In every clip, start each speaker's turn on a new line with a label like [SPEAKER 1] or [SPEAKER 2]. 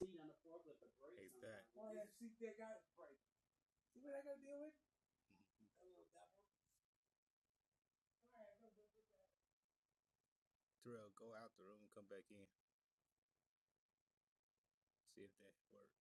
[SPEAKER 1] Hey, that Terrell, go out the room, come back in, see if that works.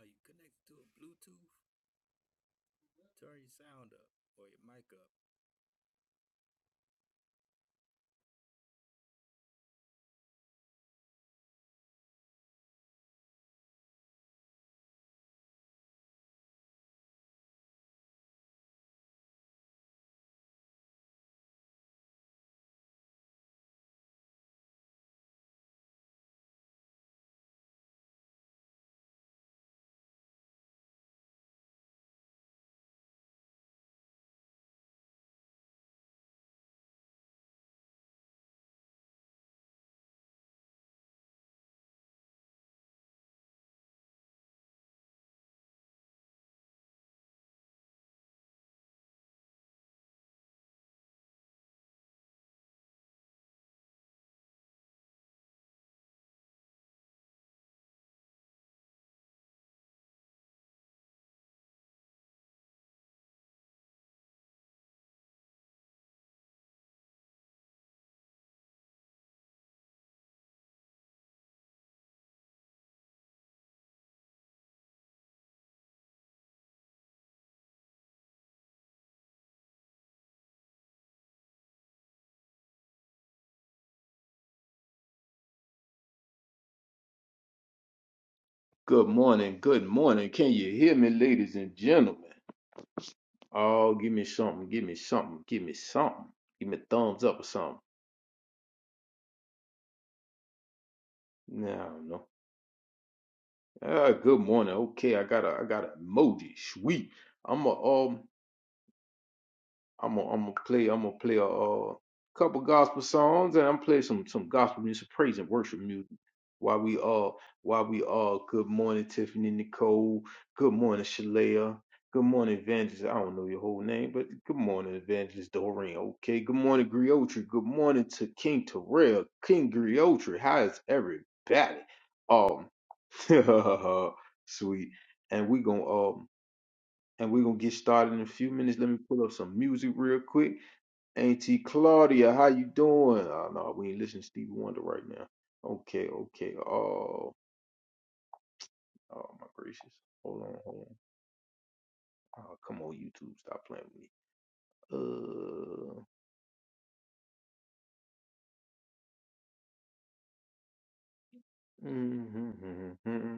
[SPEAKER 1] Are you connected to a Bluetooth? Turn your sound up or your mic up.
[SPEAKER 2] Good morning, good morning. Can you hear me, ladies and gentlemen? Oh, give me something, give me something, give me something. Give me a thumbs up or something. Nah, No, I don't know. Ah, good morning. Okay, I got a I got an emoji. Sweet. I'm a um I'm gonna I'm gonna play I'm gonna play a, uh couple gospel songs and I'm play some some gospel music, praise and worship music. While we uh while we uh good morning Tiffany Nicole, good morning Shalea, good morning Evangelist. I don't know your whole name, but good morning Evangelist Doreen. Okay, good morning Griotri. Good morning to King Terrell, King Griotri. How is everybody? Um, sweet. And we gonna um and we gonna get started in a few minutes. Let me pull up some music real quick Auntie Claudia, how you doing? Oh no, we ain't listening to Stevie Wonder right now. Okay, okay. Oh, oh my gracious. Hold on, hold on. Oh, come on, YouTube, stop playing with me. Uh, mm-hmm, mm-hmm, mm-hmm.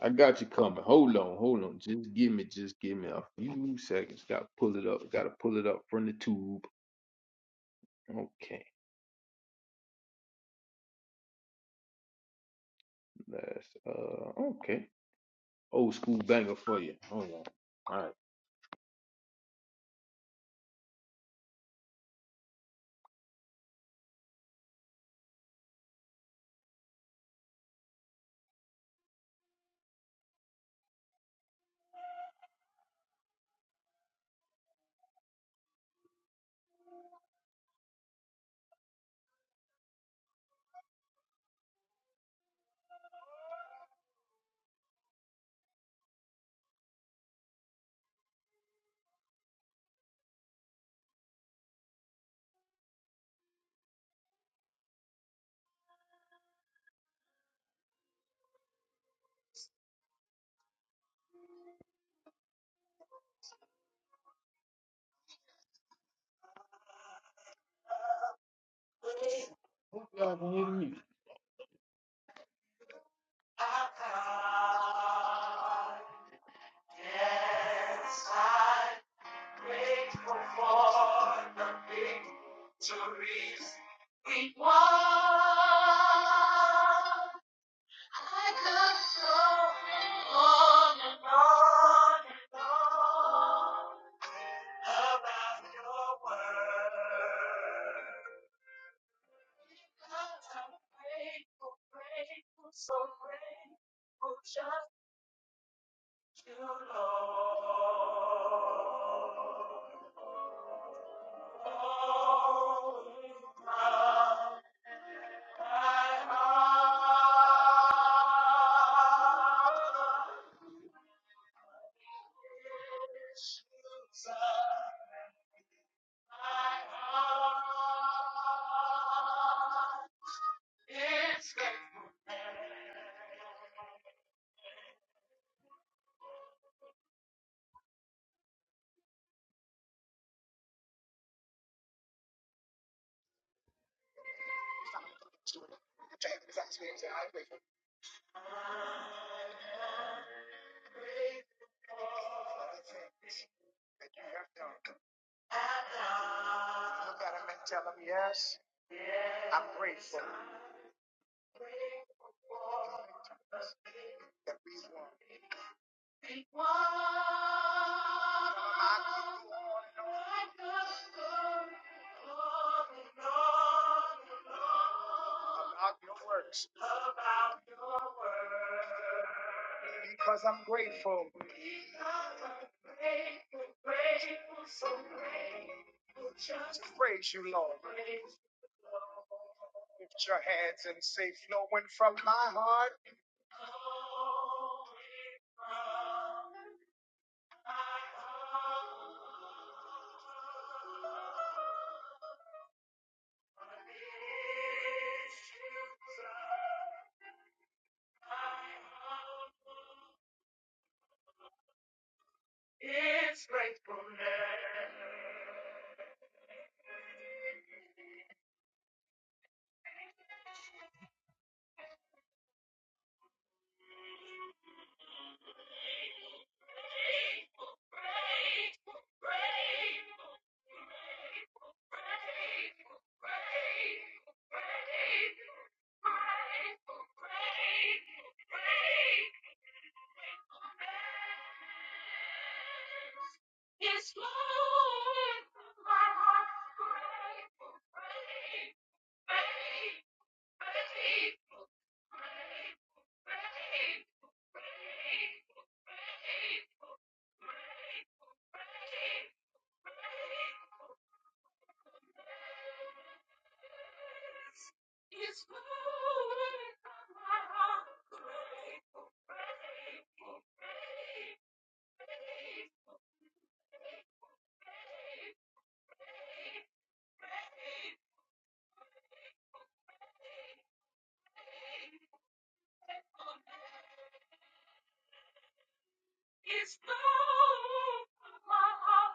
[SPEAKER 2] I got you coming. Hold on, hold on. Just give me, just give me a few seconds. Got to pull it up. Got to pull it up from the tube. Okay, that's uh, okay. Old school banger for you. Hold on. All right. Y'all can hear me. God. Yes, I'm grateful for the victories we won. I could go on and on and on about your word. Because I'm grateful, grateful, so grateful just. You, Lord, always crown my heart. Jesus, my heart is grateful. Look at him and tell him, yes, I'm grateful that we won. About your works. About your works. Because I'm grateful. Because I'm grateful, grateful, so grateful. Just praise you, Lord. Praise you, Lord. Lift your hands and say, flowing from my heart. It's gratefulness. Yes, Lord, my heart's grateful, grateful, grateful. Grateful, grateful, grateful, grateful, grateful, grateful, grateful, grateful. It's flowing from my heart. Grateful, grateful, grateful, grateful, grateful. It's blue, my heart.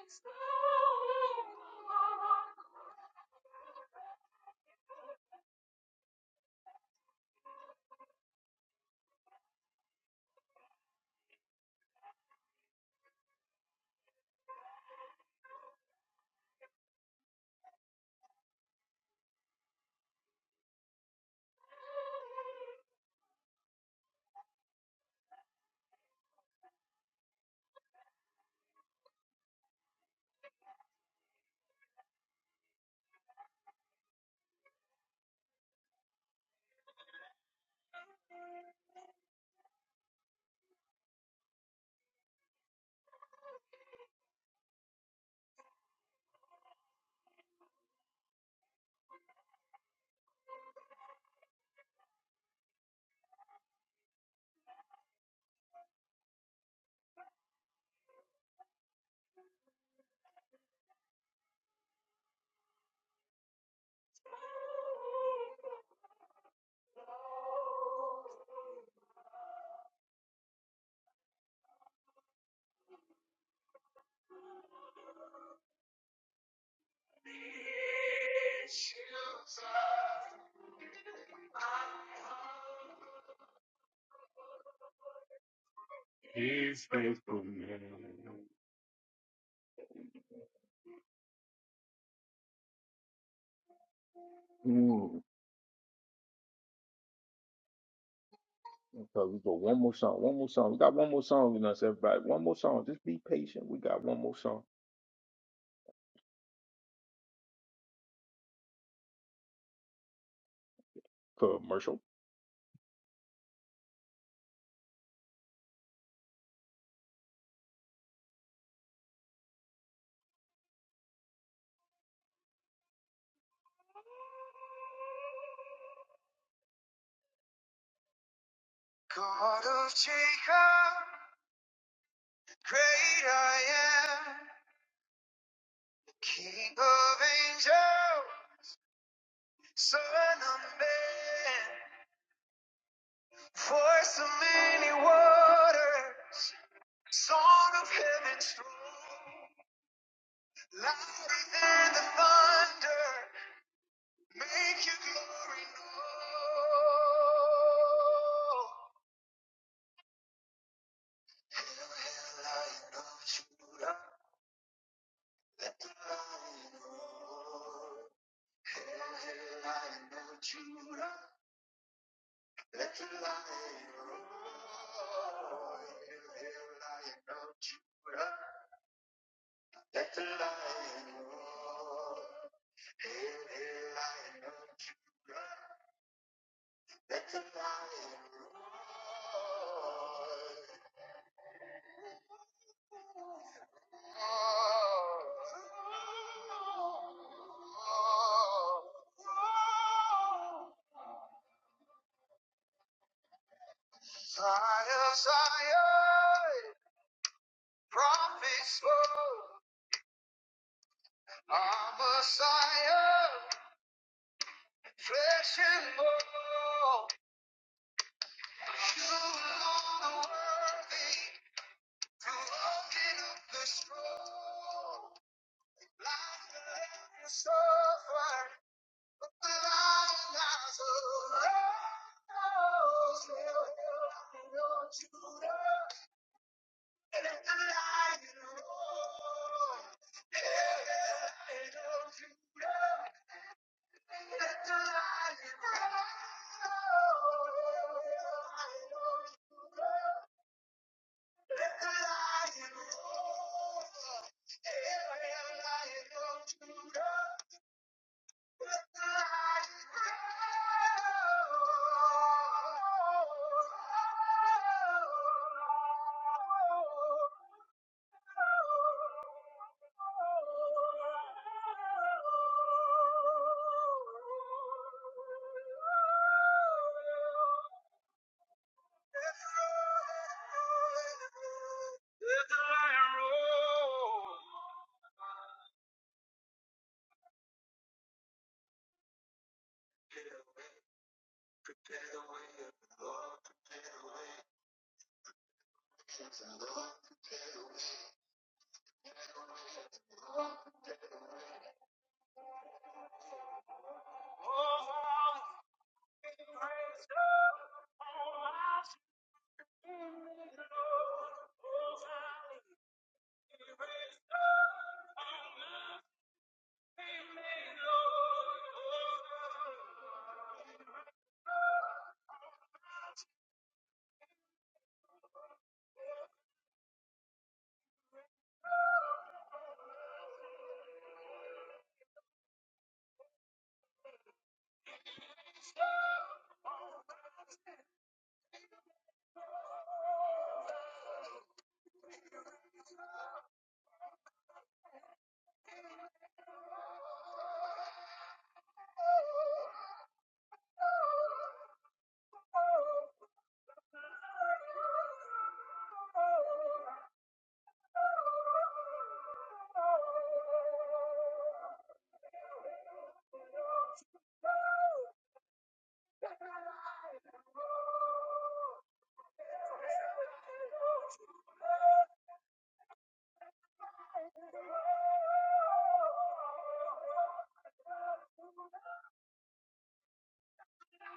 [SPEAKER 2] It's blue, my heart. Issues of my heart. His faithfulness. Ooh. Okay, we got one more song. One more song. We got one more song in us, everybody. One more song. Just be patient. We got one more song. Commercial. God of Jacob. Great I am, King of angels, Son of man, voice of many waters, song of heaven's throne, louder than the thunder, make your glory known. Hail, hail, Lion of Judah, let the lion roar. Hail, hail, Lion of Judah. Let your light roar in every lion of Judah. Let the lion roar in every lion of Judah. Let the lion roar. Zion, Zion, prophets spoke. Our Messiah, flesh and bone, you alone are worthy to open up the scroll. Life and suffer, the light lies around. Still held on Judah, and the lion roared. Oh, There's a lion roar. Thank you.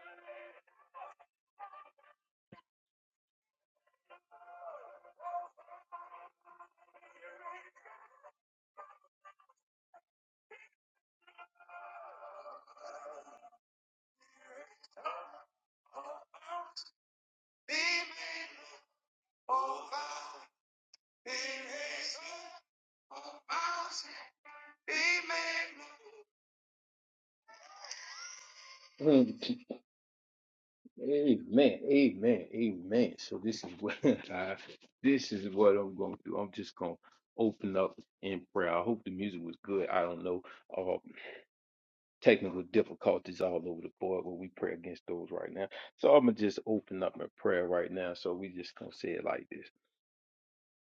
[SPEAKER 2] Thank you. Mm, Amen. Amen. Amen. So this is what I this is what I'm gonna do. I'm just gonna open up in prayer. I hope the music was good. I don't know. Uh, technical difficulties all over the board, but we pray against those right now. So I'm gonna just open up in prayer right now. So we just gonna say it like this.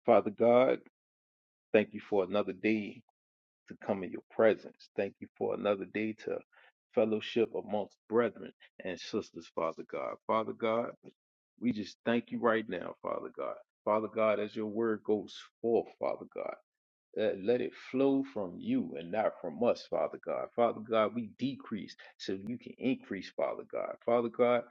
[SPEAKER 2] Father God, thank you for another day to come in your presence. Thank you for another day to fellowship amongst brethren and sisters, Father God. Father God, we just thank you right now, Father God. Father God, as your word goes forth, Father God. Uh, let it flow from you and not from us, Father God. Father God, we decrease so you can increase, Father God. Father God,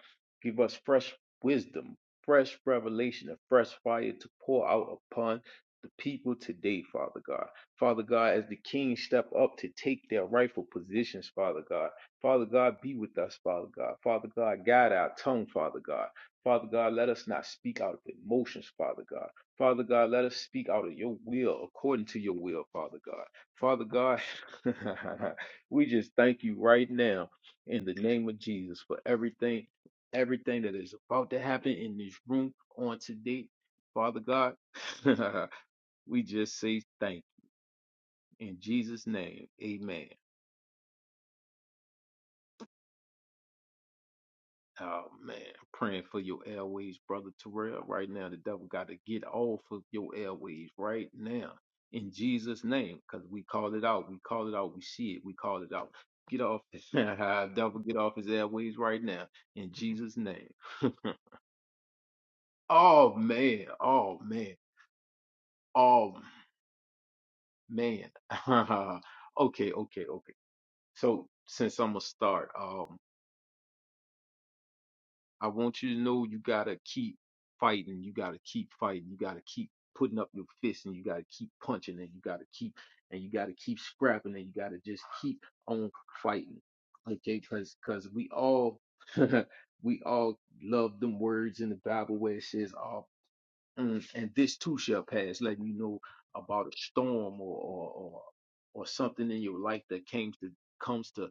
[SPEAKER 2] give us fresh wisdom, fresh revelation, and fresh fire to pour out upon the people today, Father God. Father God, as the kings step up to take their rightful positions, Father God. Father God, be with us, Father God. Father God, guide our tongue, Father God. Father God, let us not speak out of emotions, Father God. Father God, let us speak out of your will, according to your will, Father God. Father God, we just thank you right now in the name of Jesus for everything, everything that is about to happen in this room on today. Father God, we just say thank you. In Jesus' name, amen. Oh man, I'm praying for your airways, brother Terrell. Right now, the devil got to get off of your airways right now in Jesus' name, because we called it out. We called it out. We see it. We called it out. Get off, devil, get off his airways right now in Jesus' name. oh man, oh man, oh man. okay, okay, okay. So since I'm gonna start, um. I want you to know you gotta keep fighting. You gotta keep fighting. You gotta keep putting up your fists and you gotta keep punching and you gotta keep and you gotta keep scrapping and you gotta just keep on fighting. Okay, cause cause we all we all love them words in the Bible where it says all and this too shall pass, letting you know about a storm or or or, or something in your life that came to comes to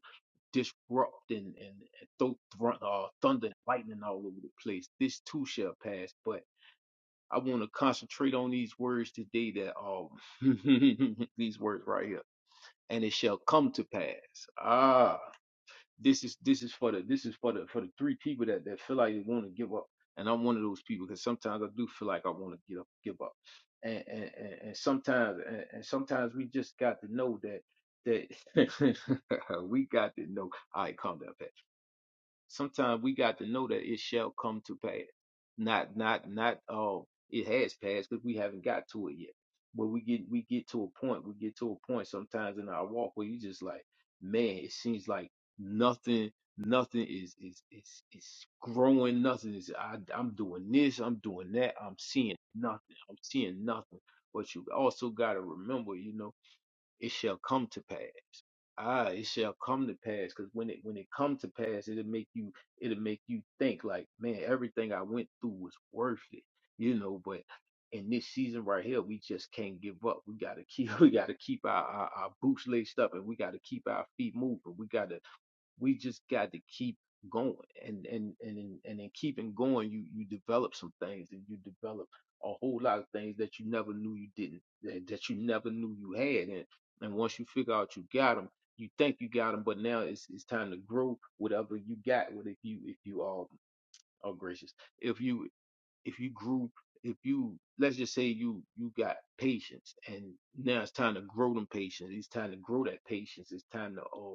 [SPEAKER 2] disrupt and, and and throw thr- uh, thunder and lightning all over the place. This too shall pass, but I want to concentrate on these words today that um these words right here. And it shall come to pass. Ah, this is this is for the this is for the for the three people that, that feel like they want to give up. And I'm one of those people because sometimes I do feel like I want to get up, give up. And and, and, and sometimes and, and sometimes we just got to know that that we got to know. All right, calm down, Pat Sometimes we got to know that it shall come to pass. Not not not uh it has passed because we haven't got to it yet. But we get we get to a point, we get to a point sometimes in our walk where you just like, man, it seems like nothing nothing is is is is growing, nothing is I I'm doing this, I'm doing that, I'm seeing nothing, I'm seeing nothing. But you also gotta remember, you know, it shall come to pass ah, it shall come to pass. Because when it when it come to pass, it'll make you it'll make you think like, man, everything I went through was worth it, you know. But in this season right here, we just can't give up. We gotta keep we gotta keep our our, our boots laced up, and we gotta keep our feet moving. We gotta we just got to keep going and and and and in keeping going you you develop some things and you develop a whole lot of things that you never knew you didn't that that you never knew you had and and once you figure out you got them you think you got them but now it's it's time to grow whatever you got with if you if you are are gracious if you if you grew if you let's just say you you got patience and now it's time to grow them patience it's time to grow that patience it's time to uh,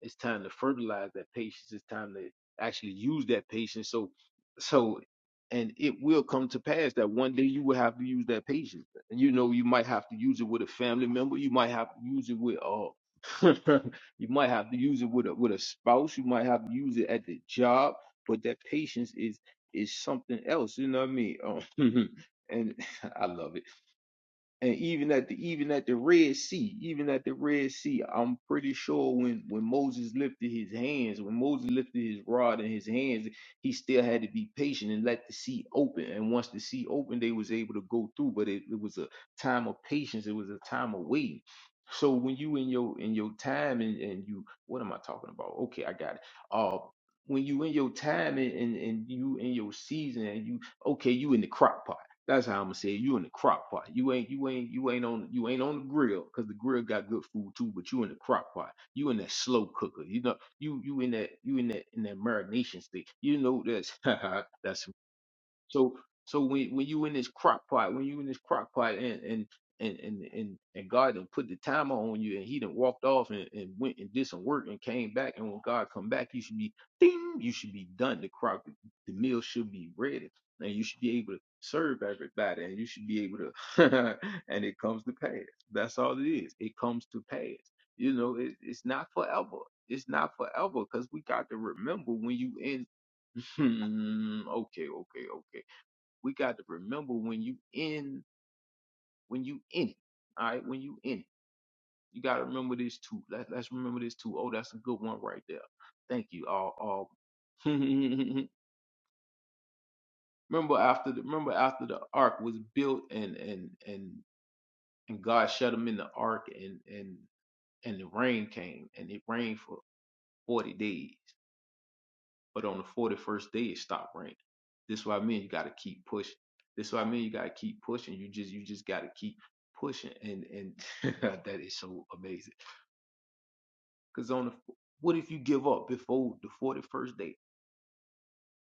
[SPEAKER 2] it's time to fertilize that patience. It's time to actually use that patience. So, so, and it will come to pass that one day you will have to use that patience. And you know, you might have to use it with a family member. You might have to use it with uh, you might have to use it with a with a spouse. You might have to use it at the job. But that patience is is something else. You know what I mean? Um, and I love it and even at the even at the Red Sea, even at the Red Sea, I'm pretty sure when when Moses lifted his hands, when Moses lifted his rod in his hands, he still had to be patient and let the sea open. And once the sea opened, they was able to go through. But it, it was a time of patience. It was a time of waiting. So when you in your in your time and and you what am I talking about? Okay, I got it. Uh, when you in your time and, and and you in your season and you okay, you in the crock pot that's how I'm gonna say it. you in the crock pot. You ain't you ain't you ain't on you ain't on the grill because the grill got good food too, but you in the crock pot. You in that slow cooker. You know you you in that you in that in that marination state. You know that's that's so so when when you in this crock pot, when you in this crock pot and and and and and, and God done put the timer on you and he done walked off and, and went and did some work and came back and when God come back you should be ding you should be done the crock the meal should be ready and you should be able to serve everybody and you should be able to and it comes to pass. That's all it is. It comes to pass. You know it, it's not forever. It's not forever because we got to remember when you in okay okay okay we got to remember when you in when you in it. All right, when you in it, you got to remember this too. Let, let's remember this too. Oh, that's a good one right there. Thank you. All all. remember after the remember after the ark was built and and and and God shut them in the ark and and and the rain came and it rained for forty days. But on the 41st day, it stopped raining. This is what I mean. You got to keep pushing. This is what I mean. You got to keep pushing. You just, you just got to keep pushing. And, and that is so amazing. Cause on the, what if you give up before the 41st day?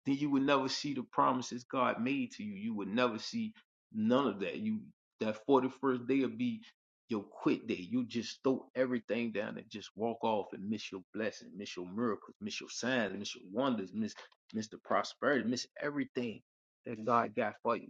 [SPEAKER 2] then you would never see the promises God made to you. You would never see none of that. You that forty first day will be your quit day. You just throw everything down and just walk off and miss your blessing, miss your miracles, miss your signs, miss your wonders, miss miss the prosperity, miss everything that God got for you.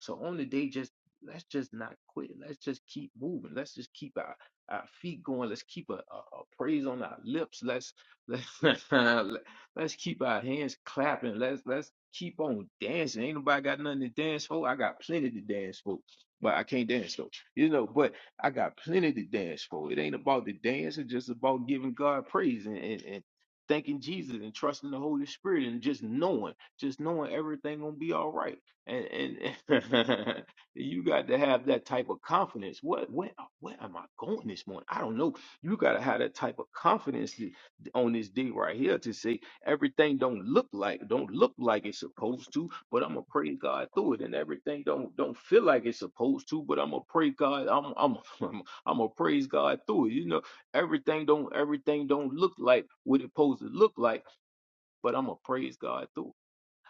[SPEAKER 2] So on the day, just let's just not quit. Let's just keep moving. Let's just keep our, our feet going. Let's keep a, a, a praise on our lips. Let's let's let's keep our hands clapping. Let's let's keep on dancing. Ain't nobody got nothing to dance for. I got plenty to dance for. But I can't dance though. You know, but I got plenty to dance for. It ain't about the dance, it's just about giving God praise and, and, and thanking Jesus and trusting the Holy Spirit and just knowing, just knowing everything gonna be all right and, and you got to have that type of confidence. What where where am I going this morning? I don't know. You got to have that type of confidence to- on this day right here to say everything don't look like don't look like it's supposed to, but I'm gonna praise God through it, and everything don't don't feel like it's supposed to, but I'm gonna praise God. I'm I'm I'm, I'm gonna praise God through it. You know, everything don't everything don't look like what it's supposed to look like, but I'm gonna praise God through it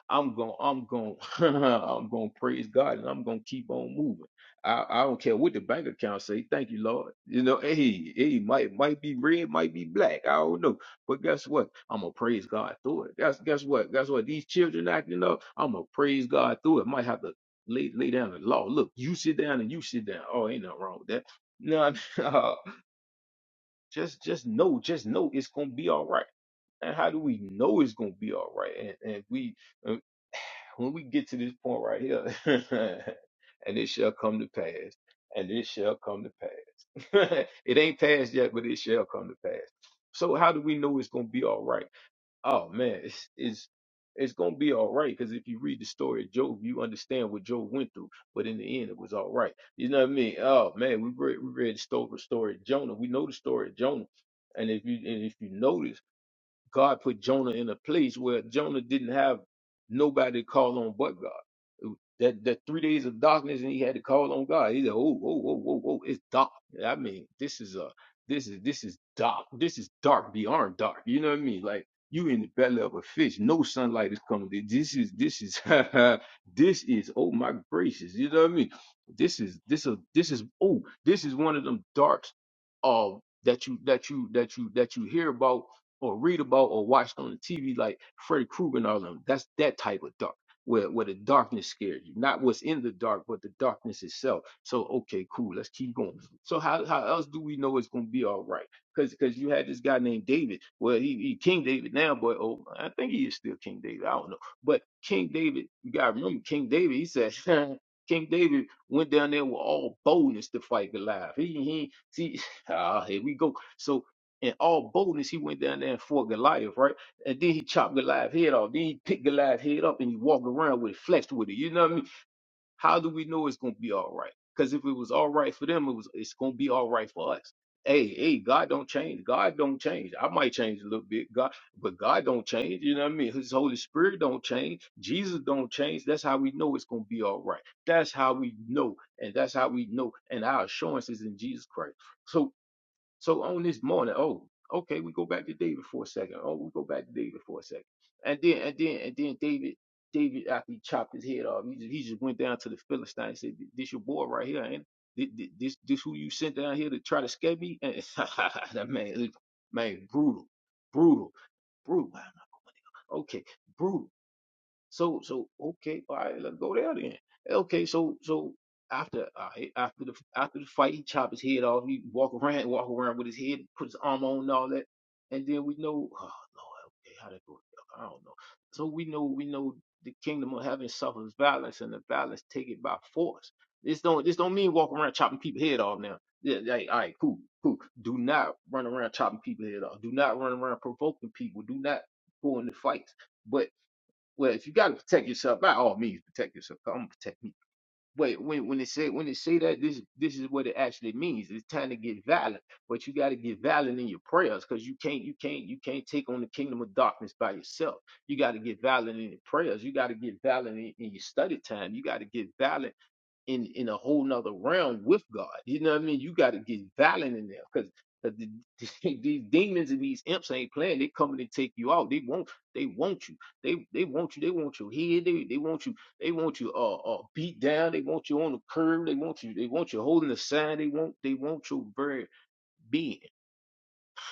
[SPEAKER 2] I'm going, I'm going, I'm going to praise God and I'm going to keep on moving. I, I don't care what the bank account say. Thank you, Lord. You know, hey, hey, might might be red, might be black. I don't know, but guess what? I'm gonna praise God through it. Guess guess what? Guess what? These children acting up. I'm gonna praise God through it. Might have to lay lay down the law. Look, you sit down and you sit down. Oh, ain't nothing wrong with that. No, I mean, uh, just just know, just know it's gonna be all right and how do we know it's gonna be all right? And, and we uh, when we get to this point right here, and it shall come to pass, and it shall come to pass. it ain't passed yet, but it shall come to pass. So how do we know it's gonna be all right? Oh man, it's it's it's gonna be all right because if you read the story of Job, you understand what Job went through. But in the end, it was all right. You know what I mean? Oh man, we read we read the story story of Jonah. We know the story of Jonah, and if you and if you notice. God put Jonah in a place where Jonah didn't have nobody to call on but God. That that three days of darkness and he had to call on God. He said, Oh, oh, oh, oh, oh, it's dark. I mean, this is a this is this is dark. This is dark beyond dark. You know what I mean? Like you in the belly of a fish. No sunlight is coming. This is this is this is oh my gracious. You know what I mean? This is this is this is oh this is one of them darks of that you that you that you that you hear about or read about or watched on the TV, like Freddy Krueger and all of them. That's that type of dark, where where the darkness scares you, not what's in the dark, but the darkness itself. So okay, cool, let's keep going. So how how else do we know it's gonna be all right? Because because you had this guy named David. Well, he, he King David now, but oh, I think he is still King David. I don't know, but King David, you gotta remember King David. He said. King David went down there with all boldness to fight Goliath. He, he, see, ah, here we go. So in all boldness, he went down there and fought Goliath, right? And then he chopped Goliath's head off. Then he picked Goliath's head up and he walked around with it, flexed with it. You know what I mean? How do we know it's gonna be all right? Because if it was all right for them, it was it's gonna be all right for us. Hey, hey, God don't change. God don't change. I might change a little bit, God, but God don't change. You know what I mean? His Holy Spirit don't change. Jesus don't change. That's how we know it's gonna be all right. That's how we know, and that's how we know, and our assurance is in Jesus Christ. So so on this morning, oh, okay, we go back to David for a second. Oh, we go back to David for a second. And then and then and then David, David after he chopped his head off, he just, he just went down to the Philistine and said, This your boy right here, ain't it? Thi- thi- This this who you sent down here to try to scare me? And that man, man, brutal, brutal, brutal. Okay, brutal. So so okay, all right, let's go there then. Okay, so so after all right, after the after the fight, he chop his head off. He walk around, walk around with his head, put his arm on and all that, and then we know, oh Lord, okay, how that go? together? I don't know. So we know we know the kingdom of heaven suffers violence, and the violence take it by force. This don't this don't mean walk around chopping people head off now. Yeah, like, all right, cool, cool. Do not run around chopping people head off. Do not run around provoking people. Do not go into fights. But well, if you gotta protect yourself, by all means protect yourself. I'm gonna protect me. Wait, when when they say when they say that, this this is what it actually means. It's time to get violent, but you gotta get violent in your prayers because you can't you can't you can't take on the kingdom of darkness by yourself. You gotta get violent in your prayers. You gotta get violent in, in your study time. You gotta get violent in in a whole nother realm with God. You know what I mean? You got to get violent in there because the, the- these demons and these imps ain't playing. They coming to take you out. They want they want you. They they want you. They want your head. They they want you. They want you uh, uh beat down. They want you on the curb. They want you. They want you holding the sign. They want they want your very being.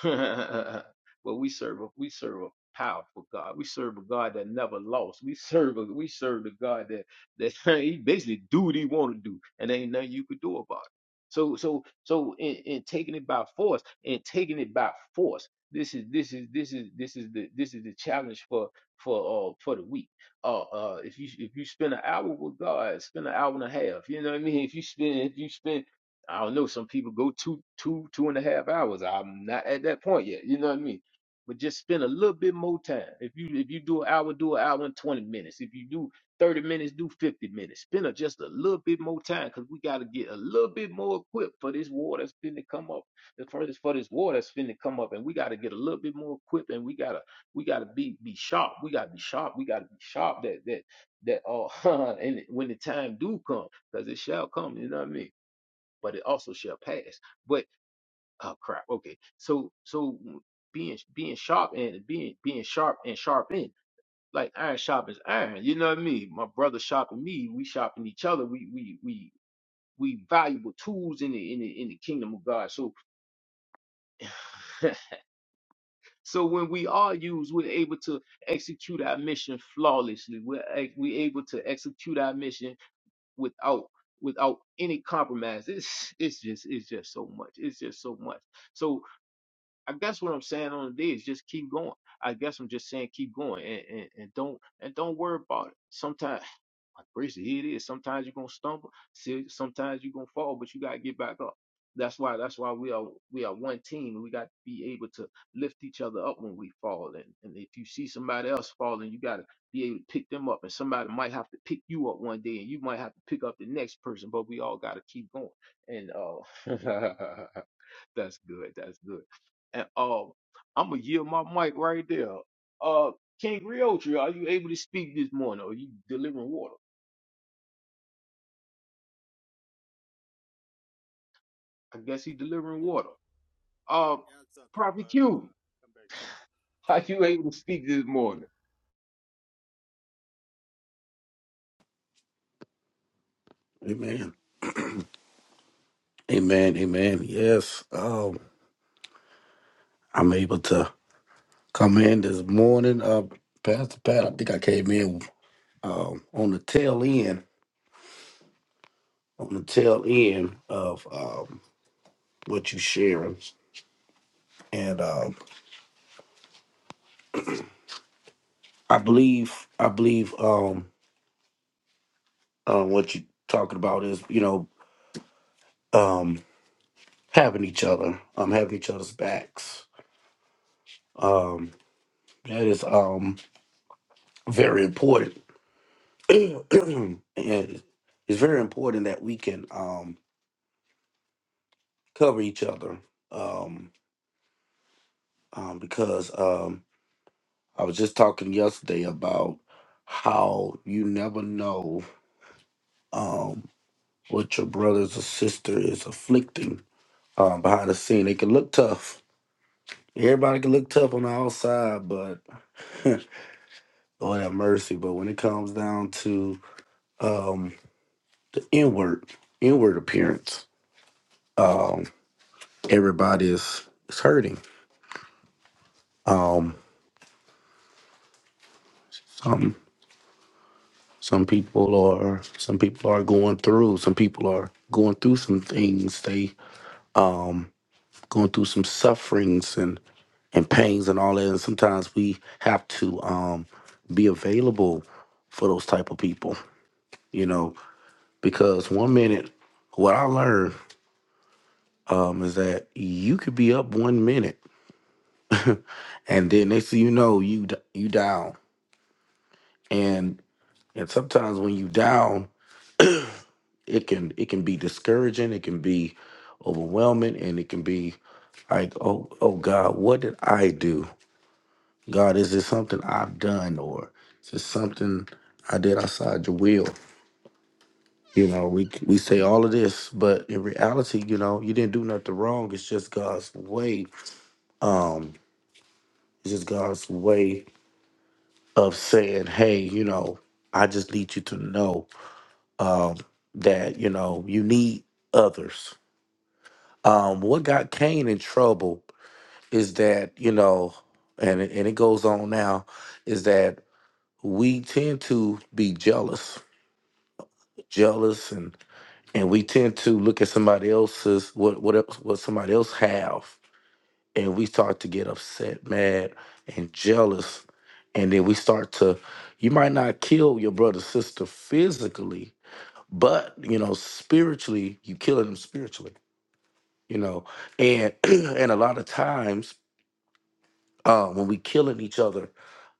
[SPEAKER 2] but we serve a we serve a powerful God. We serve a God that never lost. We serve a we serve a God that that he basically do what he want to do, and ain't nothing you could do about it. So so so in, in taking it by force and taking it by force. This is this is this is this is the this is the challenge for for uh for the week. Uh uh if you if you spend an hour with God, spend an hour and a half. You know what I mean? If you spend if you spend I don't know. Some people go two, two, two and a half hours. I'm not at that point yet. You know what I mean? But just spend a little bit more time. If you if you do an hour, do an hour and twenty minutes. If you do thirty minutes, do fifty minutes. Spend a, just a little bit more time because we got to get a little bit more equipped for this war that's finna come up. The first is for this war that's finna come up, and we got to get a little bit more equipped, and we gotta we gotta be be sharp. We gotta be sharp. We gotta be sharp. That that that uh, and when the time do come, because it shall come. You know what I mean? but it also shall pass. But oh crap, okay. So so mm, being being sharp and being being sharp and sharp in like iron sharpens iron. You know what I mean? My brother sharpen me, we sharpen each other. We we we we valuable tools in the in the in the kingdom of God. So so when we are used, we're able to execute our mission flawlessly. We're a- we're able to execute our mission without without any compromise. It's it's just it's just so much. It's just so much. So, I guess what I'm saying on the day is just keep going. I guess I'm just saying keep going and, and, and don't and don't worry about it. Sometimes like Bracy, here it is. Sometimes you're gonna stumble, see sometimes you're gonna fall, but you gotta get back up. That's why that's why we are we are one team and we got to be able to lift each other up when we fall. And and if you see somebody else falling, you gotta be able to pick them up. And somebody might have to pick you up one day and you might have to pick up the next person, but we all gotta keep going. And uh That's good. That's good. And um, I'm gonna yield my mic right there. Uh, King Griotri, are you able to speak this morning? Are you delivering water? I guess he delivering
[SPEAKER 1] I,
[SPEAKER 2] water. Uh,
[SPEAKER 1] I got something,
[SPEAKER 2] Prophet
[SPEAKER 1] but uh,
[SPEAKER 2] Q,
[SPEAKER 1] come back to me.
[SPEAKER 2] are you able to speak this morning?
[SPEAKER 3] Amen. Amen. Amen. Yes. Um, I'm able to come in this morning. Uh, Pastor Pat, I think I came in um, on the tail end, on the tail end of um, what you sharing, and um, I believe, I believe, um, uh, what you talking about is, you know, um, having each other, um, having each other's backs. Um, that is um very important, and it's very important that we can um cover each other um, um, because um, I was just talking yesterday about how you never know um, what your brothers or sister is afflicting um, behind the scene. They can look tough. Everybody can look tough on the outside, but Lord have mercy. But when it comes down to um, the inward, inward appearance, um, everybody is, is hurting. Um, Some people are some people are going through. Some people are going through some things. They going through some sufferings and and pains and all that. And sometimes we have to um, be available for those type of people, you know, because one minute, what I learned um, is that you could be up one minute, and then next thing you know, you d- you down. And and sometimes when you down, it can it can be discouraging it can be overwhelming and it can be like oh oh god what did i do god is this something i've done or is this something i did outside your will you know we we say all of this but in reality you know you didn't do nothing wrong it's just god's way um it's just god's way of saying hey you know i just need you to know um that you know you need others Um, what got Cain in trouble is that you know, and it- and it goes on now, is that we tend to be jealous, jealous, and and we tend to look at somebody else's what what else what somebody else have, and we start to get upset, mad, and jealous, and then we start to. You might not kill your brother sister physically, but you know spiritually, you killing them spiritually. You know, and and a lot of times uh, when we killing each other,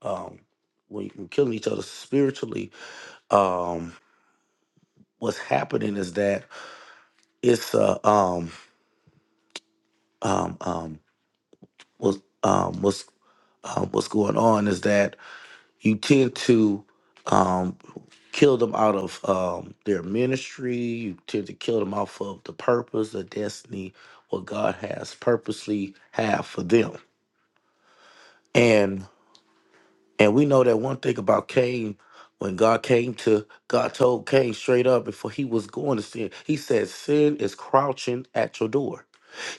[SPEAKER 3] um, when we killing each other spiritually, um, what's happening is that it's uh, um, um, um, what's um, what's um, what's going on is that you tend to um, kill them out of um, their ministry. You tend to kill them off of the purpose, the destiny, what God has purposely have for them, and And we know that one thing about Cain, when God came to, God told Cain straight up before he was going to sin, he said, Sin is crouching at your door.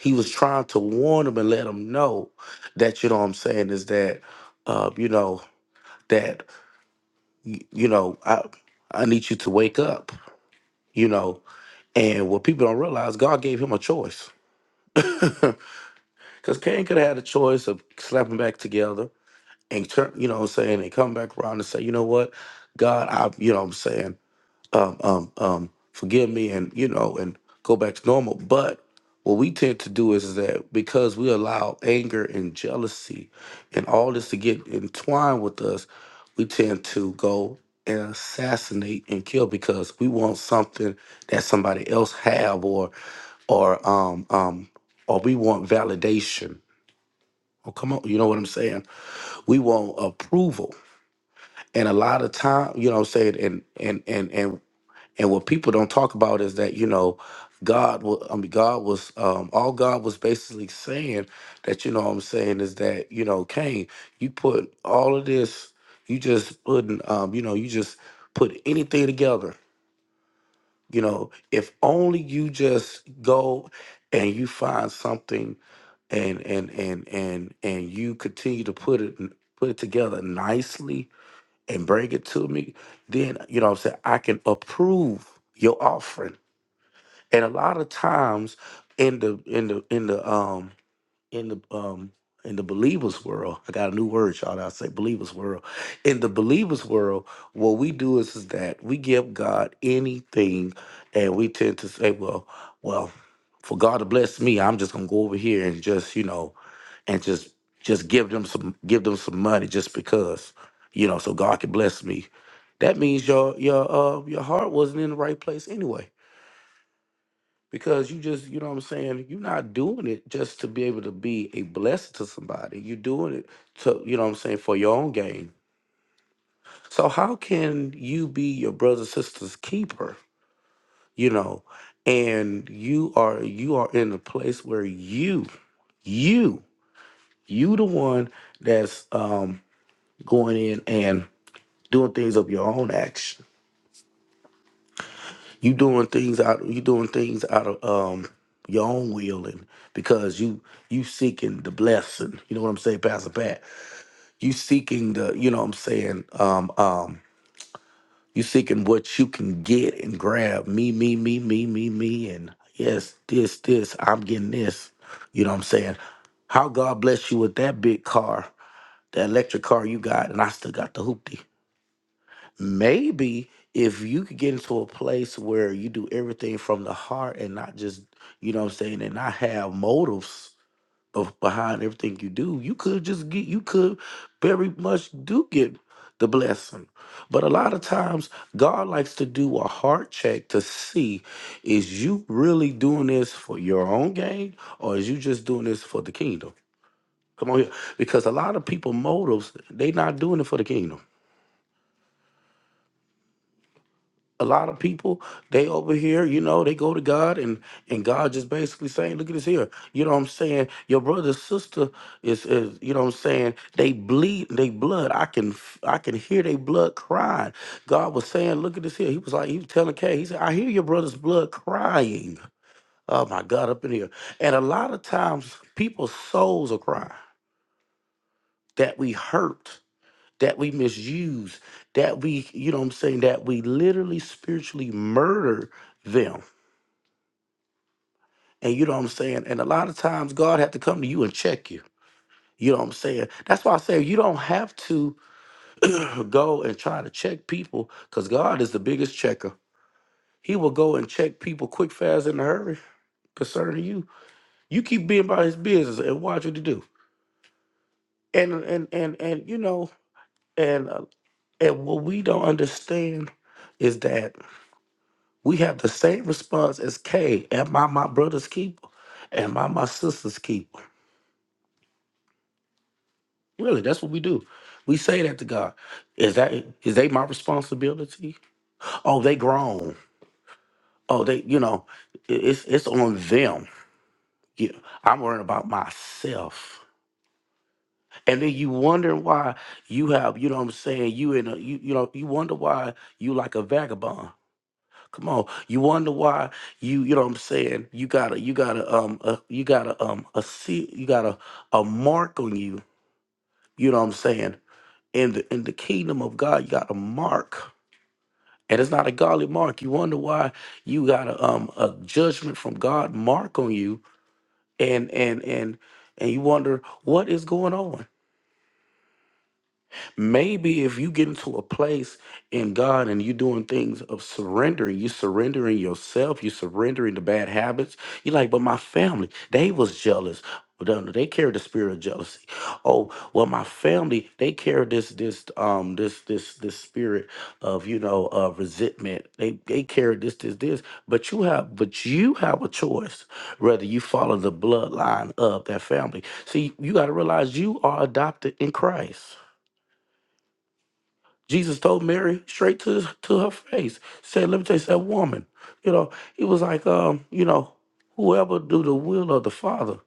[SPEAKER 3] He was trying to warn him and let him know that, you know what I'm saying, is that, uh, you know, that, y- you know, I, I need you to wake up, you know. And what people don't realize, God gave him a choice. Because Cain could have had a choice of slapping back together and turn, you know what I'm saying, and come back around and say, you know what? God, I, you know what I'm saying? um, um, um, forgive me and you know and go back to normal but what we tend to do is that because we allow anger and jealousy and all this to get entwined with us we tend to go and assassinate and kill because we want something that somebody else have or or um um or we want validation oh come on you know what i'm saying we want approval and a lot of time you know what i'm saying and and and and and what people don't talk about is that you know, God. wa- I mean, God was um, all God was basically saying that you know what I'm saying is that you know Cain, you put all of this, you just putting, um, you know, you just put anything together. You know, if only you just go and you find something and and and and and you continue to put it put it together nicely and bring it to me, then you know what I'm saying I can approve your offering and a lot of times in the in the in the um in the um in the believers world i got a new word y'all that i say believers world in the believers world what we do is, is that we give god anything and we tend to say well well for god to bless me i'm just gonna go over here and just you know and just just give them some give them some money just because you know so god can bless me that means your your uh your heart wasn't in the right place anyway because you just you know what i'm saying you're not doing it just to be able to be a blessing to somebody you're doing it to you know what i'm saying for your own gain so how can you be your brother sister's keeper you know and you are you are in a place where you you you the one that's um going in and doing things of your own action you doing things out you doing things out of um your own will and because you you seeking the blessing you know what i'm saying pastor pat you seeking the you know what i'm saying um um you seeking what you can get and grab me me me me me me and yes this this i'm getting this you know what i'm saying how god bless you with that big car that electric car you got and i still got the hoopty maybe if you could get into a place where you do everything from the heart and not just you know what i'm saying and not have motives of behind everything you do you could just get you could very much do get the blessing but a lot of times god likes to do a heart check to see is you really doing this for your own gain or is you just doing this for the kingdom come on here because a lot of people motives they not doing it for the kingdom a lot of people they over here you know they go to god and and god just basically saying look at this here you know what i'm saying your brother sister is, is you know what i'm saying they bleed they blood i can f- i can hear they blood crying god was saying look at this here he was like he was telling kay he said i hear your brother's blood crying oh my god up in here and a lot of times people's souls are crying that we hurt that we misuse, that we, you know what I'm saying, that we literally spiritually murder them. And you know what I'm saying? And a lot of times God have to come to you and check you. You know what I'm saying? That's why I say you don't have to go and try to check people because God is the biggest checker. He will go and check people quick, fast, in a hurry concerning you. You keep being about his business and watch what you do. And and and and you know, and uh, and what we don't understand is that We have the same response as Cain. Am I my brother's keeper? Am I my sister's keeper? Really, that's what we do. We say that to God. Is that is they my responsibility? Oh, they grown. Oh, they you know, i- it's it's on them. You I'm worrying about myself. And then you wonder why you have, you know what I'm saying, you in a you you know, you wonder why you like a vagabond Come on. You wonder why you you know what I'm saying? You got a you got a um a, you got a um a seal you got a, a mark on you, you know what I'm saying? In the in the kingdom of God, you got a mark. And it's not a godly mark. You wonder why you got a um a judgment from God mark on you and and and and you wonder what is going on. Maybe if you get into a place in God and you're doing things of surrendering, you surrendering yourself, you surrendering the bad habits. You're like, but my family, they was jealous. Well, no, They carried the spirit of jealousy. Oh, well, my family, they carried this, this, um, this, this, this spirit of, you know, uh, resentment. They, they carried this, this, this. But you have, but you have a choice whether you follow the bloodline of that family. See, you got to realize you are adopted in Christ. Jesus told Mary straight to to her face, said, "Let me tell you, said woman, you know, he was like, um, you know, whoever do the will of the Father.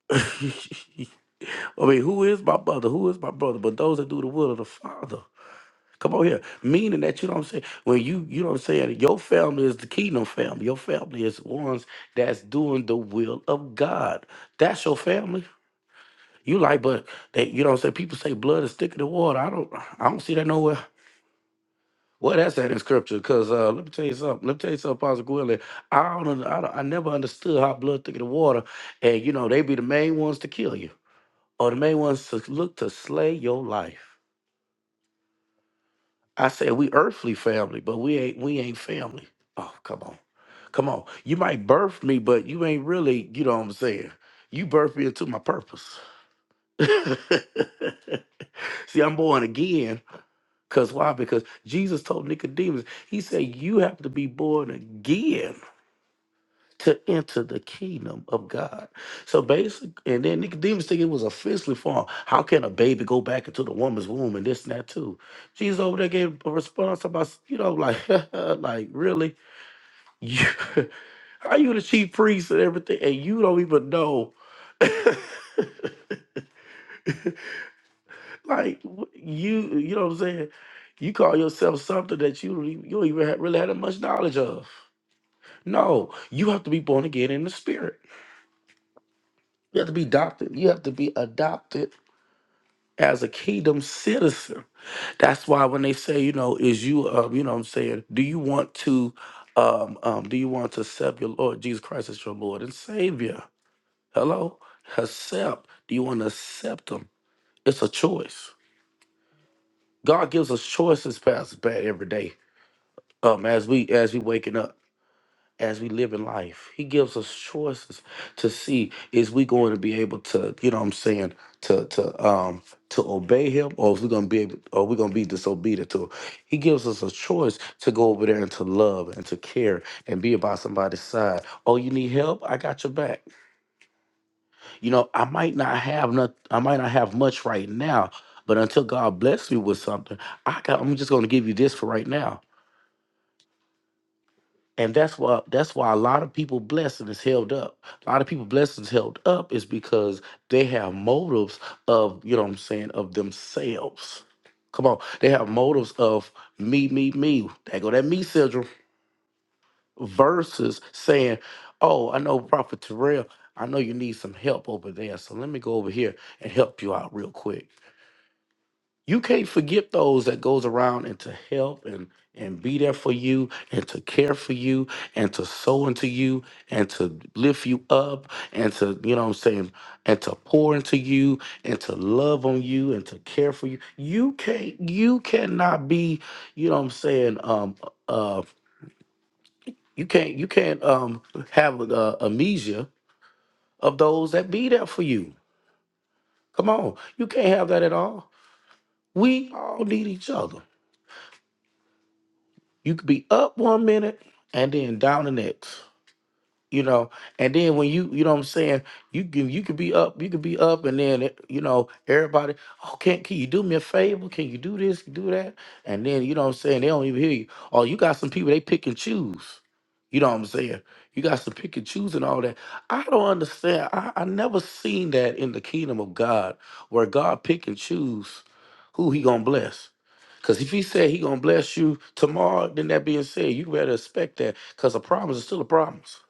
[SPEAKER 3] I mean, who is my mother? Who is my brother? But those that do the will of the Father. Come on here, meaning that you know what I'm saying. When you you know what I'm saying, your family is the kingdom family. Your family is ones that's doing the will of God. That's your family. You like, but they, you know what I'm saying. People say blood is thicker than water. I don't, I don't see that nowhere. Well, that's that in scripture, because uh, let me tell you something. Let me tell you something, Pastor Gwilly. I don't, un- I don't, I never understood how blood thicker the water, and you know they be the main ones to kill you, or the main ones to look to slay your life. I said we earthly family, but we ain't, we ain't family. Oh, come on, come on. You might birth me, but you ain't really, you know what I'm saying. You birthed me into my purpose. See, I'm born again. Cause why? Because Jesus told Nicodemus, He said, "You have to be born again." to enter the kingdom of God. So basic, and then Nicodemus think it was offensively for him. How can a baby go back into the woman's womb and this and that too? Jesus over there gave a response about, you know, like, like really? You, are you the chief priest and everything? And you don't even know, like, wh- you, you know what I'm saying? You call yourself something that you don't even, you don't even have, really had that much knowledge of. No, you have to be born again in the spirit. You have to be adopted. You have to be adopted as a kingdom citizen. That's why when they say, you know, is you, um, you know what I'm saying, do you want to, um, um, do you want to accept your Lord Jesus Christ as your Lord and Savior? Hello? Accept. Do you want to accept Him? It's a choice. God gives us choices, Pastor Pat, every day. Um, as we as we waking up. as we live in life. He gives us choices to see is we going to be able to, you know what I'm saying, to to um to obey him or is we gonna be able or we gonna be disobedient to him. He gives us a choice to go over there and to love and to care and be about somebody's side. Oh, you need help? I got your back. You know, I might not have not I might not have much right now, but until God bless me with something, I got I'm just gonna give you this for right now And that's why that's why a lot of people blessing is held up. A lot of people blessings held up is because they have motives of, you know what I'm saying, of themselves. Come on. They have motives of me, me, me. They go that me syndrome versus saying, Oh, I know Prophet Terrell, I know you need some help over there. So let me go over here and help you out real quick you can't forget those that goes around and to help and and be there for you and to care for you and to sow into you and to lift you up and to you know what I'm saying and to pour into you and to love on you and to care for you you can't you cannot be you know what I'm saying um uh you can't you can't um have uh, amnesia of those that be there for you come on you can't have that at all we all need each other you could be up one minute and then down the next you know and then when you you know what i'm saying you can you could be up you could be up and then it- you know everybody oh can, can you do me a favor can you do this do that and then you know what i'm saying they don't even hear you oh you got some people they pick and choose you know what i'm saying you got some pick and choose and all that i don't understand i, I never seen that in the kingdom of god where god pick and choose who he gonna bless? Because if he said he gonna bless you tomorrow, then that being said, you better expect that. Because a promise is still a promise.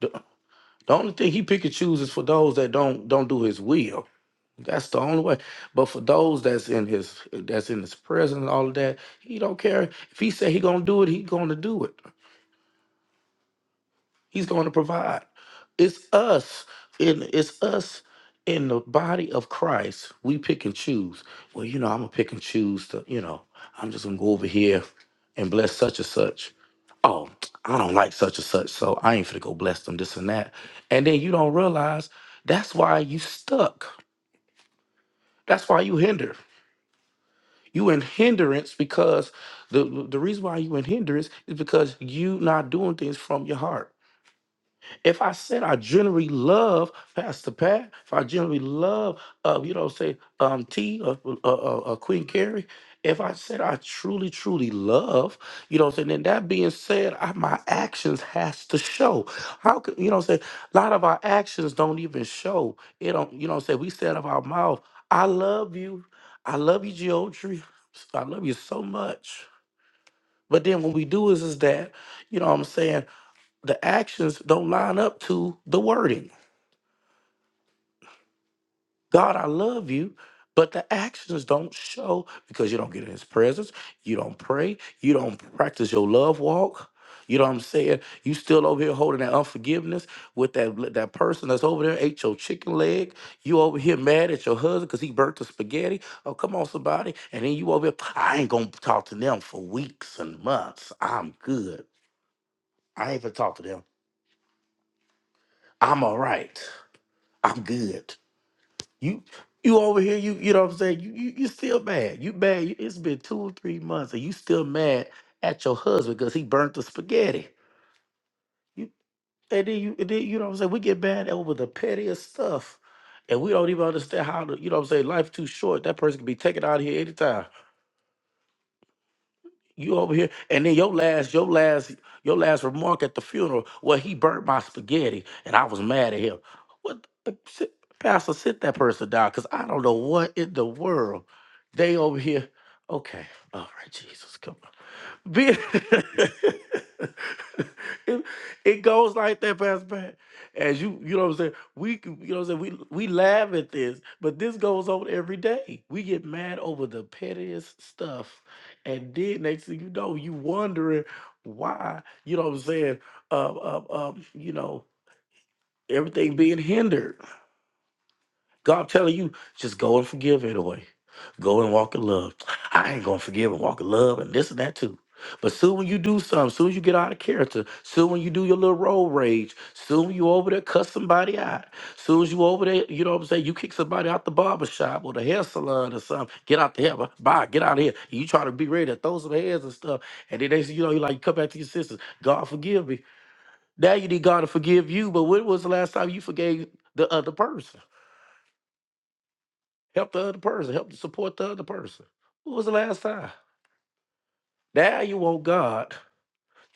[SPEAKER 3] The, the only thing he pick and chooses for those that don't don't do his will. That's the only way. But for those that's in his that's in his presence and all of that, he don't care. If he said he gonna do it, he gonna do it. He's going to provide. It's us in it's us in the body of Christ. We pick and choose. Well, you know, I'm gonna pick and choose to, you know, I'm just gonna go over here and bless such and such. Oh, I don't like such and such, so I ain't finna go bless them, this and that. And then you don't realize that's why you stuck. That's why you hinder. You in hindrance because the the reason why you in hindrance is because you not doing things from your heart. If I said I generally love Pastor Pat, if I generally love, uh, you know, say um, T or, or, or- or Queen Carrie, if I said I truly, truly love, you know, saying then that being said, I, my actions has to show. How could you know? Say a lot of our actions don't even show. It don't, you know. Say we said of our mouth, I love you, I love you, Geoffrey, I love you so much. But then when we do is is that, you know, what I'm saying the actions don't line up to the wording. God, I love you, but the actions don't show because you don't get in his presence, you don't pray, you don't practice your love walk. You know what I'm saying? You still over here holding that unforgiveness with that that person that's over there ate your chicken leg. You over here mad at your husband because he burnt the spaghetti. Oh, come on, somebody. And then you over here, I ain't gonna talk to them for weeks and months. I'm good. I ain't gonna talk to them. I'm all right. I'm good. You you over here, you you know what I'm saying? You you you still mad. You mad. You- It's been two or three months and you still mad at your husband because he burnt the spaghetti. You and then you and then you know what I'm saying? We get mad over the pettiest stuff. And we don't even understand how to, you know what I'm saying, life too short. That person can be taken out of here anytime. you over here and then your last your last your last remark at the funeral well he burnt my spaghetti and i was mad at him what the, sit, pastor sit that person down because i don't know what in the world they over here okay all right jesus come on be- it, it goes like that, Pastor Pat. As you, you know what I'm saying? We, c- you know what I'm saying? We, we laugh at this, but this goes on every day. We get mad over the pettiest stuff. And then next thing you know, you wondering why, you know what I'm saying? Um, um, um, you know, everything being hindered. God telling you, just go and forgive anyway. Go and walk in love. I ain't gonna forgive and walk in love and this and that too. But soon when you do something, soon as you get out of character, soon when you do your little road rage, soon you over there cuss somebody out, soon as you over there, you know what I'm saying, you kick somebody out the barber shop or the hair salon or something, get out the hair, bu- bye, get out of here. You try to be ready to throw some heads and stuff, and then they say, you know, you like come back to your sisters, God forgive me. Now you need God to forgive you, but when was the last time you forgave the other person? Help the other person. Help to support the other person. When was the last time? Now you want God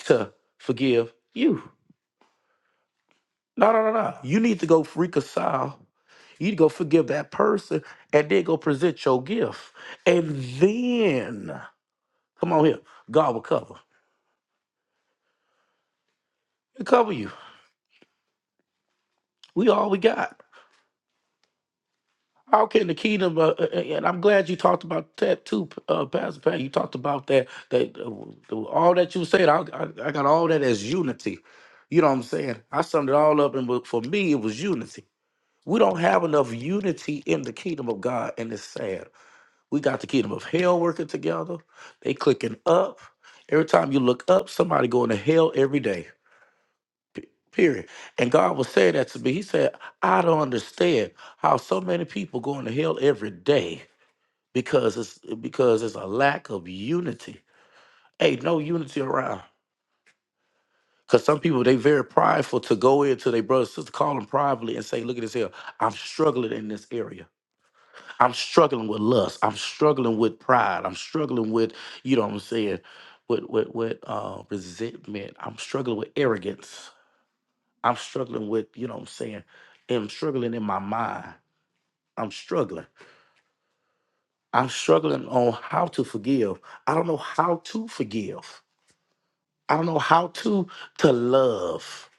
[SPEAKER 3] to forgive you. No, no, no, no. You need to go reconcile. You need to go forgive that person and then go present your gift. And then, come on here, God will cover. He'll cover you. We all we got. How can the kingdom? Uh, uh, uh, and I'm glad you talked about that too, uh, Pastor Pat. You talked about that. That uh, all that you said, I, I I got all that as unity. You know what I'm saying? I summed it all up, and for me, it was unity. We don't have enough unity in the kingdom of God, and it's sad. We got the kingdom of hell working together. They clicking up. Every time you look up, somebody going to hell every day. P- Period. And God was saying that to me. He said, I don't understand how so many people going to hell every day because it's because it's a lack of unity. Hey, no unity around. Cause some people they very prideful to go into their brother sister, call them privately and say, look at this here. I'm struggling in this area. I'm struggling with lust. I'm struggling with pride. I'm struggling with, you know what I'm saying, with with with uh resentment. I'm struggling with arrogance. I'm struggling with, you know what I'm saying? I'm struggling in my mind. I'm struggling. I'm struggling on how to forgive. I don't know how to forgive. I don't know how to to love.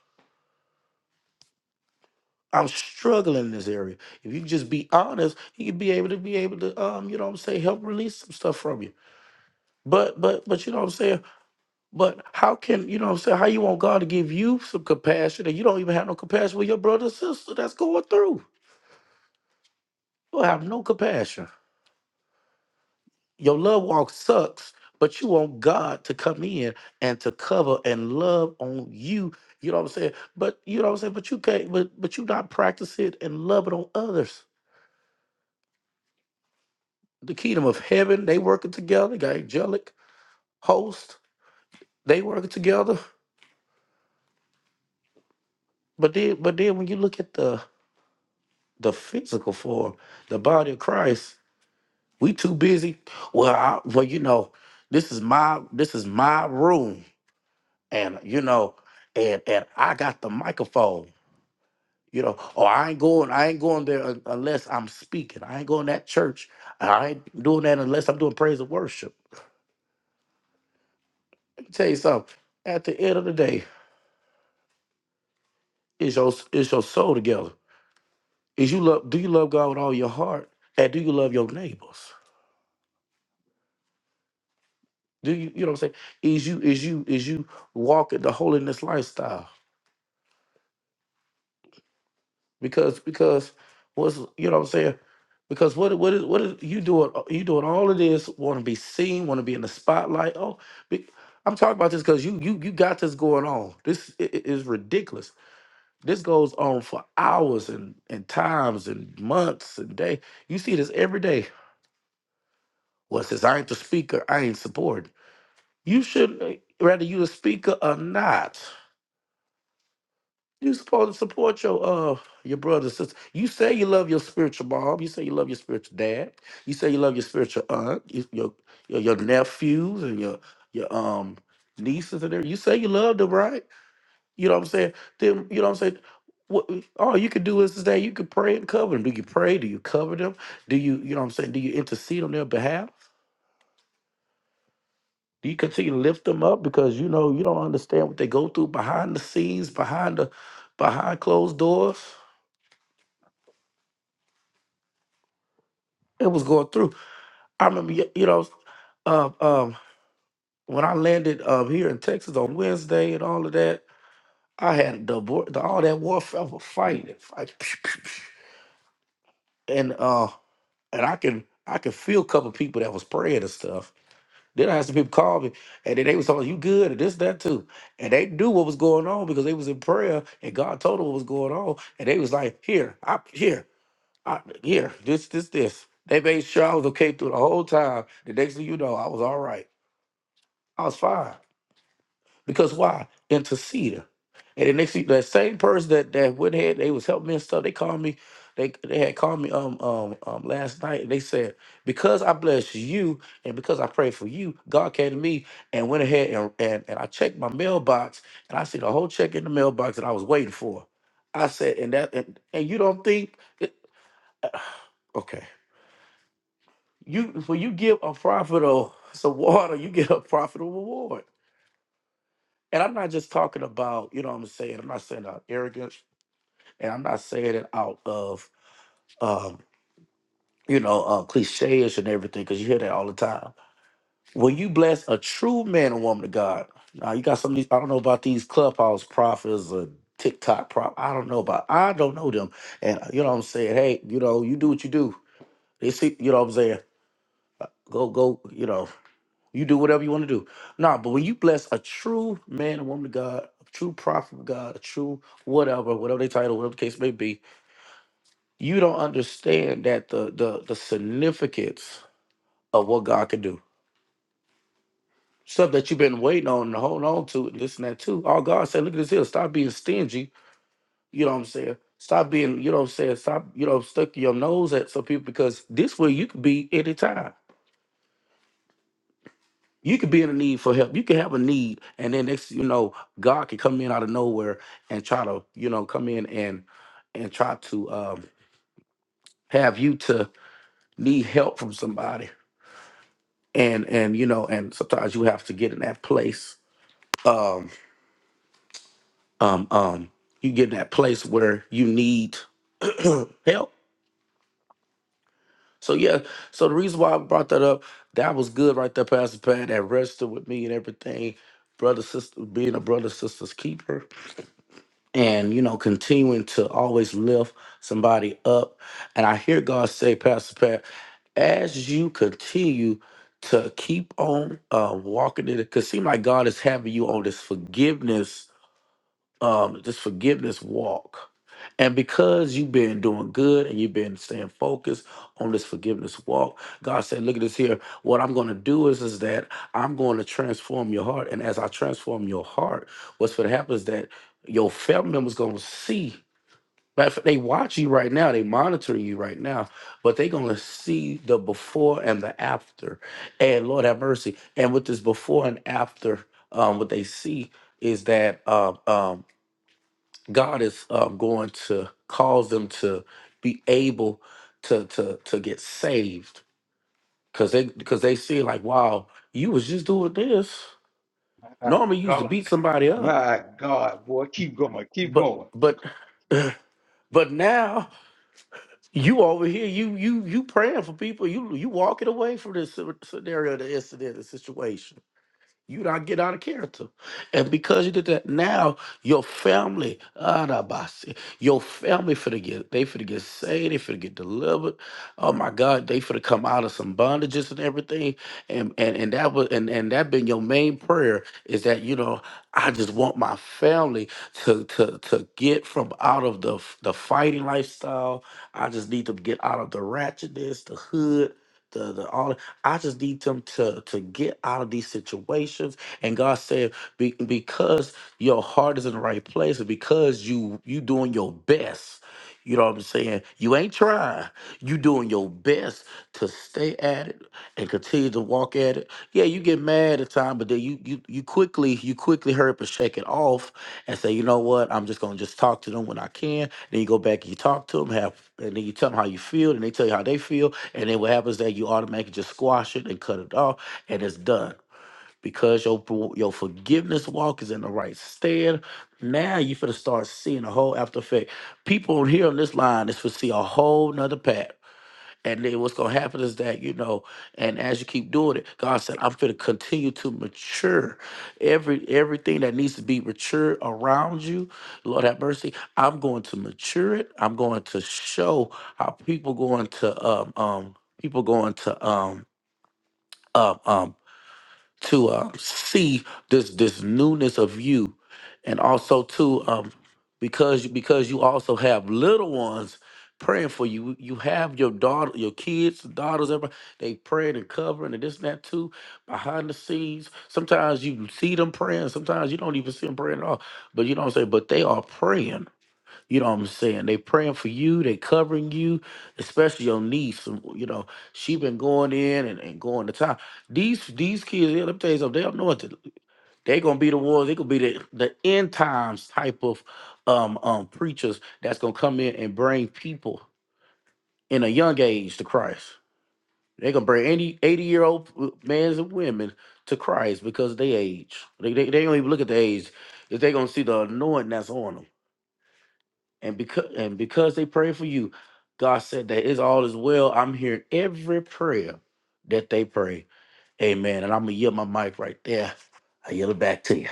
[SPEAKER 3] I'm struggling in this area. If you just be honest, you can be able to be able to um, you know what I'm saying, help release some stuff from you. But but but you know what I'm saying? But how can you know what I'm saying? How you want God to give you some compassion and you don't even have no compassion with your brother or sister that's going through? You don't have no compassion. Your love walk sucks, but you want God to come in and to cover and love on you. You know what I'm saying? But you know what I'm saying? But you can't, but but you not practice it and love it on others. The kingdom of heaven, they working together, got angelic host, they working together. But then but then when you look at the the physical form, the body of Christ, we too busy. Well, I, well, you know, this is my this is my room. And you know, and and I got the microphone You know, oh, I ain't going, I ain't going there un- unless I'm speaking. I ain't going that church. I ain't doing that unless I'm doing praise and worship. Let me tell you something. At the end of the day, is your is your soul together? Is you love? Do you love God with all your heart? And do you love your neighbors? Do you you know what I'm saying? Is you is you is you walking the holiness lifestyle? because because what's you know what I'm saying? Because what what is what is you doing? You doing all of this? Want to be seen? Want to be in the spotlight? Oh, be, I'm talking about this because you you you got this going on. This i- i- is ridiculous. This goes on for hours and and times and months and day. You see this every day. Well, since I ain't the speaker, I ain't supporting. You should rather you the speaker or not. You supposed to support your uh your brother, sister. You say you love your spiritual mom. You say you love your spiritual dad. You say you love your spiritual aunt, your your, your, your nephews and your your um nieces and everything. You say you love them, right? You know what I'm saying? Then you know what I'm saying. What all you could do is today you could pray and cover them. Do you pray? Do you cover them? Do you you know what I'm saying? Do you intercede on their behalf? Do you continue to lift them up because you know you don't understand what they go through behind the scenes, behind the behind closed doors? it was going through. I remember, y- you know, uh, um, when I landed um, here in Texas on Wednesday and all of that, I had the, war- the all that warfare I was fighting, fight, and uh, and I can I can feel a couple people that was praying and stuff. Then I had some people call me, and then they was talking, "You good?" and this, that, too. And they knew what was going on because they was in prayer, and God told them what was going on, and they was like, "Here, I here, I here, this, this, this." They made sure I was okay through the whole time. The next thing you know, I was all right. I was fine. Because why? Interceder. And the next thing, that same person that that went ahead, they was helping me and stuff. They called me. They they had called me um um um last night. And they said because I blessed you and because I prayed for you, God came to me and went ahead and and, and I checked my mailbox and I see the whole check in the mailbox that I was waiting for. I said and that and, and you don't think it, okay you when you give a prophet a some water, you get a profitable reward. And I'm not just talking about, you know what I'm saying? I'm not saying out of arrogance and I'm not saying it out of, um, you know, uh, cliches and everything because you hear that all the time. When you bless a true man and woman of God, now you got some of these, I don't know about these clubhouse prophets or TikTok prop. I don't know about, I don't know them. And uh, you know what I'm saying? Hey, you know, you do what you do. They see, you know what I'm saying? Go, go, you know. You do whatever you want to do. Nah, but when you bless a true man and woman of God, a true prophet of God, a true whatever, whatever they title, whatever the case may be, you don't understand that the the the significance of what God can do. Stuff that you've been waiting on and holding on to, and this and that too. All God said, look at this here. Stop being stingy. You know what I'm saying? Stop being, you know what I'm saying? Stop, you know, stuck your nose at some people because this way you could be anytime. You could be in a need for help. You could have a need, and then next, you know, God could come in out of nowhere and try to, you know, come in and and try to um, have you to need help from somebody. And and you know, and sometimes you have to get in that place. Um, um, um, you get in that place where you need help. So yeah, so the reason why I brought that up, that was good right there, Pastor Pat. That registered with me and everything. Brother, sister, being a brother, sister's keeper and you know continuing to always lift somebody up and i hear god say pastor pat as you continue to keep on uh walking in it because seem like god is having you on this forgiveness um, this forgiveness walk. And because you've been doing good and you've been staying focused on this forgiveness walk, God said, Look at this here. What I'm going to do is, is that I'm going to transform your heart. And as I transform your heart, what's going to happen is that your family members going to see. Matter of fact, They watch you right now, they monitor you right now, but they're going to see the before and the after. And Lord have mercy. And with this before and after, um, what they see is that. um, um, God is um, going to cause them to be able to to to get saved because they because they see like wow you was just doing this
[SPEAKER 2] My
[SPEAKER 3] normally you used to
[SPEAKER 2] God.
[SPEAKER 3] beat somebody up
[SPEAKER 2] My God, boy. Keep going. Keep
[SPEAKER 3] but
[SPEAKER 2] going.
[SPEAKER 3] but but now you over here you you you praying for people you you walking away from this sce- scenario the incident the situation You don't get out of character. And because you did that, now your family, ah, da ba si, your family finna get, they finna get saved, they finna get delivered. Oh my God, they finna come out of some bondages and everything. And and, and that was and, and that been your main prayer is that, you know, I just want my family to to to get from out of the f- the fighting lifestyle. I just need them to get out of the ratchetness, the hood, the the all. I just need them to to get out of these situations. And God said, "Be- because your heart is in the right place, and because you you doing your best. You know what I'm saying? You ain't trying. You doing your best to stay at it and continue to walk at it. Yeah, you get mad at time, but then you you you quickly you quickly hurry up and shake it off and say, you know what? I'm just gonna just talk to them when I can. Then you go back and you talk to them, have and then you tell them how you feel, and they tell you how they feel, and then what happens is that you automatically just squash it and cut it off, and it's done because your your forgiveness walk is in the right stand. Now you finna start seeing a whole after effect. People on here on this line is for see a whole nother path. And then what's gonna happen is that, you know, and as you keep doing it, God said, I'm gonna continue to mature. Every everything that needs to be matured around you, Lord have mercy, I'm going to mature it. I'm going to show how people going to um um people going to um um um to um, see this this newness of you, and also too, um, because because you also have little ones praying for you. You have your daughter, your kids, daughters, everybody. They praying and covering and this and that too behind the scenes. Sometimes you see them praying. Sometimes you don't even see them praying at all. But you know what I'm saying. But they are praying you know what I'm saying? They praying for you, they covering you, especially your niece. um, You know, she been going in and, and going to town. These these kids, yeah, let me tell you something, they up north, they gonna be the ones, they gonna be the, the end times type of um um preachers that's gonna come in and bring people in a young age to Christ. They gonna bring any 80 year old men and women to Christ because they age. They, they, they don't even look at the age. If they gonna see the anointing that's on them and because and because they prayed for you, God said that it's all is well. I'm hearing every prayer that they pray. Amen. And I'm gonna yield my mic right there. I yield it back to you.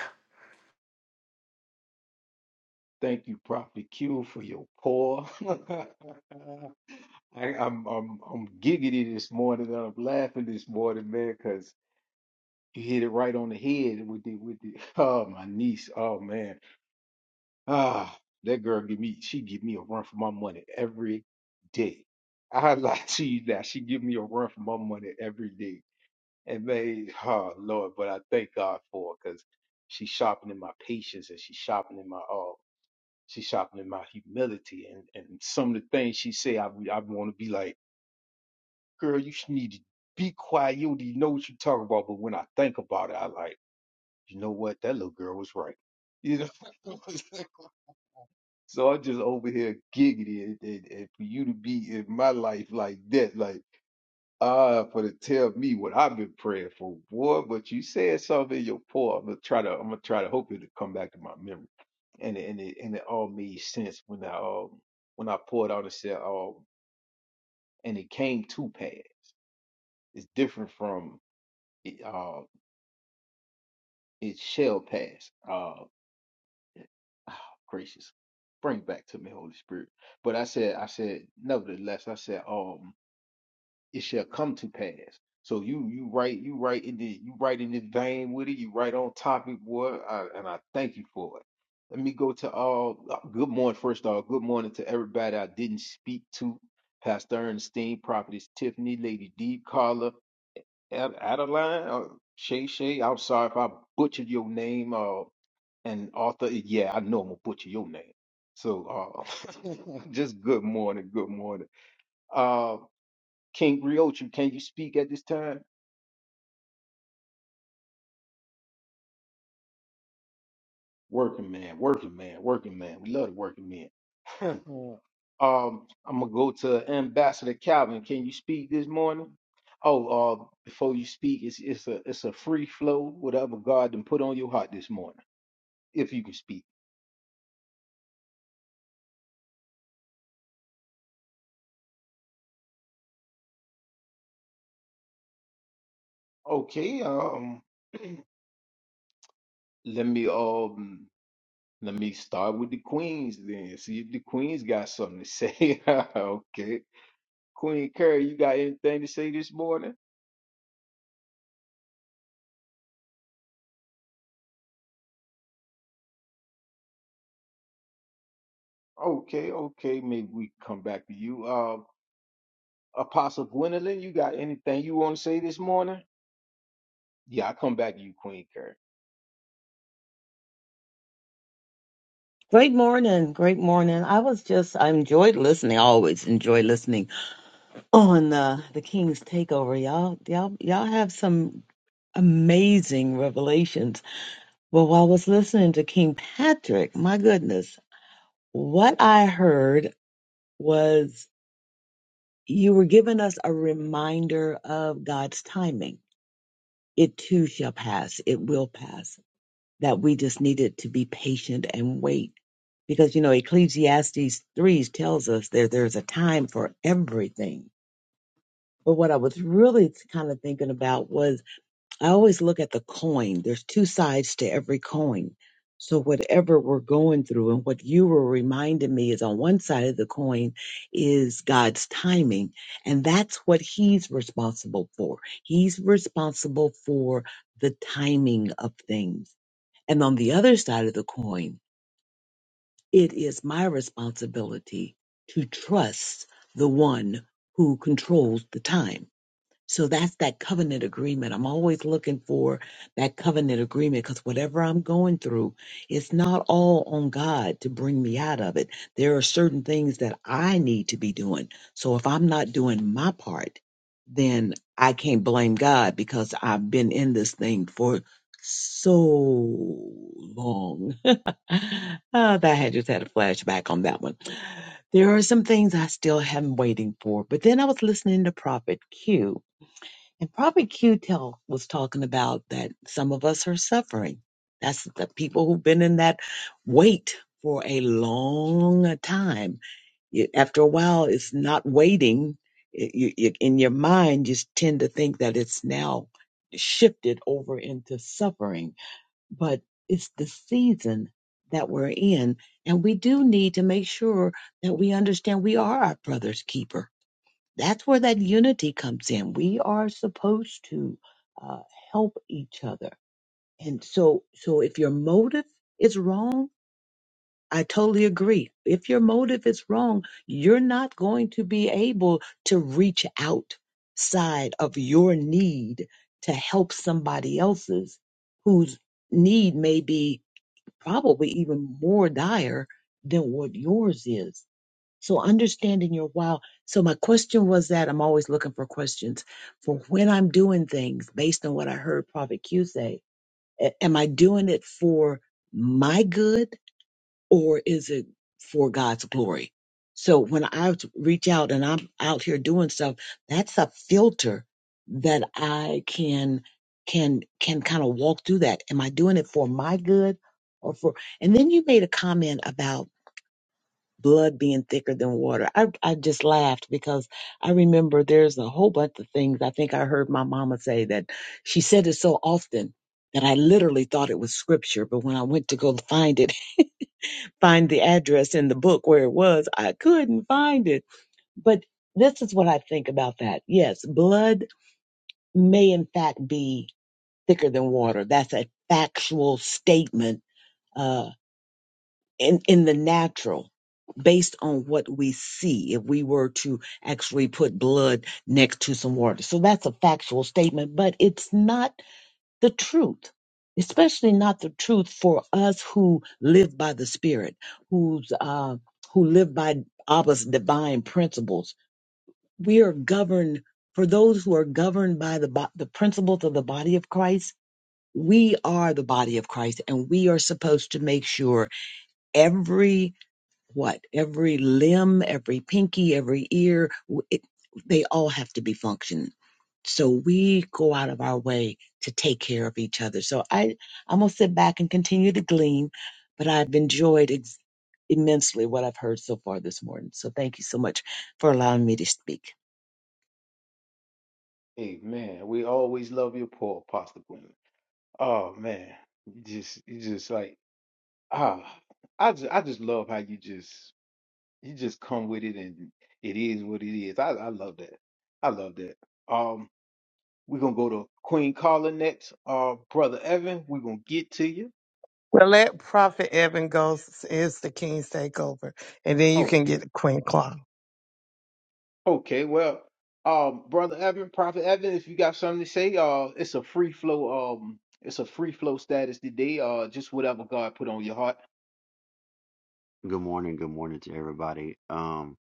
[SPEAKER 2] Thank you, Prophet Q, for your pour. I, I'm I'm I'm giggity this morning. I'm laughing this morning, man, 'cause You hit it right on the head with the with the oh my niece. Oh man. Ah that girl give me she give me a run for my money every day. I like you now she give me a run for my money every day. And man, oh Lord, but I thank God for it because she's sharpening my patience and she's sharpening my oh she's sharpening my humility and, and some of the things she say I I want to be like, girl, you should need to be quiet. You don't even know what you're talking about. But when I think about it, I like. you know what? That little girl was right. You know, so I'm just over here giggity, and, and, and for you to be in my life like that, like ah, for to tell me what I've been praying for, boy. But you said something in your poem. I'm gonna try to, I'm gonna try to hope it to come back to my memory, and it- and it and it all made sense when I um when I poured out and said um and it came to pass. It's different from it, uh it shall pass. Uh. Oh, gracious. Bring back to me, Holy Spirit. But I said, I said, nevertheless, I said, um, it shall come to pass. So you you right, you right in the you right in the vein with it, you right on topic, boy. I, and I thank you for it. Let me go to all uh, good morning, first of all. Good morning to everybody I didn't speak to. Pastor Ernestine, Prophetess Tiffany, Lady D, Carla, Ad- Adeline, uh, Shay Shay. I'm sorry if I butchered your name. uh. And Arthur, yeah, I know I'm gonna butcher your name. So uh, just good morning, good morning. Uh, King Riochu, can you speak at this time? Working man, working man, working man. We love the working men. um, I'm gonna go to Ambassador Calvin. Can you speak this morning? Oh, uh, before you speak, it's it's a it's a free flow, whatever God done put on your heart this morning, if you can speak. Okay, um, let me um Let me start with the queens then. See if the queens got something to say. okay. Queen Curry, you got anything to say this morning? Okay, okay. Maybe we can come back to you. Um, Apostle Gwendolyn, you got anything you want to say this morning? Yeah, I come back to you, Queen Curry. Amen. We always love your poor Apostle Gwendolyn. Oh man. You just you just like ah I just I just love how you just you just come with it and it is what it is. I, I love that. I love that. Um, We're gonna go to Queen Carla next. Uh, brother Evan, we're gonna get to you.
[SPEAKER 4] Well, let Prophet Evan go s- is the King's Takeover, and then you can
[SPEAKER 2] Okay.
[SPEAKER 4] get Queen Claw.
[SPEAKER 2] Okay. Well, um, brother Evan, Prophet Evan, if you got something to say, uh, it's a free flow. Um, it's a free flow status today. Uh, just whatever God put on your heart.
[SPEAKER 5] Good morning, good morning to everybody. Um,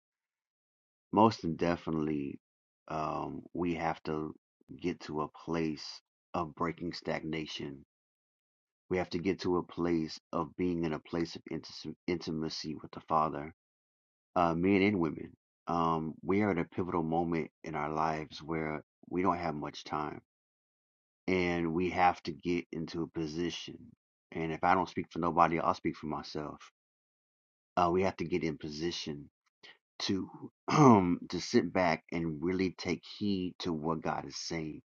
[SPEAKER 5] most definitely, um, we have to get to a place of breaking stagnation. We have to get to a place of being in a place of intis- intimacy with the Father, uh, men and women. Um, we are at a pivotal moment in our lives where we don't have much time, and we have to get into a position. And if I don't speak for nobody, I'll speak for myself. Uh, we have to get in position to um to sit back and really take heed to what God is saying.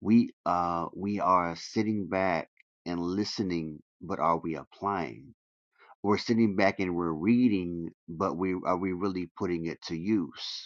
[SPEAKER 5] We uh we are sitting back and listening, but are we applying? We're sitting back and we're reading, but we are we really putting it to use?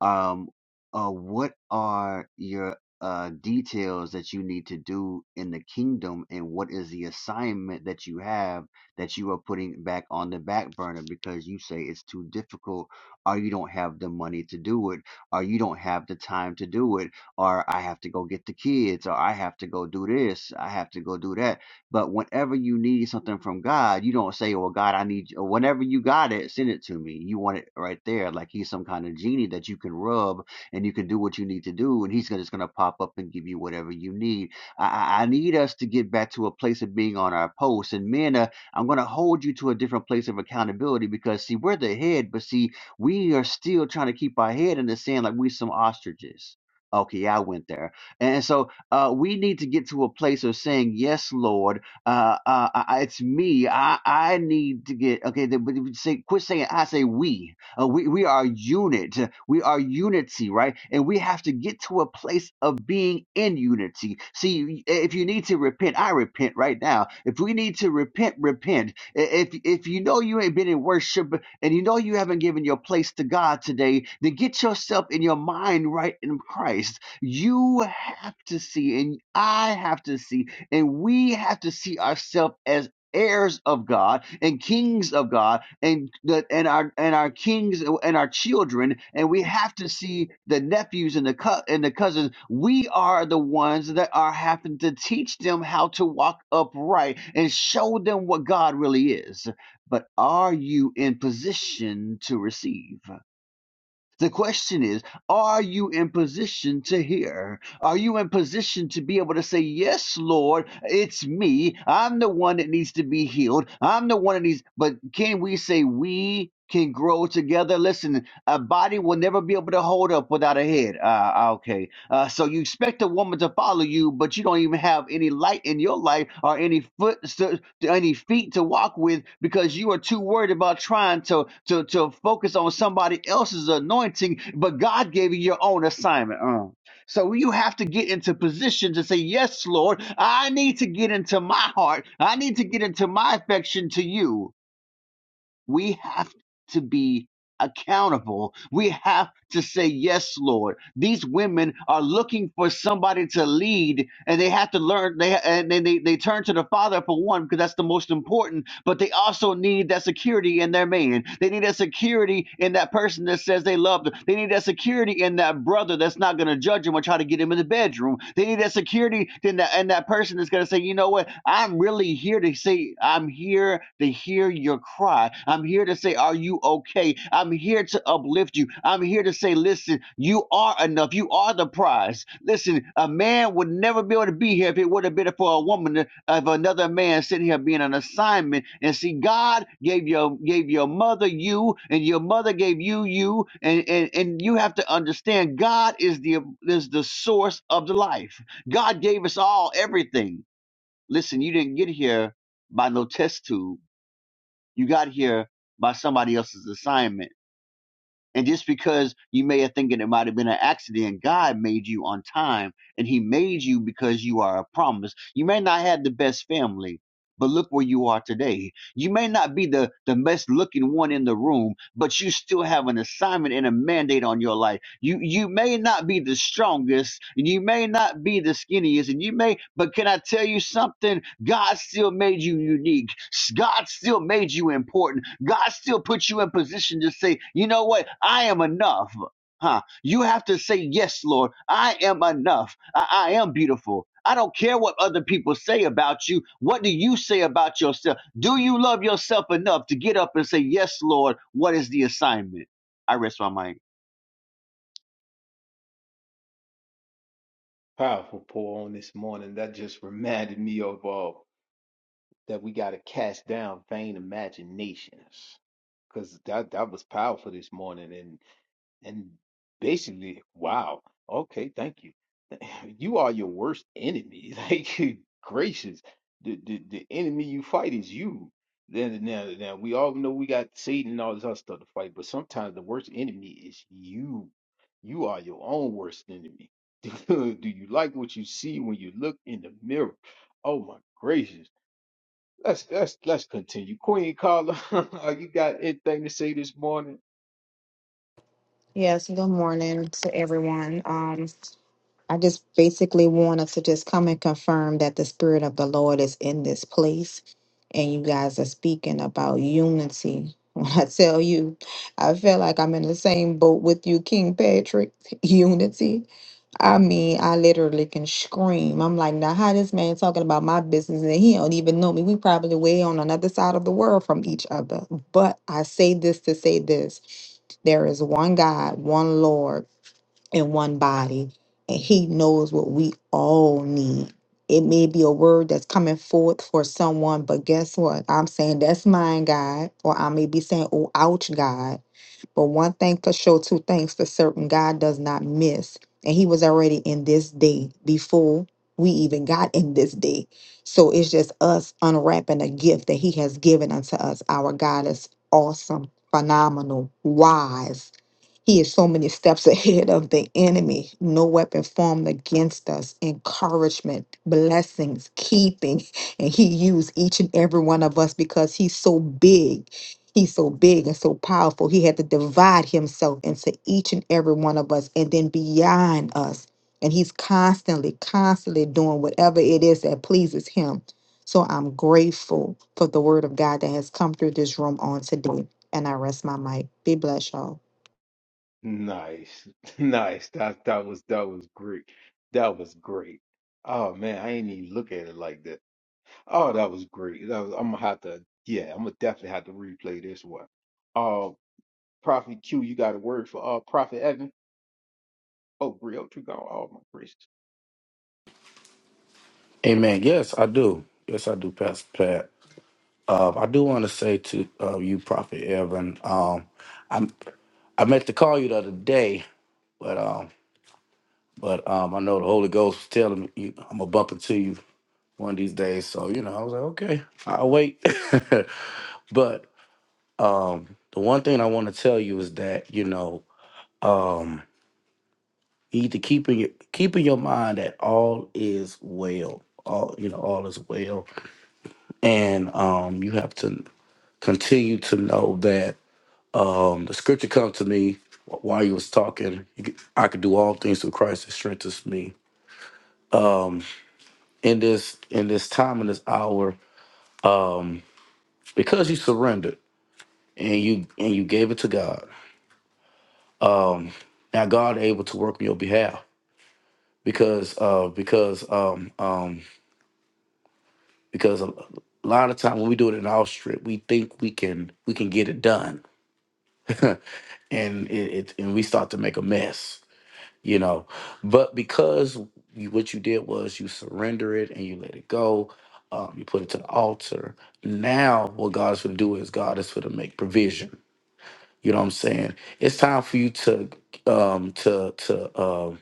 [SPEAKER 5] um, uh, what are your uh, details that you need to do in the kingdom, and what is the assignment that you have that you are putting back on the back burner because you say it's too difficult, or you don't have the money to do it, or you don't have the time to do it, or I have to go get the kids, or I have to go do this, I have to go do that but whenever you need something from God, you don't say, "Well, God, I need," you," or whenever you got it, send it to me. You want it right there, like He's some kind of genie that you can rub and you can do what you need to do, and He's gonna- just going to pop up and give you whatever you need. I, I need us to get back to a place of being on our posts and men, uh, I'm going to hold you to a different place of accountability because see, we're the head, but see, we are still trying to keep our head in the sand like we some ostriches. Okay, I went there, and so uh, we need to get to a place of saying, "Yes, Lord." Uh, uh, I, it's me. I, I need to get okay. The, but you say, quit saying I say we. Uh, we we are unit. We are unity, right? And we have to get to a place of being in unity. See, if you need to repent, I repent right now. If we need to repent, repent. If if you know you ain't been in worship and you know you haven't given your place to God today, then get yourself in your mind right in Christ. You have to see, and I have to see and we have to see ourselves as heirs of God and kings of God and the, and our and our kings and our children and we have to see the nephews and the co- and the cousins we are the ones that are having to teach them how to walk upright and show them what God really is but are you in position to receive the question is, are you in position to hear? Are you in position to be able to say, Yes, Lord, it's me. I'm the one that needs to be healed. I'm the one that needs, but can we say we can grow together? Listen, a body will never be able to hold up without a head. Ah, okay. Uh, so you expect a woman to follow you, but you don't even have any light in your life or any foot, to, any feet to walk with because you are too worried about trying to to to focus on somebody else's anointing. But God gave you your own assignment. Uh. So you have to get into position to say, Yes, Lord, I need to get into my heart. I need to get into my affection to you. We have to be accountable. We have to say, Yes, Lord. These women are looking for somebody to lead, and they have to learn. They and then they, they turn to the Father for one, because that's the most important, but they also need that security in their man. They need that security in that person that says they love them. They need that security in that brother that's not going to judge them or try to get him in the bedroom. They need that security. Then that, and that person is going to say, you know what? I'm really here to say, I'm here to hear your cry. I'm here to say, are you okay? I'm here to uplift you. I'm here to say, listen, you are enough. You are the prize. Listen, a man would never be able to be here if it would have been for a woman of another man sitting here being an assignment and see god gave your gave your mother you and your mother gave you you and and, and you have to understand god is the is the source of the life god gave us all everything listen you didn't get here by no test tube you got here by somebody else's assignment and just because you may have thinking it might have been an accident, God made you on time and he made you because you are a promise. You may not have the best family, but look where you are today. You may not be the, the best looking one in the room, but you still have an assignment and a mandate on your life you you may not be the strongest, and you may not be the skinniest, and you may, but can I tell you something? God still made you unique. S- God still made you important. God still put you in position to say, you know what? I am enough. Huh? You have to say, yes, Lord, I am enough. I, I am beautiful. I don't care what other people say about you. What do you say about yourself? Do you love yourself enough to get up and say, yes, Lord, what is the assignment? I rest my mind.
[SPEAKER 2] Powerful pour on this morning. That just reminded me of uh that we gotta cast down vain imaginations. Cause that that was powerful this morning, and and basically, wow. Okay, thank you. you are your worst enemy. Like good gracious, the the, the enemy you fight is you. Then now, now we all know we got Satan and all this other stuff to fight, but sometimes the worst enemy is you. You are your own worst enemy. Do you like what you see when you look in the mirror? Oh my gracious. Let's let's let's continue. Queen Carla, you got anything to say this morning?
[SPEAKER 6] Yes, good morning to everyone. Um, I just basically wanted to just come and confirm that the Spirit of the Lord is in this place, and you guys are speaking about unity. When I tell you, I feel like I'm in the same boat with you, King Patrick. Unity. I mean, I literally can scream. I'm like, now how this man talking about my business and he don't even know me. We probably way on another side of the world from each other. But I say this to say this. There is one God, one Lord, and one body, and he knows what we all need. It may be a word that's coming forth for someone, but guess what? I'm saying that's mine, God, or I may be saying, oh, ouch, God but one thing for sure, two things for certain, God does not miss. And he was already in this day before we even got in this day. So it's just us unwrapping a gift that he has given unto us. Our God is awesome, phenomenal, wise he is so many steps ahead of the enemy. No weapon formed against us. Encouragement, blessings, keeping. And he used each and every one of us because he's so big. He's so big and so powerful. He had to divide himself into each and every one of us and then beyond us. And he's constantly, constantly doing whatever it is that pleases him. So I'm grateful for the word of God that has come through this room on today. And I rest my mic. Be blessed, y'all.
[SPEAKER 2] Nice. Nice. That that was that was great. That was great. Oh man, I ain't even look at it like that. Oh, that was great. That was, I'm gonna have to yeah, I'm gonna definitely have to replay this one. Uh Prophet Q, you got a word for uh Prophet Evan? Oh, real true God. Oh my gracious.
[SPEAKER 3] Amen. Yes, I do. Yes, I do, Pastor Pat. Uh, I do want to say to uh, you, Prophet Evan. Um, I I meant to call you the other day, but um, but um, I know the Holy Ghost was telling me you, I'm gonna bump into you one of these days. So you know, I was like, okay, I'll wait. but um the one thing i want to tell you is that you know um you need to keep in your keep in your mind that all is well all you know all is well and um you have to continue to know that um the scripture comes to me while you was talking you could- i could do all things through christ that strengthens me in this in this time in this hour um because you surrendered and you and you gave it to god um now god able to work on your behalf because uh because um um because a lot of time when we do it in our strip we think we can we can get it done and it, it and we start to make a mess you know but because you, what you did was you surrender it and you let it go um, you put it to the altar now what god's going to do is god is going to make provision you know what i'm saying it's time for you to um to to um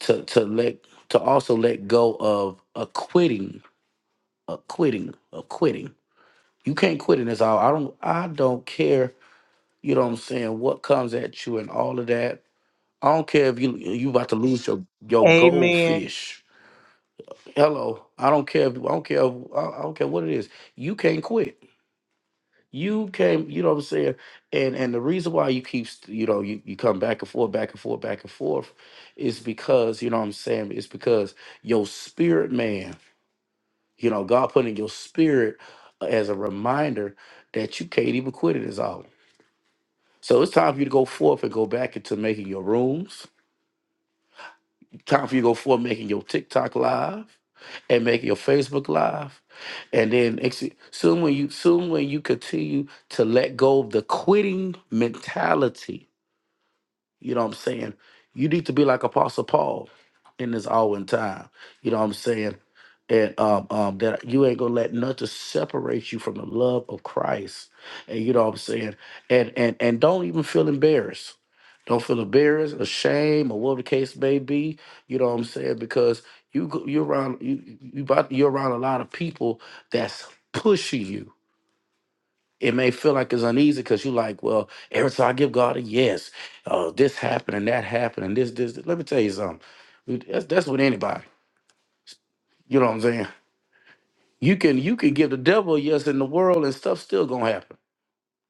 [SPEAKER 3] to to let to also let go of a quitting of quitting of quitting. You can't quit in this hour. I don't I don't care, you know what I'm saying, what comes at you and all of that. I don't care if you you about to lose your your
[SPEAKER 4] Amen.
[SPEAKER 3] goldfish. Hello. I don't care if I don't care if, I I don't care what it is. You can't quit. You can't, you know what I'm saying? And and the reason why you keep st- you know, you, you come back and forth, back and forth, back and forth is because, you know what I'm saying, it's because your spirit man You know, God put in your spirit uh, as a reminder that you can't even quit it is all. So it's time for you to go forth and go back into making your rooms. Time for you to go forth making your TikTok live and making your Facebook live. And then ex- soon when you soon when you continue to let go of the quitting mentality You know what I'm saying? You need to be like Apostle Paul in this hour and time. You know what I'm saying? And um, um, that you ain't gonna let nothing separate you from the love of Christ. And you know what I'm saying? And and and don't even feel embarrassed. Don't feel embarrassed, ashamed, or whatever the case may be. You know what I'm saying? Because you go- you're around you you about you're around a lot of people that's pushing you it may feel like it's uneasy because you like, well, every time I give God a yes, uh, this happened and that happened and this, this. this. Let me tell you something. We- That's, that's with anybody. You know what I'm saying? You can you can give the devil a yes in the world and stuff still gonna happen.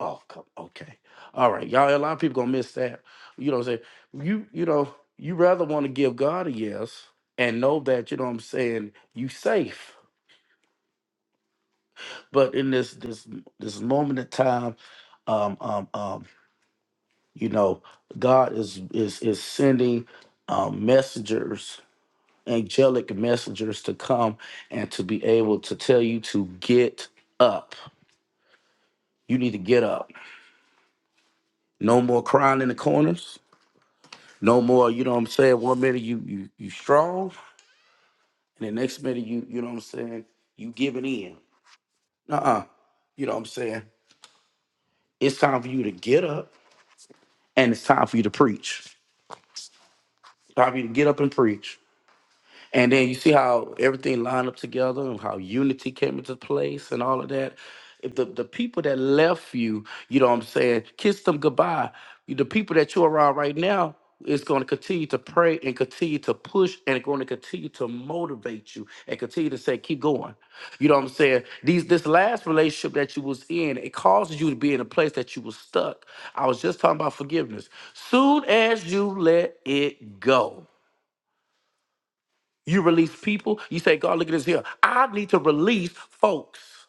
[SPEAKER 3] Oh, come, okay, all right, y'all. A lot of people gonna miss that. You know what I'm saying? You you know you rather want to give God a yes and know that you know what I'm saying you safe. But in this this this moment in time, um um um. You know, God is is is sending um, messengers, angelic messengers, to come and to be able to tell you to get up. You need to get up. No more crying in the corners. No more. You know what I'm saying. One minute you you you strong, and the next minute you you know what I'm saying. You giving in. Uh-uh. You know what I'm saying. It's time for you to get up, and it's time for you to preach. time for you to get up and preach. And then you see how everything lined up together and how unity came into place and all of that. If the, the people that left you, you know what I'm saying, kiss them goodbye. You- The people that you're around right now is going to continue to pray and continue to push and going to continue to motivate you and continue to say, keep going. You know what I'm saying? These this last relationship that you was in, it causes you to be in a place that you was stuck. I was just talking about forgiveness. Soon as you let it go you release people. You say, God, look at this here. I need to release folks.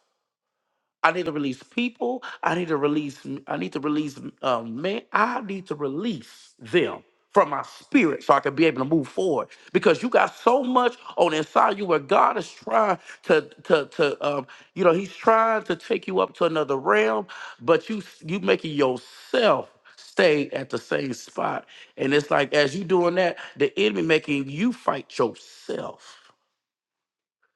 [SPEAKER 3] I need to release people. I need to release. I need to release um, men. I need to release them from my spirit so I can be able to move forward. Because you got so much on the inside you where God is trying to to to um, you know He's trying to take you up to another realm, but you you making yourself stay at the same spot. And it's like as you doing that, the enemy making you fight yourself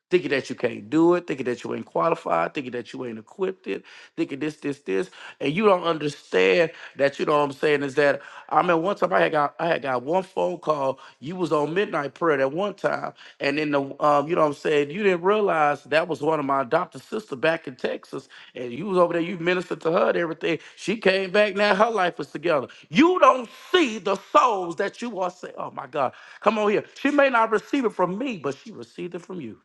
[SPEAKER 3] thinking that you can't do it, thinking that you ain't qualified, thinking that you ain't equipped it, thinking this, this, this, and you don't understand that. You know what I'm saying is that I mean, one time I had got I had got one phone call. You was on midnight prayer at one time, and then the um, you know what I'm saying you didn't realize that was one of my adopted sister back in Texas, and you was over there. You ministered to her and everything. She came back now. Her life is together. You don't see the souls that you are saying. Oh my God, come on here. She may not receive it from me, but she received it from you.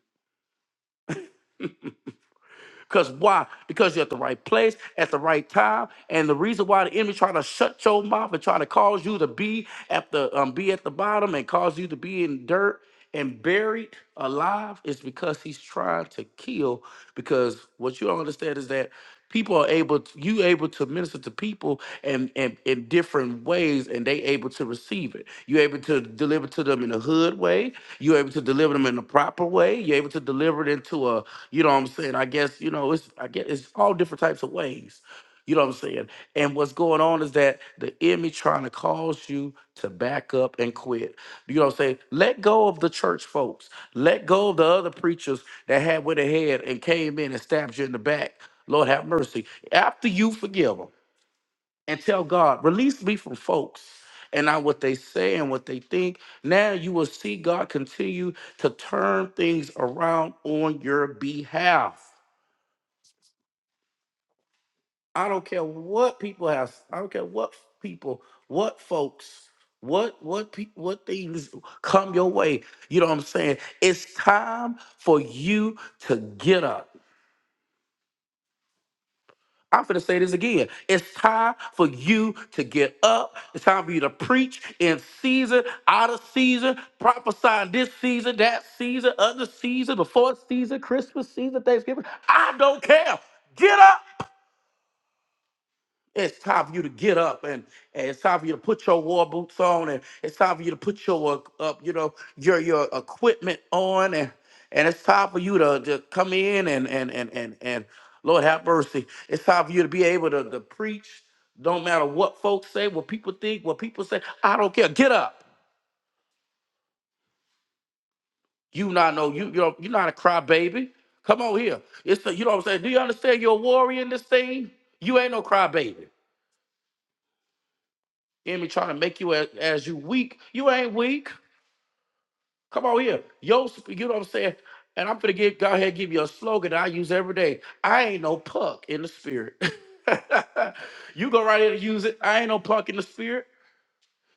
[SPEAKER 3] Because why? Because you're at the right place at the right time. And the reason why the enemy trying to shut your mouth and trying to cause you to be at the um, be at the bottom and cause you to be in dirt and buried alive is because he's trying to kill. Because what you don't understand is that people are able to, you able to minister to people and in, in different ways and they able to receive it you able to deliver to them in a hood way you're able to deliver them in the proper way. You're able to deliver it into a, you know what I'm saying? I guess, you know, it's I guess it's all different types of ways. You know what I'm saying? And what's going on is that the enemy trying to cause you to back up and quit. You know what I'm saying? Let go of the church folks. Let go of the other preachers that had with a head and came in and stabbed you in the back. Lord have mercy. After you forgive them and tell God, release me from folks and not what they say and what they think. Now you will see God continue to turn things around on your behalf. I don't care what people have, I don't care what people, what folks, what what pe- what things come your way. You know what I'm saying? It's time for you to get up. I'm finna say this again. It's time for you to get up. It's time for you to preach in season, out of season, prophesying this season, that season, other season, before season, Christmas season, Thanksgiving. I don't care. Get up. It's time for you to get up and, and it's time for you to put your war boots on and it's time for you to put your uh, up, you know, your your equipment on and and it's time for you to, to come in and and and and and Lord have mercy. It's time for you to be able to, to preach. Don't matter what folks say, what people think, what people say. I don't care. Get up. You not know you you're you're not a crybaby. Come on here. It's a, you know what I'm saying. Do you understand you're a warrior in this thing? You ain't no crybaby. enemy trying to make you as, as you weak. You ain't weak. Come on here. Yo, you know what I'm saying? And I'm gonna get go ahead and give you a slogan that I use every day. I ain't no punk in the spirit. you go right here and use it. I ain't no punk in the spirit.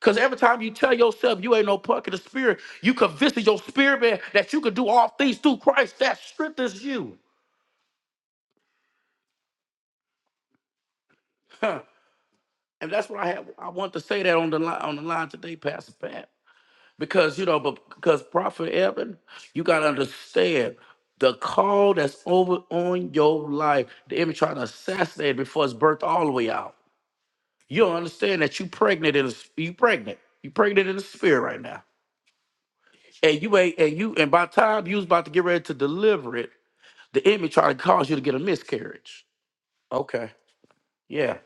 [SPEAKER 3] Cause every time you tell yourself you ain't no punk in the spirit, you convincing your spirit man that you can do all things through Christ that strengthens you. Huh. And that's what I have. I want to say that on the line on the line today, Pastor Pat. Because you know, but because Prophet Evan, you gotta understand the call that's over on your life. The enemy trying to assassinate it before it's birthed all the way out. You don't understand that you pregnant in the s- you pregnant. You pregnant in the spirit right now. And you ain't and you and by the time you was about to get ready to deliver it, the enemy trying to cause you to get a miscarriage. Okay. Yeah.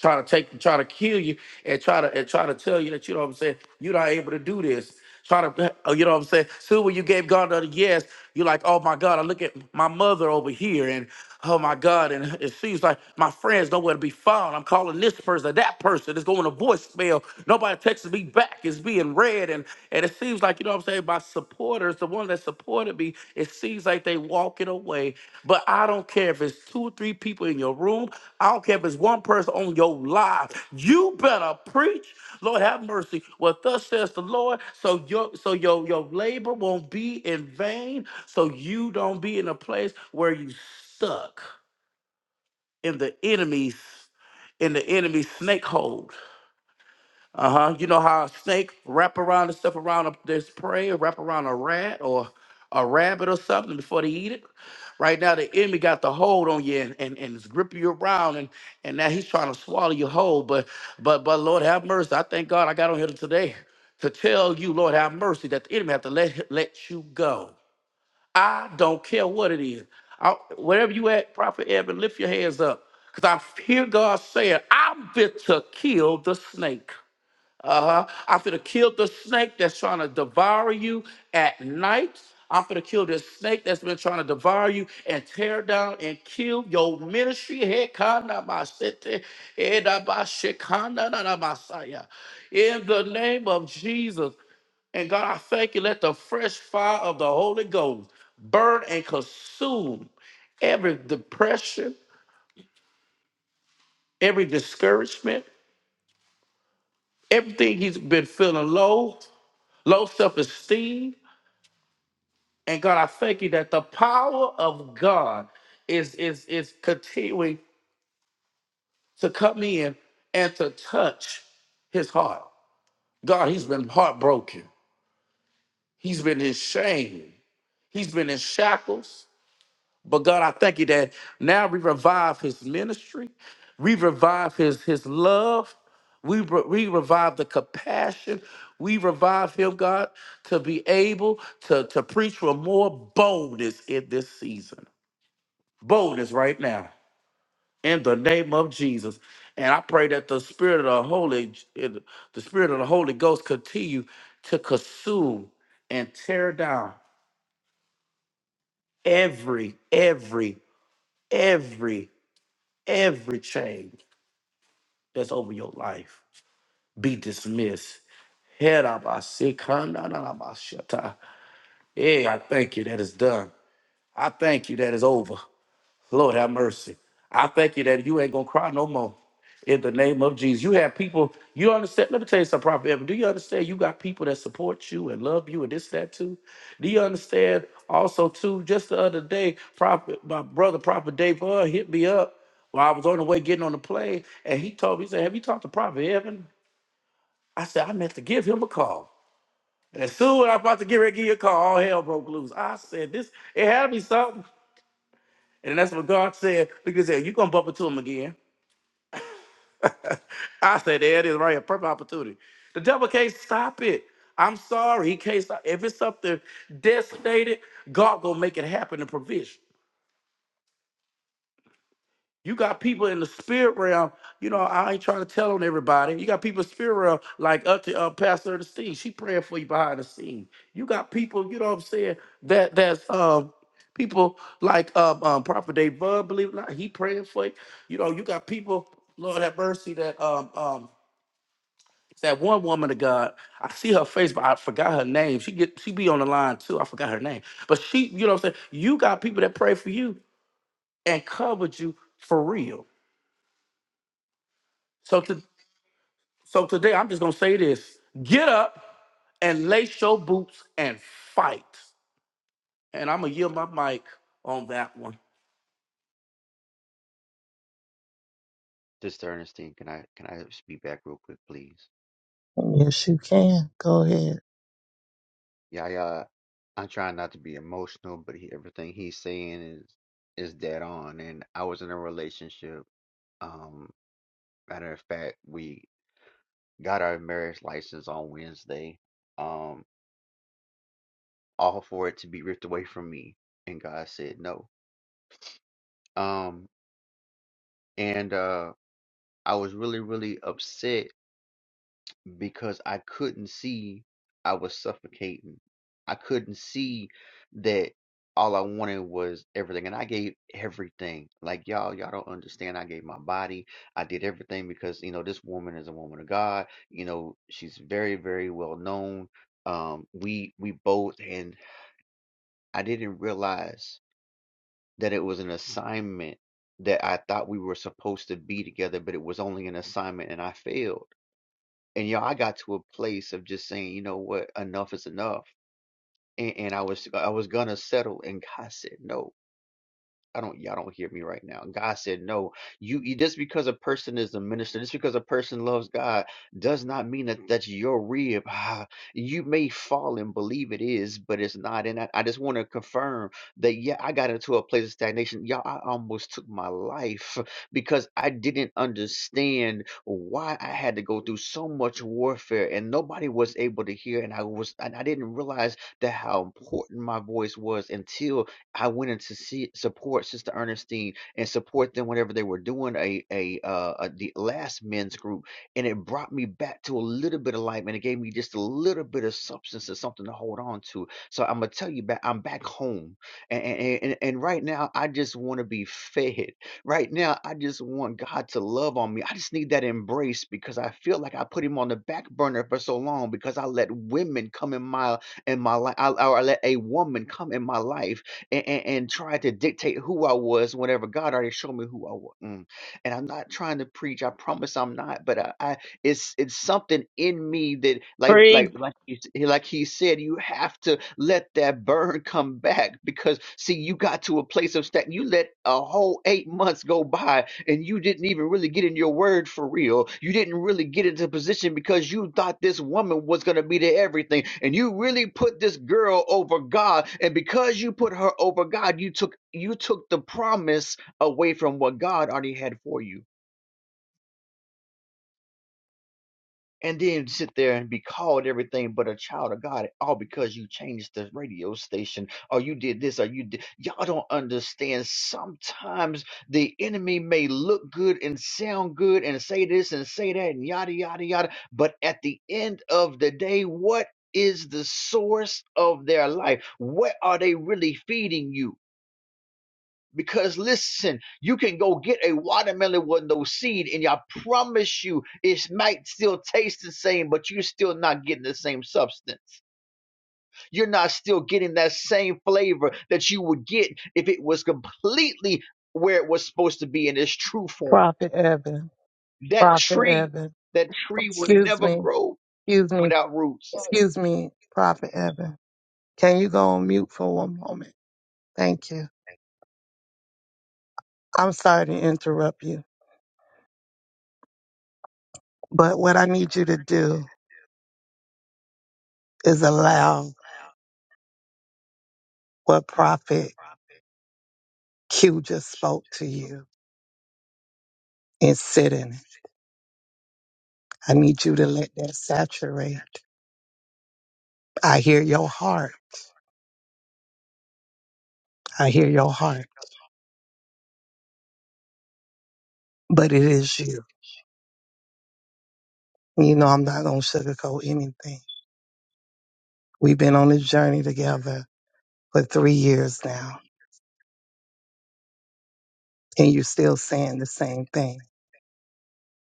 [SPEAKER 3] Trying to take trying to kill you and try to and try to tell you that you know what I'm saying, you're not able to do this. Trying to oh, you know what I'm saying? Soon when you gave God the yes, you're like, oh my God, I look at my mother over here and oh my God, and it seems like my friends nowhere to be found. I'm calling this person, that person, it's going to voicemail. Nobody texts me back. It's me and read and and it seems like you know what i'm saying my supporters the one that supported me it seems like they walking away but i don't care if it's two or three people in your room i don't care if it's one person on your live you better preach lord have mercy what thus says the lord so your so your your labor won't be in vain so you don't be in a place where you stuck in the enemy's in the enemy's snake hole uh huh. You know how a snake wrap around and stuff around a, this prey, or wrap around a rat or a rabbit or something before they eat it. Right now, the enemy got the hold on you and, and, and is gripping you around, and and now he's trying to swallow you whole. But but but Lord have mercy. I thank God I got on here today to tell you, Lord have mercy, that the enemy have to let let you go. I don't care what it is. I, wherever you at, Prophet Evan, lift your hands up, cause I hear God saying, "I'm fit to kill the snake." Uh-huh. I'm finna kill the snake that's trying to devour you at night. I'm finna kill this snake that's been trying to devour you and tear down and kill your ministry. Hekanabasete, edabashekananabasaya. In the name of Jesus. And God, I thank you. Let the fresh fire of the Holy Ghost burn and consume every depression, every discouragement, everything he's been feeling low, low self esteem. And God, I thank you that the power of God is is is continuing to come in and to touch his heart. God, he's been heartbroken. He's been in shame. He's been in shackles. But God, I thank you that now we revive his ministry. We revive his his love. We, re- we revive the compassion. We revive him, God, to be able to, to preach with more boldness in this season. boldness right now in the name of Jesus. And I pray that the spirit of the Holy, the spirit of the Holy Ghost, continue to consume and tear down every, every, every, every chain that's over your life. Be dismissed. Head up, I see. Come, na, na, na, my shut up. Yeah, I thank you that it's done. I thank you that it's over. Lord have mercy. I thank you that you ain't gonna cry no more in the name of Jesus. You have people, you understand. Let me tell you something, Prophet Evan. Do you understand you got people that support you and love you and this, that too? Do you understand also too? Just the other day, Prophet, my brother, Prophet Dave Earl hit me up while I was on the way getting on the plane, and he told me, he said, Have you talked to Prophet Evan? I said, I meant to give him a call. And as soon as I was about to get ready to give you a call, all hell broke loose. I said, This, it had to be something. And that's what God said. Look at that. You're going to bump into him again. I said, there it is right here. Perfect opportunity. The devil can't stop it. I'm sorry. He can't stop. If it's something designated, God going to make it happen in provision. You got people in the spirit realm. You know, I ain't trying to tell on everybody. You got people in the spirit realm, like up to uh, Pastor the scene. She praying for you behind the scene. You got people, you know what I'm saying, that that's um people like um, um Prophet Dave Bud, believe it or not, he praying for you. You know, you got people, Lord have mercy, that um um that one woman of God, I see her face, but I forgot her name. She get she be on the line too. I forgot her name. But she, you know what I'm saying? You got people that pray for you and covered you for real. So to So today I'm just gonna say this: get up and lace your boots and fight. And I'm gonna yield my mic on that one.
[SPEAKER 5] Sister Ernestine, can I can I speak back real quick, please?
[SPEAKER 4] Yes, you can. Go ahead.
[SPEAKER 5] Yeah, I, uh, I'm trying not to be emotional, but he, everything he's saying is is dead on. And I was in a relationship. Um, matter of fact, we got our marriage license on Wednesday. Um, all for it to be ripped away from me, and God said no. Um, and uh, I was really really upset because I couldn't see I was suffocating. I couldn't see that all I wanted was everything. And I gave everything. Like y'all, y'all don't understand. I gave my body. I did everything because, you know, this woman is a woman of God. You know, she's very, very well known. Um, we we both and I didn't realize that it was an assignment that I thought we were supposed to be together, but it was only an assignment and I failed and you know, I got to a place of just saying, you know what, enough is enough. And, and I was I was gonna settle, and God said no. I don't y'all don't hear me right now. God said no. You you- just because a person is a minister, just because a person loves God, does not mean that that's your rib. Ah, You may fall and believe it is, but it's not. And I, I just want to confirm that yeah, I got into a place of stagnation. Y'all, I almost took my life because I didn't understand why I had to go through so much warfare and nobody was able to hear. And I was and I didn't realize that how important my voice was until I went in to see support Sister Ernestine and support them whenever they were doing a a, uh, a the last men's group, and it brought me back to a little bit of life, and it gave me just a little bit of substance and something to hold on to. So I'm gonna tell you back, I'm back home, and and, and, and right now I just want to be fed. Right now I just want God to love on me. I just need that embrace because I feel like I put Him on the back burner for so long because I let women come in my in my life, or I let a woman come in my life and, and, and tried to dictate who I was whenever God already showed me who I was. And I'm not trying to preach. I promise I'm not. But I, I it's it's something in me that like like like he, like he said, you have to let that burn come back because see, you got to a place of stagnation. You let a whole eight months go by and you didn't even really get in your word for real. You didn't really get into position because you thought this woman was going to be the everything. And you really put this girl over God. And because you put her over God, you took you took the promise away from what God already had for you and then sit there and be called everything but a child of God, all because you changed the radio station or you did this or you did. Y'all don't understand. Sometimes the enemy may look good and sound good and say this and say that and yada, yada, yada. But at the end of the day, what is the source of their life? What are they really feeding you? Because listen, you can go get a watermelon with no seed, and I promise you, it might still taste the same, but you're still not getting the same substance. You're not still getting that same flavor that you would get if it was completely where it was supposed to be in its true form.
[SPEAKER 4] Prophet Evan.
[SPEAKER 5] That
[SPEAKER 4] Prophet
[SPEAKER 5] tree,
[SPEAKER 4] Evan.
[SPEAKER 5] that tree will
[SPEAKER 4] Excuse
[SPEAKER 5] never
[SPEAKER 4] me.
[SPEAKER 5] grow
[SPEAKER 4] Excuse me.
[SPEAKER 5] without roots.
[SPEAKER 4] Excuse me, Prophet Evan. Can you go on mute for one moment? Thank you. I'm sorry to interrupt you, but what I need you to do is allow what Prophet Q just spoke to you and sit in it. I need you to let that saturate. I hear your heart. I hear your heart. But it is you. You know, I'm not going to sugarcoat anything. We've been on this journey together for three years now, and you're still saying the same thing.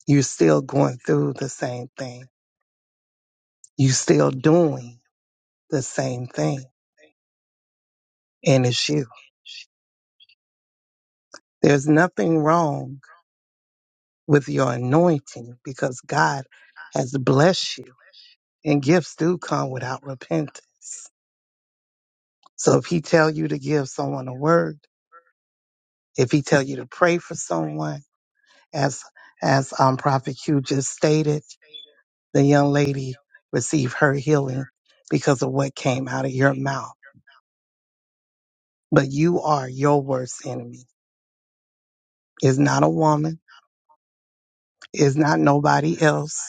[SPEAKER 4] You're still going through the same thing. You're still doing the same thing. And it's you. There's nothing wrong with your anointing because God has blessed you, and gifts do come without repentance. So if He tell you to give someone a word, If he tell you to pray for someone, as as um, Prophet Q just stated, the young lady received her healing because of what came out of your mouth. But you are your worst enemy. It's not a woman. It's not nobody else.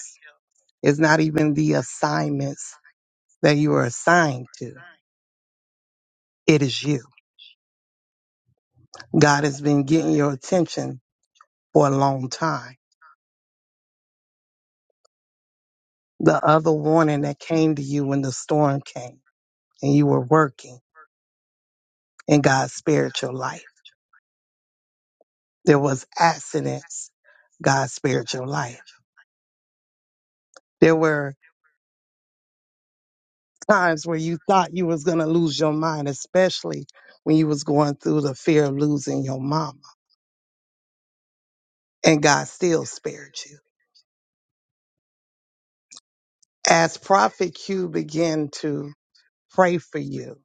[SPEAKER 4] It's not even the assignments that you are assigned to. It is you. God has been getting your attention for a long time. The other warning that came to you when the storm came and you were working and God spared your life. There was accidents God spared your life. There were times where you thought you was gonna lose your mind, especially when you was going through the fear of losing your mama, and God still spared you. As Prophet Q began to pray for you,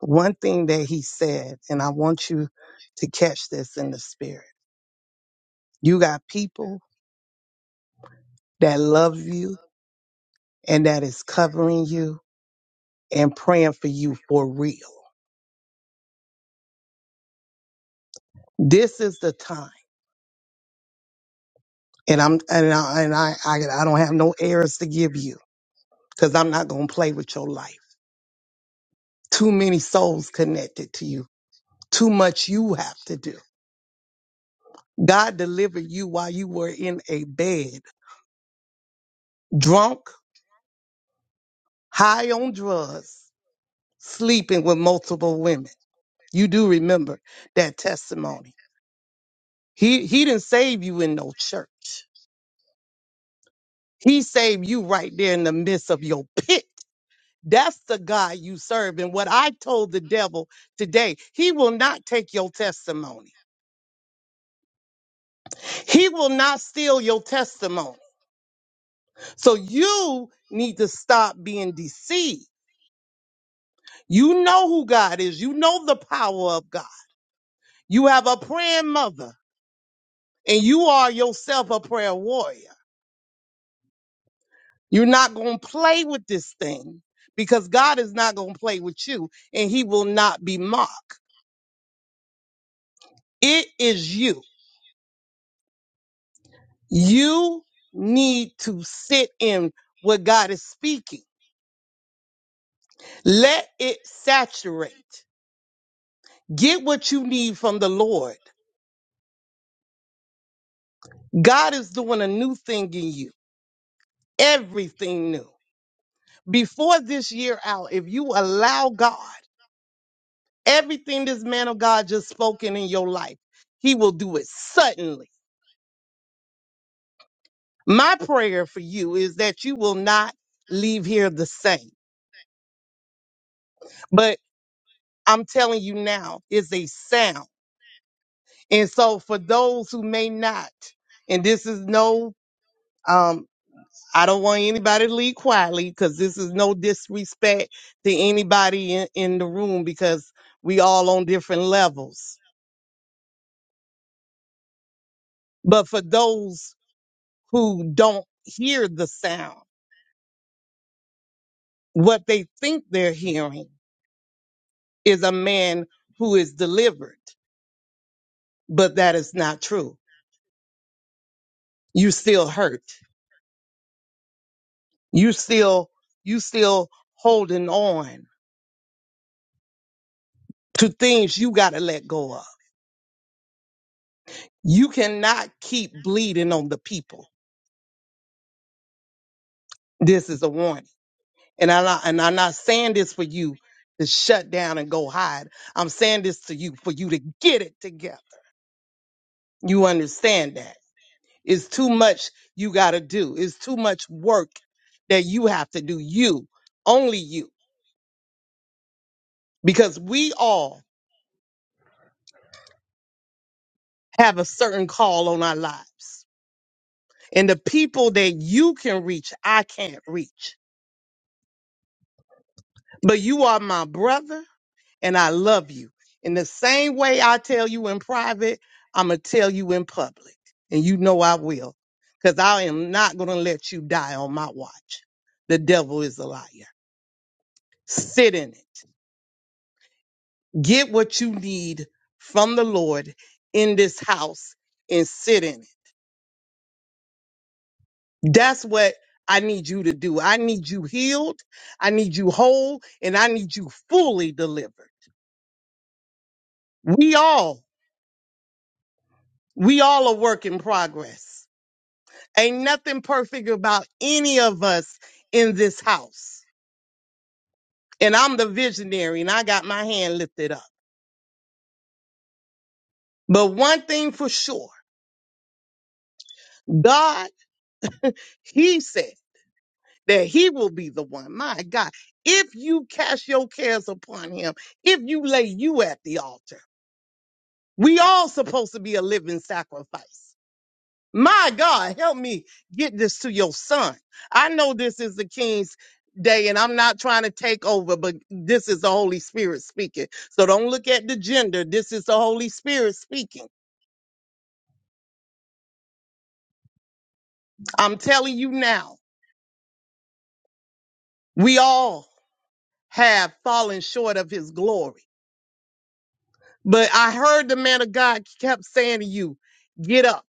[SPEAKER 4] one thing that he said, and I want you to catch this in the spirit. You got people that love you and that is covering you and praying for you for real. This is the time. and I'm and I and I, I, I don't have no errors to give you because I'm not gonna play with your life. Too many souls connected to you. Too much you have to do. God delivered you while you were in a bed, drunk, high on drugs, sleeping with multiple women. You do remember that testimony. He he didn't save you in no church. He saved you right there in the midst of your pit That's the God you serve. And what I told the devil today, he will not take your testimony. He will not steal your testimony. So you need to stop being deceived. You know who God is. You know the power of God. You have a praying mother and you are yourself a prayer warrior. You're not going to play with this thing because God is not going to play with you and he will not be mocked. It is you. You need to sit in what God is speaking. Let it saturate. Get what you need from the Lord. God is doing a new thing in you, everything new. Before this year out, if you allow God, everything this man of God just spoken in your life, he will do it suddenly. My prayer for you is that you will not leave here the same. But I'm telling you now, it's a sound. And so for those who may not, and this is no um I don't want anybody to leave quietly because this is no disrespect to anybody in, in the room because we all on different levels. But for those who don't hear the sound, what they think they're hearing is a man who is delivered, but that is not true. You still hurt. You still you still holding on to things you gotta let go of You cannot keep bleeding on the people. This is a warning. And I'm not, and I'm not saying this for you to shut down and go hide. I'm saying this to you for you to get it together. You understand that? It's too much you got to do. It's too much work that you have to do. You, only you, because we all have a certain call on our lives. And the people that you can reach, I can't reach. But you are my brother and I love you. In the same way I tell you in private, I'm going to tell you in public. And you know I will, because I am not going to let you die on my watch. The devil is a liar. Sit in it. Get what you need from the Lord in this house and sit in it. That's what I need you to do. I need you healed. I need you whole and I need you fully delivered. We all, we all a work in progress Ain't nothing perfect about any of us in this house. And I'm the visionary and I got my hand lifted up. But one thing for sure, God, He said that He will be the one. My God, if you cast your cares upon Him, if you lay you at the altar, we all supposed to be a living sacrifice. My God, help me get this to your son. I know this is the king's day and I'm not trying to take over, but this is the Holy Spirit speaking. So don't look at the gender. This is the Holy Spirit speaking. I'm telling you now, we all have fallen short of his glory. But I heard the man of God kept saying to you, get up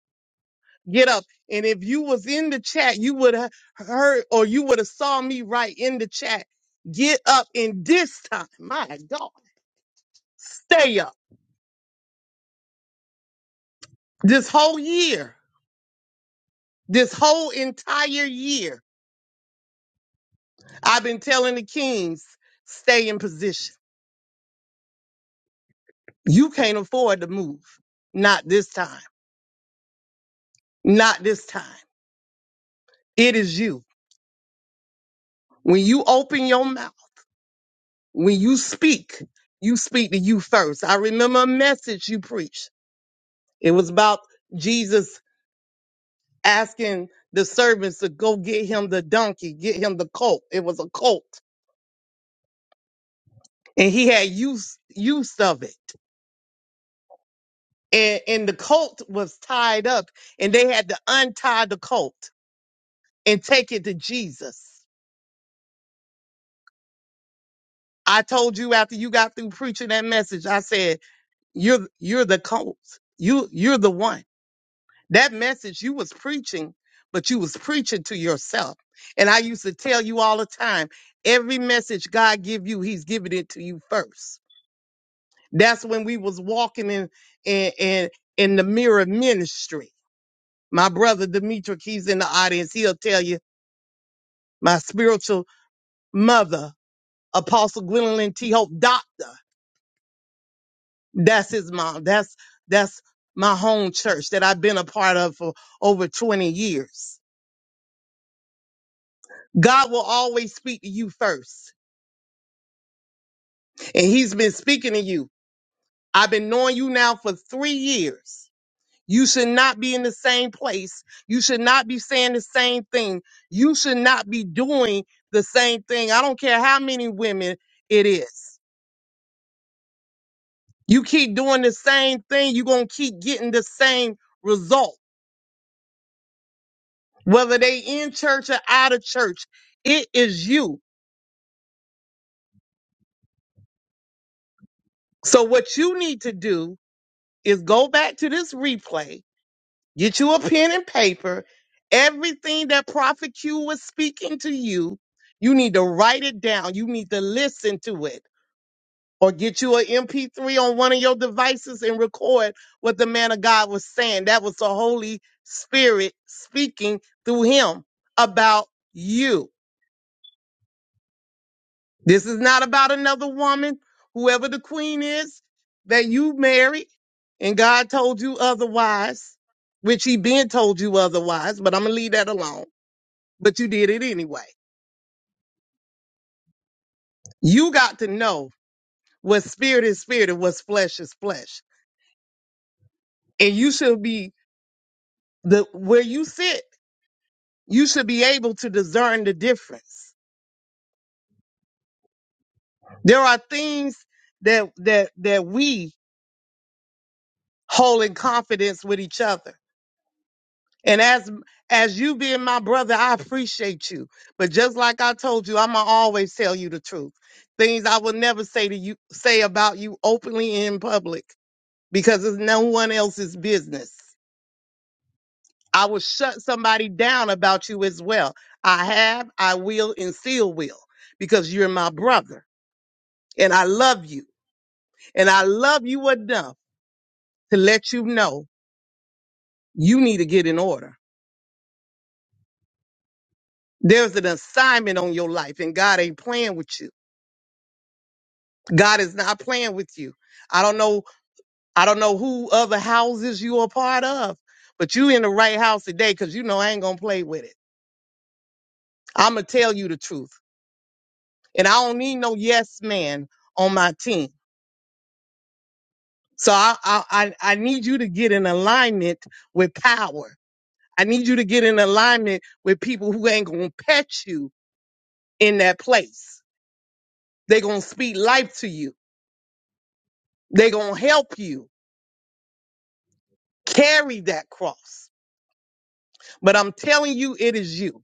[SPEAKER 4] get up. And if you was in the chat, you would have heard or you would have saw me right in the chat. Get up. And this time, my God, stay up. This whole year, this whole entire year, I've been telling the Kings, stay in position. You can't afford to move. Not this time. Not this time. It is you. When you open your mouth, when you speak, you speak to you first. I remember a message you preached. It was about Jesus asking the servants to go get him the donkey, get him the colt. It was a colt, and he had use use of it, and and the colt was tied up, and they had to untie the colt and take it to Jesus. I told you after you got through preaching that message, I said you're you're the colt, you you're the one. That message you was preaching, but you was preaching to yourself. And I used to tell you all the time, every message God give you, He's giving it to you first. That's when we was walking in in in, in the mirror ministry. My brother Demetric, he's in the audience. He'll tell you my spiritual mother, Apostle Gwendolyn T. Hope, doctor. That's his mom. That's that's my home church that I've been a part of for over 20 years. God will always speak to you first. And he's been speaking to you. I've been knowing you now for three years. You should not be in the same place. You should not be saying the same thing. You should not be doing the same thing. I don't care how many women it is. You keep doing the same thing, you're going to keep getting the same result, whether they in church or out of church. It is you. So what you need to do is go back to this replay Get you a pen and paper. Everything that Prophet Q was speaking to you, you need to write it down. You need to listen to it. Or get you an MP3 on one of your devices and record what the man of God was saying. That was the Holy Spirit speaking through him about you. This is not about another woman, whoever the queen is that you married, and God told you otherwise, which he been told you otherwise, but I'm gonna leave that alone. but you did it anyway. You got to know what spirit is spirit and what's flesh is flesh. And you should be the where you sit, you should be able to discern the difference. There are things that that that we hold in confidence with each other. And as as you being my brother, I appreciate you. But just like I told you, I'ma always tell you the truth. Things I will never say to you say about you openly in public because it's no one else's business. I will shut somebody down about you as well. I have, I will, and still will because you're my brother and I love you. And I love you enough to let you know you need to get in order. There's an assignment on your life and God ain't playing with you. God is not playing with you. I don't know, I don't know who other houses you are part of, but you in the right house today because you know I ain't gonna play with it. I'm gonna tell you the truth. And I don't need no yes man on my team. So I, I I I need you to get in alignment with power. I need you to get in alignment with people who ain't gonna pet you in that place. They gonna speak life to you. They gonna help you carry that cross. But I'm telling you, it is you.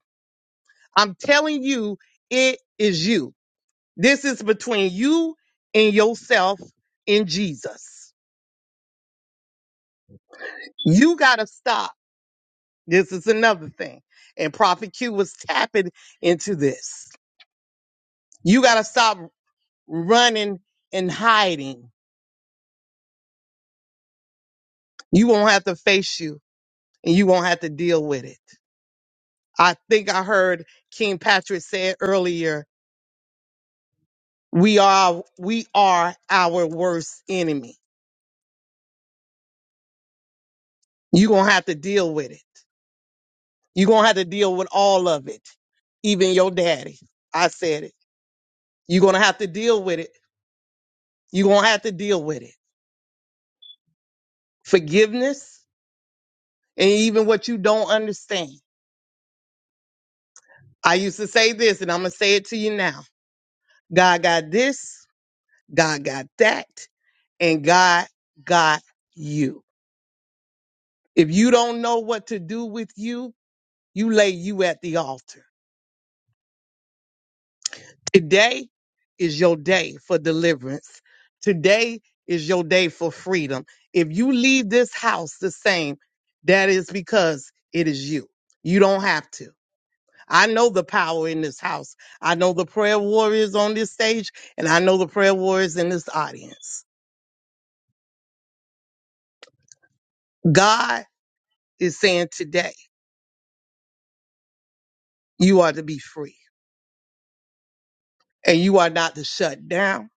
[SPEAKER 4] I'm telling you, it is you. This is between you and yourself and Jesus. You gotta stop. This is another thing. And Prophet Q was tapping into this. You got to stop running and hiding. You won't have to face you and you won't have to deal with it. I think I heard King Patrick said earlier, we are we are our worst enemy. You're going to have to deal with it. You're going to have to deal with all of it, even your daddy. I said it. You're going to have to deal with it. You're going to have to deal with it. Forgiveness and even what you don't understand. I used to say this and I'm going to say it to you now. God got this God got that, and God got you. If you don't know what to do with you, you lay you at the altar. Today is your day for deliverance. Today is your day for freedom. If you leave this house the same, that is because it is you. You don't have to. I know the power in this house. I know the prayer warriors on this stage, and I know the prayer warriors in this audience. God is saying today, you are to be free. and you are not to shut down.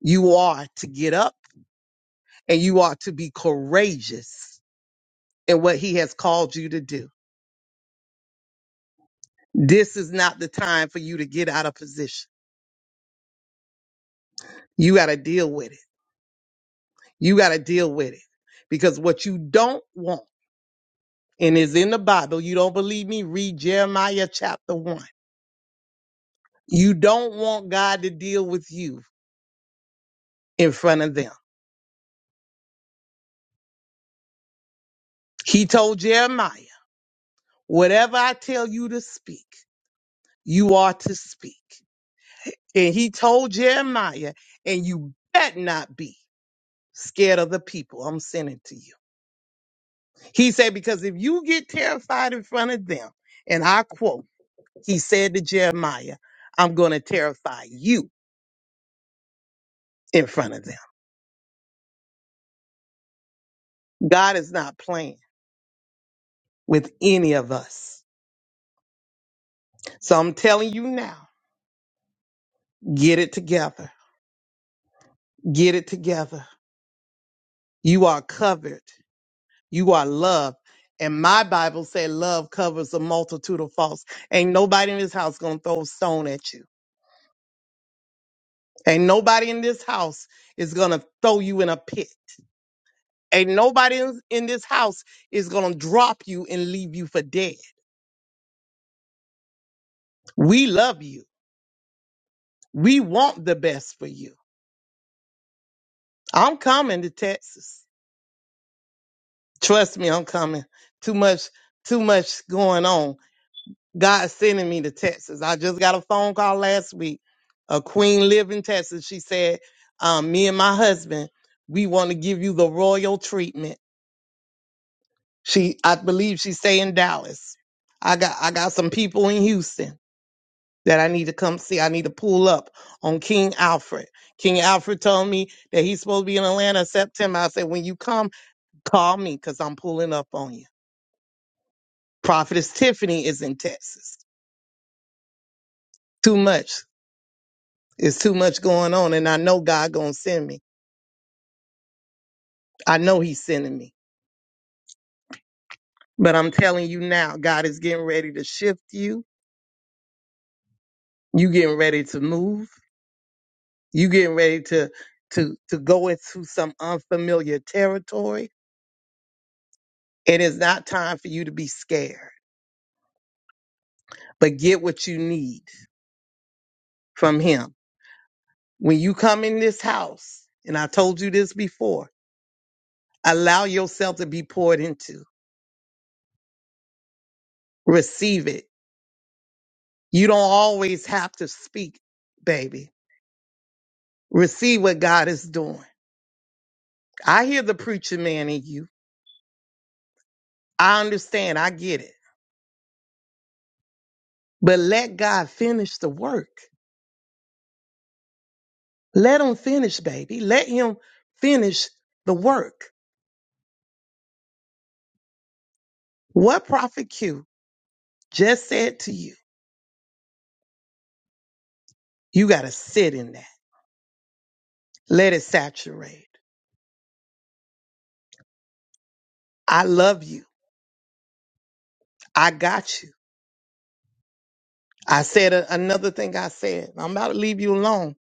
[SPEAKER 4] You are to get up and you are to be courageous in what he has called you to do. This is not the time for you to get out of position. You got to deal with it. You got to deal with it because what you don't want and is in the Bible. You don't believe me? Read Jeremiah chapter one. You don't want God to deal with you in front of them. He told Jeremiah, whatever I tell you to speak, you are to speak. And he told Jeremiah, and you bet not be scared of the people I'm sending to you. He said, because if you get terrified in front of them, and I quote, he said to Jeremiah, I'm going to terrify you in front of them. God is not playing with any of us. So I'm telling you now, get it together. Get it together. You are covered. You are love. And my Bible said love covers a multitude of faults. Ain't nobody in this house gonna throw a stone at you. Ain't nobody in this house is gonna throw you in a pit. Ain't nobody in in this house is gonna drop you and leave you for dead. We love you. We want the best for you. I'm coming to Texas. Trust me, I'm coming. Too much, too much going on. God is sending me to Texas. I just got a phone call last week. A queen live in Texas. She said, um, "Me and my husband, we want to give you the royal treatment." She, I believe, she stay in Dallas. I got, I got some people in Houston that I need to come see. I need to pull up on King Alfred. King Alfred told me that he's supposed to be in Atlanta September. I said, "When you come, call me because I'm pulling up on you." Prophetess Tiffany is in Texas. Too much. It's too much going on, and I know God gonna send me. I know He's sending me. But I'm telling you now, God is getting ready to shift you. You getting ready to move. You getting ready to to to go into some unfamiliar territory. It is not time for you to be scared, but get what you need from Him. When you come in this house, and I told you this before, allow yourself to be poured into. Receive it. You don't always have to speak, baby receive what God is doing. I hear the preacher man in you. I understand. I get it. But let God finish the work. Let him finish, baby. Let him finish the work. What Prophet Q just said to you, you got to sit in that. Let it saturate. I love you. I got you. I said a- another thing I said. I'm about to leave you alone.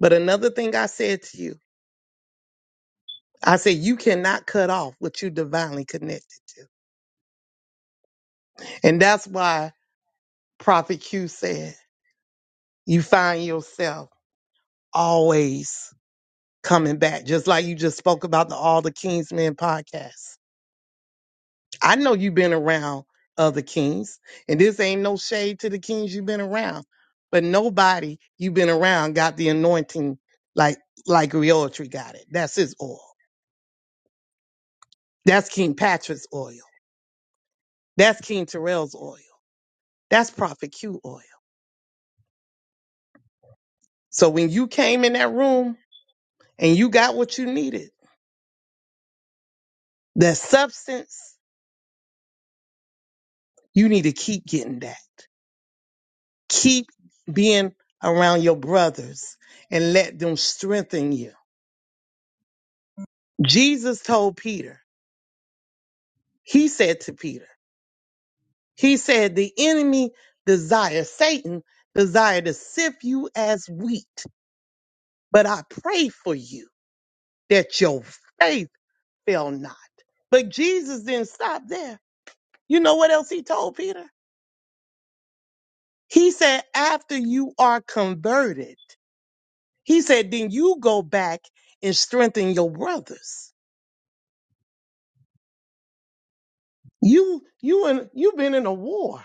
[SPEAKER 4] But another thing I said to you, I said, you cannot cut off what you divinely connected to. And that's why Prophet Q said, you find yourself always coming back, just like you just spoke about the All the Kings Men podcast. I know you've been around other kings, and this ain't no shade to the kings you've been around, but nobody you've been around got the anointing like like Tree got it. That's his oil. That's King Patrick's oil. That's King Terrell's oil. That's Prophet Q oil. So when you came in that room and you got what you needed, the substance You need to keep getting that. Keep being around your brothers and let them strengthen you. Jesus told Peter, he said to Peter, he said, the enemy desires, Satan desire to sift you as wheat, but I pray for you that your faith fail not. But Jesus didn't stop there. You know what else he told Peter? He said, after you are converted. He said, then you go back and strengthen your brothers. You you and you've been in a war.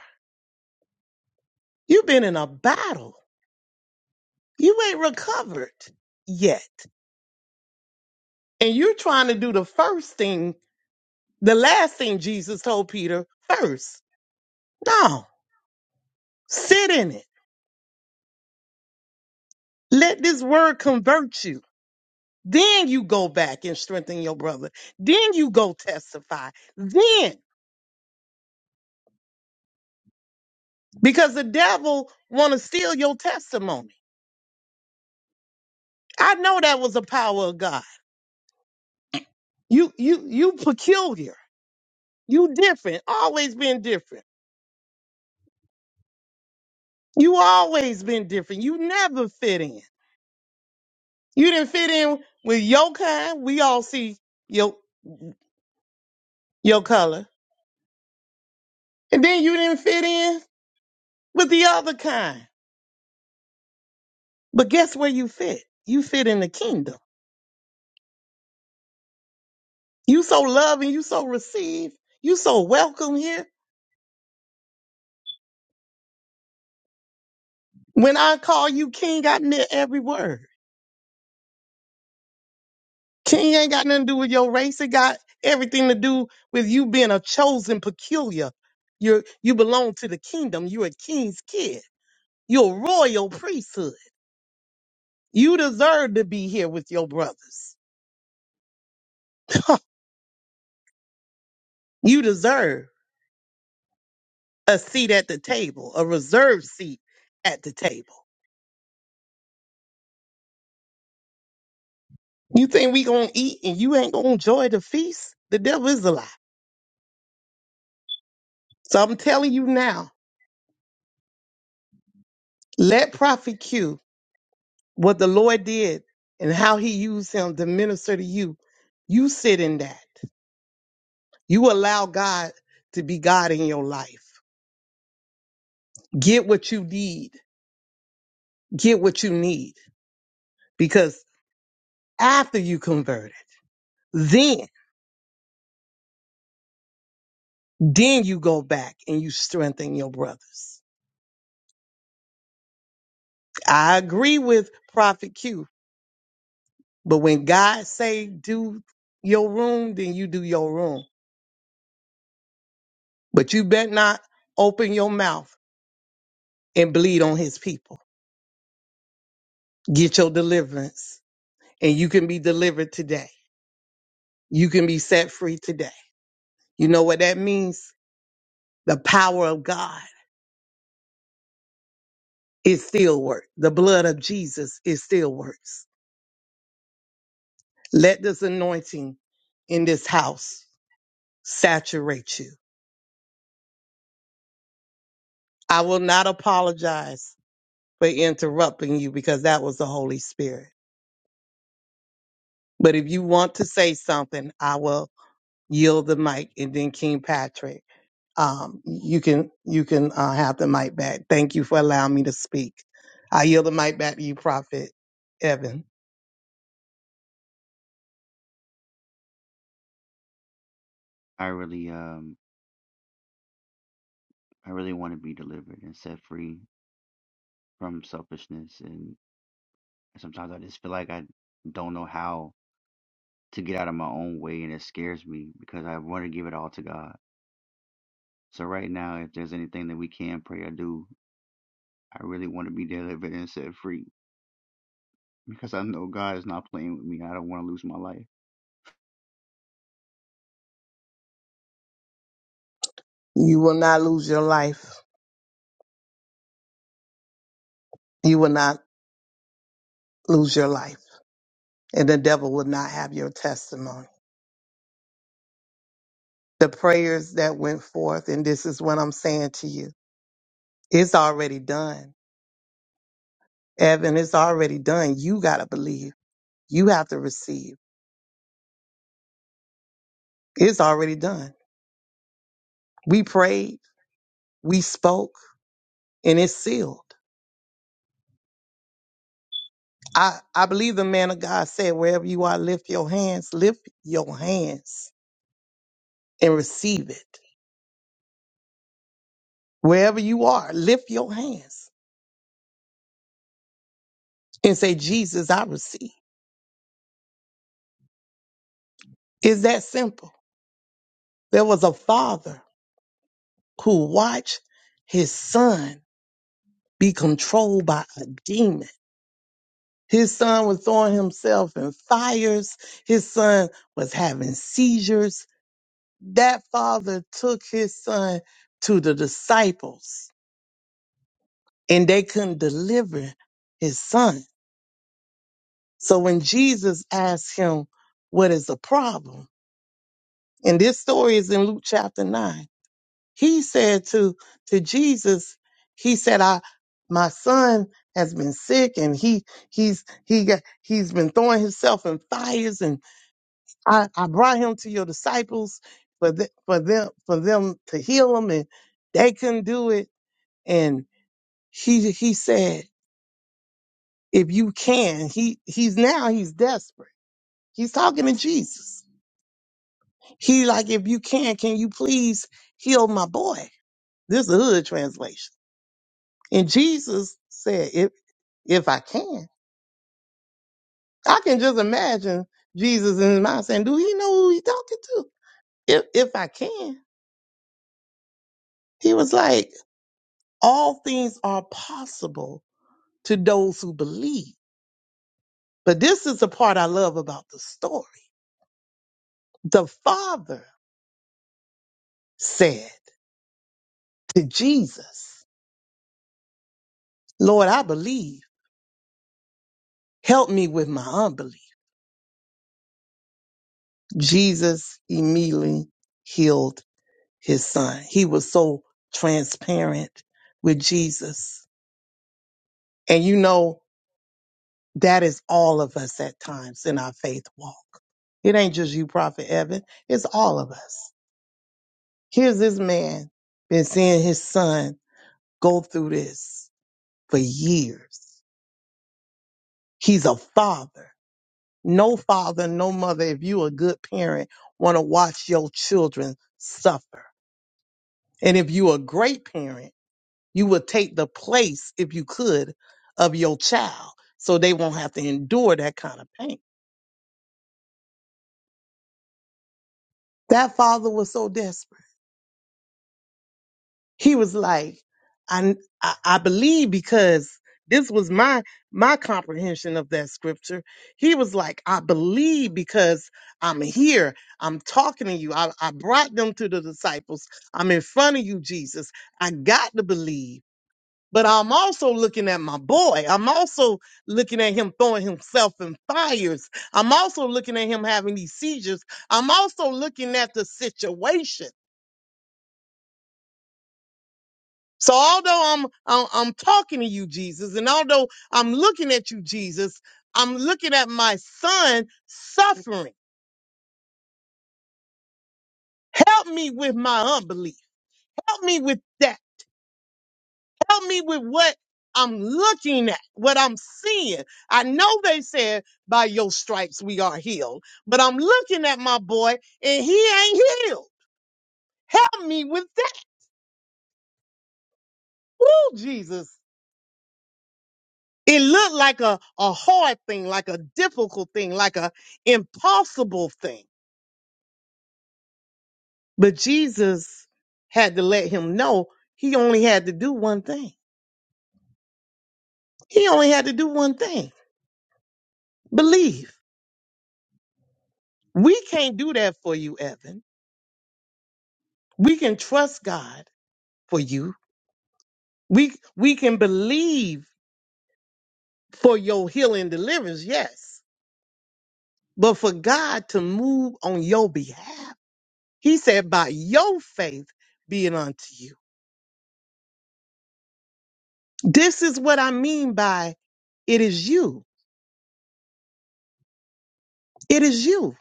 [SPEAKER 4] You've been in a battle. You ain't recovered yet. And you're trying to do the first thing, the last thing Jesus told Peter first. No. Sit in it. Let this word convert you. Then you go back and strengthen your brother. Then you go testify. Then, because the devil want to steal your testimony. I know that was the power of God. You you you peculiar. You different. Always been different. You always been different. You never fit in. You didn't fit in with your kind. We all see your your color. And then you didn't fit in with the other kind. But guess where you fit? You fit in the kingdom. You so loving, you so received, you so welcome here. When I call you king, I meant every word. King ain't got nothing to do with your race. It got everything to do with you being a chosen peculiar. You you belong to the kingdom. You're a king's kid. You're a royal priesthood. You deserve to be here with your brothers. you deserve a seat at the table, a reserved seat at the table. You think we gonna eat and you ain't gonna enjoy the feast? The devil is a lie. So I'm telling you now, let Prophet Q what the Lord did and how he used him to minister to you. You sit in that. You allow God to be God in your life. Get what you need. Get what you need because after you converted, then, then you go back and you strengthen your brothers. I agree with Prophet Q, but when God say do your room, then you do your room. But you better not open your mouth and bleed on his people. Get your deliverance and you can be delivered today. You can be set free today. You know what that means? The power of God is still work. The blood of Jesus is still works. Let this anointing in this house saturate you. I will not apologize for interrupting you because that was the Holy Spirit. But if you want to say something, I will yield the mic and then King Patrick. um, you can you can uh, have the mic back. Thank you for allowing me to speak. I yield the mic back to you, Prophet Evan.
[SPEAKER 5] I um, I really want to be delivered and set free from selfishness, and sometimes I just feel like I don't know how to get out of my own way and it scares me because I want to give it all to God. So right now, if there's anything that we can pray or do, I really want to be delivered and set free. Like
[SPEAKER 4] You will not lose your life. You will not lose your life, and the devil will not have your testimony. The prayers that went forth, and this is what I'm saying to you: it's already done, Evan. It's already done. You gotta believe. You have to receive. It's already done. We prayed. We spoke, and it's sealed. I, I believe the man of God said, wherever you are, lift your hands, lift your hands and receive it. Wherever you are, lift your hands and say, Jesus, I receive. It's that simple. There was a father who watched his son be controlled by a demon. His son was throwing himself in fires. His son was having seizures. That father took his son to the disciples and they couldn't deliver his son. So when Jesus asked him, What is the problem? And this story is in Luke chapter 9. He said to, to Jesus, he said, I my son has been sick and he he's he got he's been throwing himself in fires and I, I brought him to your disciples for the, for them for them to heal him and they couldn't do it. And he he said, if you can he he's now he's desperate he's talking to jesus he like if you can can you please heal my boy this is a hood translation and jesus said if if i can i can just imagine jesus in his mind saying do he know who he talking to if if i can he was like all things are possible to those who believe but this is the part i love about the story the father said to jesus Lord, I believe. Help me with my unbelief. Jesus immediately healed his son. He was so transparent with Jesus. And you know, that is all of us at times in our faith walk. It ain't just you, Prophet Evan. It's all of us. Here's this man been seeing his son go through this for years. He's a father. No father, no mother, if you a good parent, want to watch your children suffer. And if you a great parent, you would take the place, if you could, of your child so they won't have to endure that kind of pain. That father was so desperate. he was like, I, I I believe because this was my my comprehension of that scripture. He was like, I believe because I'm here. I'm talking to you. I, I brought them to the disciples. I'm in front of you, Jesus. I got to believe. But I'm also looking at my boy. I'm also looking at him throwing himself in fires. I'm also looking at him having these seizures. I'm also looking at the situation. So although I'm, I'm I'm talking to you, Jesus, and although I'm looking at you, Jesus, I'm looking at my son suffering. Help me with my unbelief. Help me with that. Help me with what I'm looking at, what I'm seeing. I know they said by your stripes we are healed, but I'm looking at my boy and he ain't healed. Help me with that. Ooh, Jesus. It looked like a, a hard thing, like a difficult thing, like a impossible thing. But Jesus had to let him know he only had to do one thing. He only had to do one thing believe. We can't do that for you, Evan. We can trust God for you. We, we can believe for your healing deliverance, yes. But for God to move on your behalf, he said, by your faith be it unto you. This is what I mean by it is you. It is you.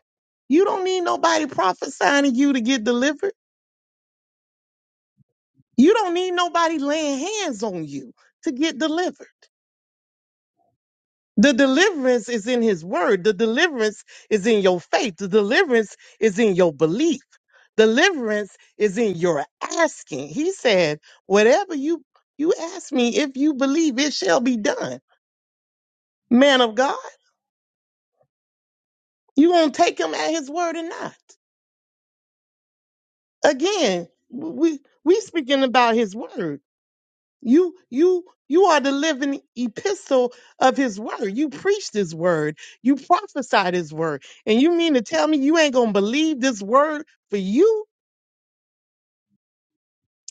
[SPEAKER 4] You don't need nobody prophesying to you to get delivered. You don't need nobody laying hands on you to get delivered. The deliverance is in his word. The deliverance is in your faith. The deliverance is in your belief. Deliverance is in your asking. He said, whatever you, you ask me, if you believe it shall be done. Man of God, you gonna take him at his word or not? Again, we, we speaking about his word. You you you are the living epistle of his word. You preach his word. You prophesy his word. And you mean to tell me you ain't gonna believe this word for you?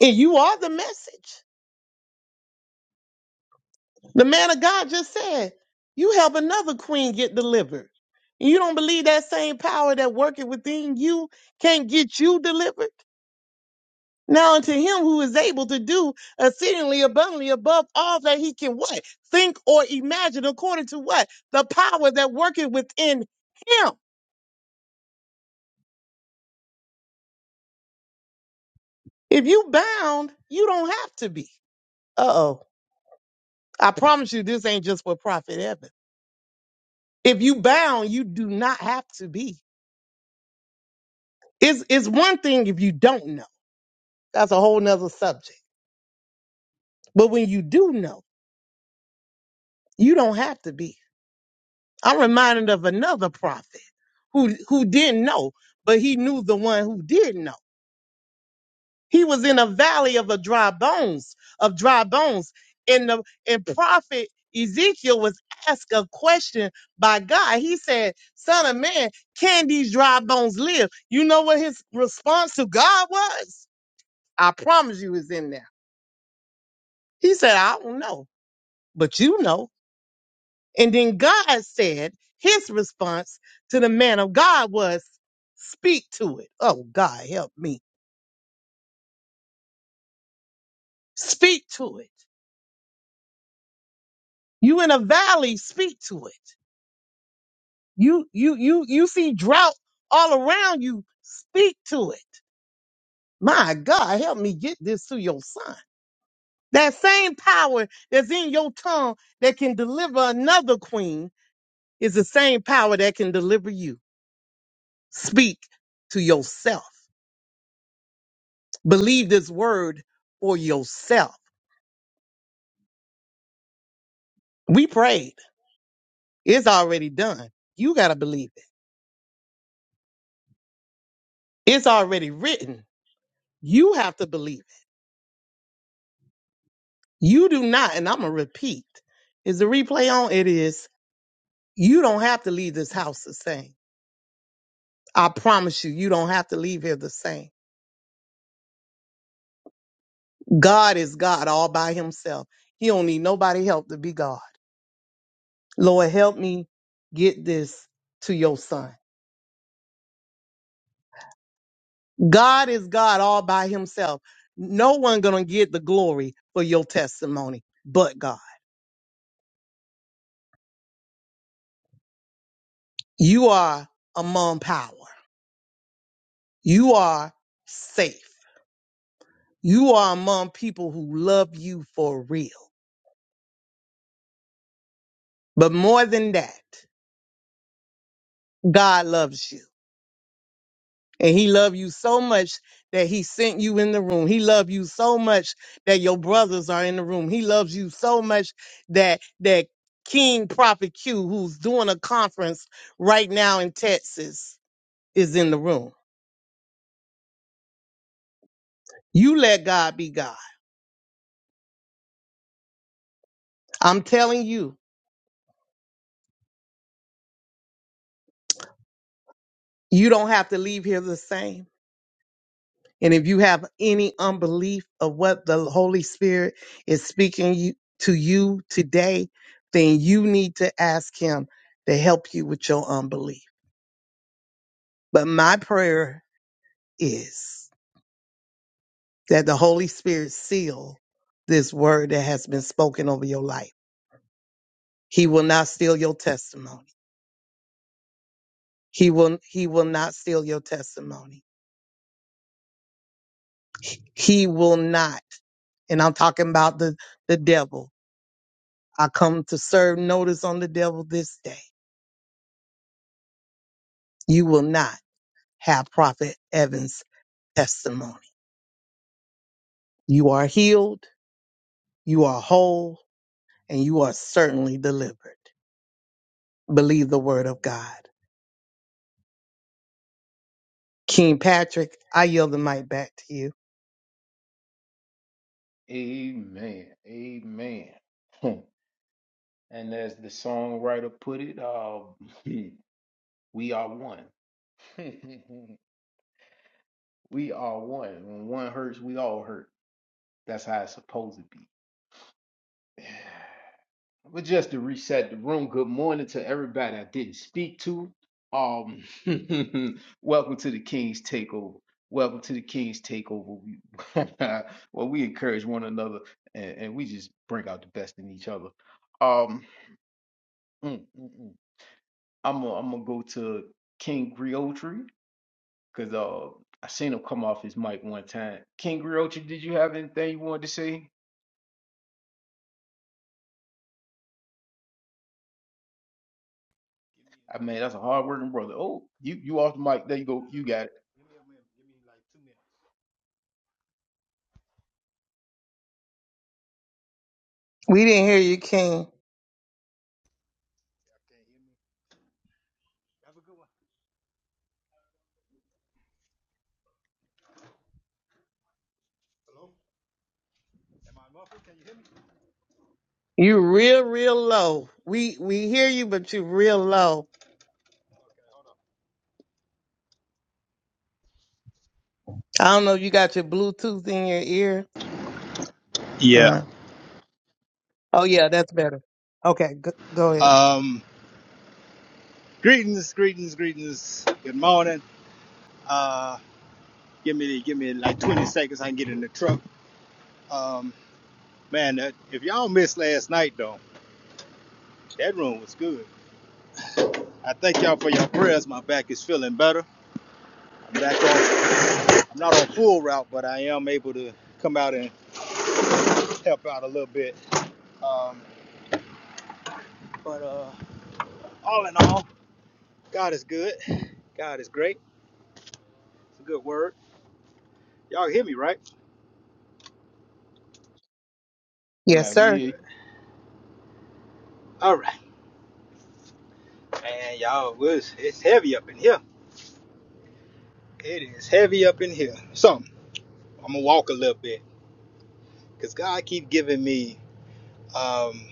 [SPEAKER 4] And you are the message. The man of God just said, you help another queen get delivered. And you don't believe that same power that working within you can't get you delivered? Now unto him who is able to do exceedingly abundantly above all that he can what? Think or imagine according to what? The power that worketh within him. If you bound, you don't have to be. Uh-oh. I promise you this ain't just for Prophet Evan. If you bound, you do not have to be. It's it's one thing if you don't know. That's a whole nother subject. But when you do know, you don't have to be. I'm reminded of another prophet who who didn't know, but he knew the one who did know. He was in a valley of a dry bones, of dry bones. And the and prophet Ezekiel was asked a question by God. He said, Son of man, can these dry bones live? You know what his response to God was? I promise you it's in there. He said, I don't know, but you know. And then God said his response to the man of God was, Speak to it. Oh, God, help me. Speak to it. You in a valley, speak to it. You, you, you, you see drought all around you, speak to it. My God, help me get this to your son. That same power that's in your tongue that can deliver another queen is the same power that can deliver you. Speak to yourself. Believe this word for yourself We prayed. It's already done. You got to believe it. It's already written. You have to believe it. You do not, and I'm going to repeat. Is the replay on? It is. You don't have to leave this house the same. I promise you, you don't have to leave here the same. God is God all by himself. He don't need nobody help to be God. Lord, help me get this to your son. God is God all by himself. No one gonna get the glory for your testimony but God. You are among power. You are safe. You are among people who love you for real. But more than that, God loves you. And he loved you so much that he sent you in the room. He loved you so much that your brothers are in the room. He loves you so much that that King Prophet Q, who's doing a conference right now in Texas, is in the room. You let God be God. I'm telling you, you don't have to leave here the same. And if you have any unbelief of what the Holy Spirit is speaking you, to you today, then you need to ask Him to help you with your unbelief. But my prayer is that the Holy Spirit seal this word that has been spoken over your life. He will not steal your testimony. He will, he will not steal your testimony. He will not. And I'm talking about the, the devil. I come to serve notice on the devil this day you will not have Prophet Evans' testimony. You are healed, you are whole, and you are certainly delivered. Believe the word of God. King Patrick, I yield the mic back to you.
[SPEAKER 2] Amen. Amen. Hmm. And as the songwriter put it, uh we are one. we are one. When one hurts, we all hurt. That's how it's supposed to be. But just to reset the room, good morning to everybody I didn't speak to. Um, welcome to the King's Takeover. Welcome to the King's Takeover. We, well, we encourage one another, and, and we just bring out the best in each other. Um, mm, mm, mm. I'm gonna I'm gonna go to King Griotri because uh I seen him come off his mic one time. King Griotri, did you have anything you wanted to say?
[SPEAKER 1] Give me
[SPEAKER 2] I
[SPEAKER 1] give
[SPEAKER 2] mean,
[SPEAKER 1] me a
[SPEAKER 2] that's a
[SPEAKER 1] moment.
[SPEAKER 2] hard working brother. Oh, you you off the mic? There you
[SPEAKER 1] no,
[SPEAKER 2] go.
[SPEAKER 1] no,
[SPEAKER 2] You
[SPEAKER 1] no.
[SPEAKER 2] got it.
[SPEAKER 1] Give me a minute. Give me like two minutes.
[SPEAKER 4] We didn't hear you, King.
[SPEAKER 1] Y'all can't hear me. Have a good one. Hello. Am I muffled? Can you hear me?
[SPEAKER 4] You real, real low. We we hear you, but you real low. I don't know if you got your Bluetooth in your ear
[SPEAKER 1] Yeah.
[SPEAKER 4] or oh yeah, that's better. Okay, go, go ahead.
[SPEAKER 1] Um. Greetings, greetings, greetings. Good morning. Uh. Give me give me like 20 seconds. I can get in the truck. Um. Man, that, if y'all missed last night though, that room was good. I thank y'all for your prayers. My back is feeling better. I'm back on. I'm not on full route, but I am able to come out and help out a little bit. Um, but uh, all in all, God is good. God is great. It's a good word. Y'all hear me, right?
[SPEAKER 4] Yes,
[SPEAKER 2] Yeah,
[SPEAKER 1] Okay,
[SPEAKER 2] we
[SPEAKER 4] sir.
[SPEAKER 2] hear you.
[SPEAKER 1] good. All right, man. Y'all it's it's heavy up in here. It is heavy up in here. So I'm gonna walk a little bit because God keep giving me. Um,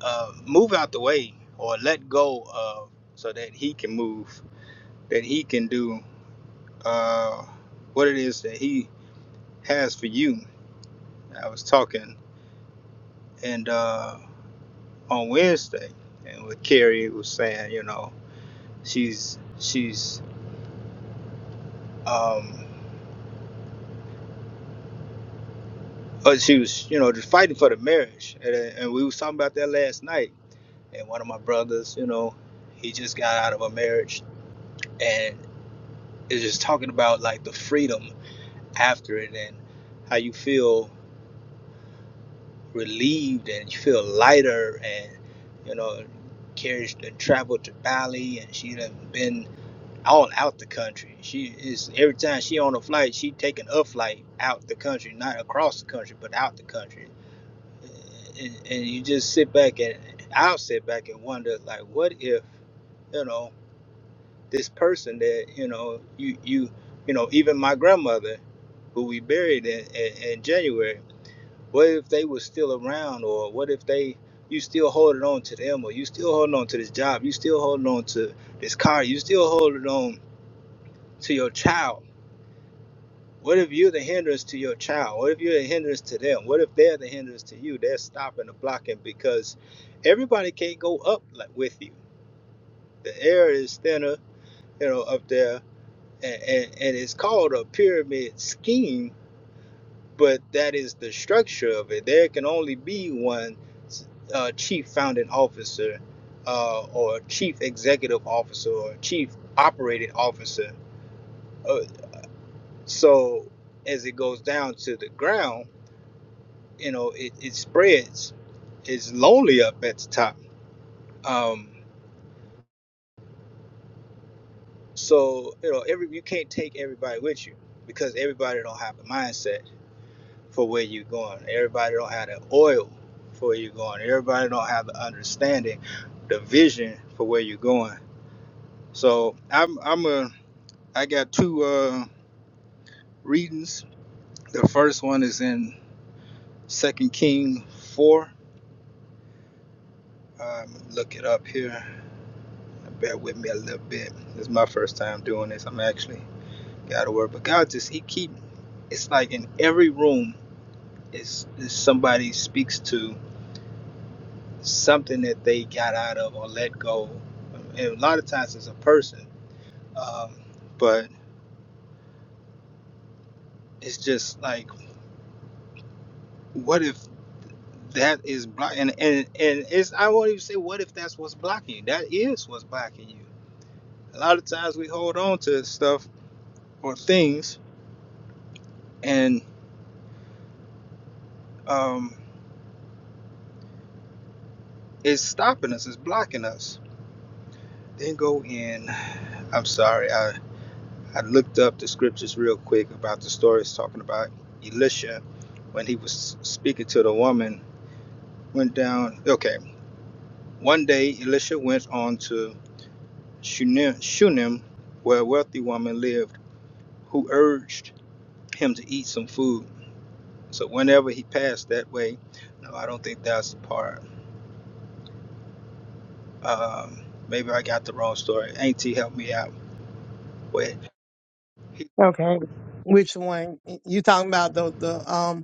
[SPEAKER 1] uh, move out the way or let go of so that he can move, that he can do uh, what it is that he has for you. I was talking and uh, on Wednesday and with Carrie was saying, you know, she's she's um but she was, you know, just fighting for the marriage. And, and we was talking about that last night. And one of my brothers, you know, he just got out of a marriage and is just talking about like the freedom after it and how you feel relieved and you feel lighter and you know carries and traveled to Bali and she done been all out the country. She is every time she on a flight, she taking a flight out the country, not across the country, but out the country. And, and you just sit back and I'll sit back and wonder like, what if you know this person that you know you you you know even my grandmother who we buried in, in, in January What if they were still around, or what if they you still holding on to them, or you still holding on to this job, you still holding on to this car, you still holding on to your child? What if you're the hindrance to your child? What if you're the hindrance to them? What if they're the hindrance to you? They're stopping and blocking because everybody can't go up like with you. The air is thinner, you know, up there, and, and, and it's called a pyramid scheme but that is the structure of it. There can only be one uh, chief founding officer, uh, or chief executive officer, or chief operating officer. Uh, so as it goes down to the ground, you know, it, it spreads. It's lonely up at the top. Um, so you know, every you can't take everybody with you because everybody don't have the mindset. for where you're going. Everybody don't have the oil for where you're going. Everybody don't have the understanding, the vision for where you're going. So I'm I'm a I got two uh, readings. The first one is in Second Kings four. Um, look it up here. Bear with me a little bit. This is my first time doing this. I'm actually got to work, but God just He keep. It's like in every room is, is somebody speaks to. something that they got out of or let go. And a lot of times it's a person, um, but it's just like, what if that is blocking? And, and and it's I won't even say what if that's what's blocking you. That is what's blocking you. A lot of times we hold on to stuff or things, and um, it's stopping us. It's blocking us. Then go in. I'm sorry. I I looked up the scriptures real quick about the stories talking about Elisha when he was speaking to the woman. Went down. Okay. One day, Elisha went on to Shunem, Shunem where a wealthy woman lived, who urged him to eat some food. So whenever he passed that way, no, I don't think that's the part. Um, maybe I got the wrong story. Auntie, help me out. Wait, he,
[SPEAKER 4] Okay. Which one? You talking about the the um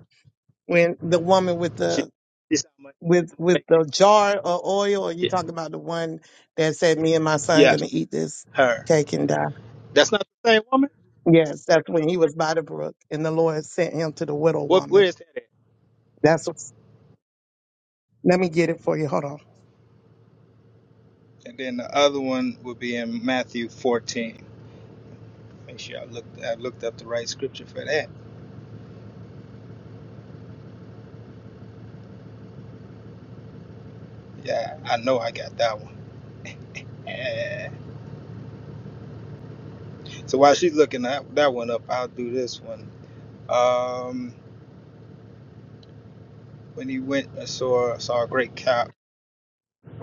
[SPEAKER 4] when the woman with
[SPEAKER 1] she,
[SPEAKER 4] the
[SPEAKER 1] she said, "I'ma-
[SPEAKER 4] with with
[SPEAKER 1] make-"
[SPEAKER 4] the jar of oil, or you
[SPEAKER 1] yeah,
[SPEAKER 4] talking about the one that said, "Me and my son
[SPEAKER 1] yeah,
[SPEAKER 4] gonna eat this
[SPEAKER 1] her.
[SPEAKER 4] cake and die"?
[SPEAKER 1] That's not the same woman.
[SPEAKER 4] Yes, that's when he was by the brook, and the Lord sent him to the widow
[SPEAKER 1] What where
[SPEAKER 4] woman.
[SPEAKER 1] is that at?
[SPEAKER 4] That's what. Let me get it for you. Hold on.
[SPEAKER 1] And then the other one would be in Matthew 14. Make sure I looked I looked up the right scripture for that. Yeah, I know I got that one. Yeah. So while she's looking that that one up, I'll do this one. Um, when he went and saw saw a great cow.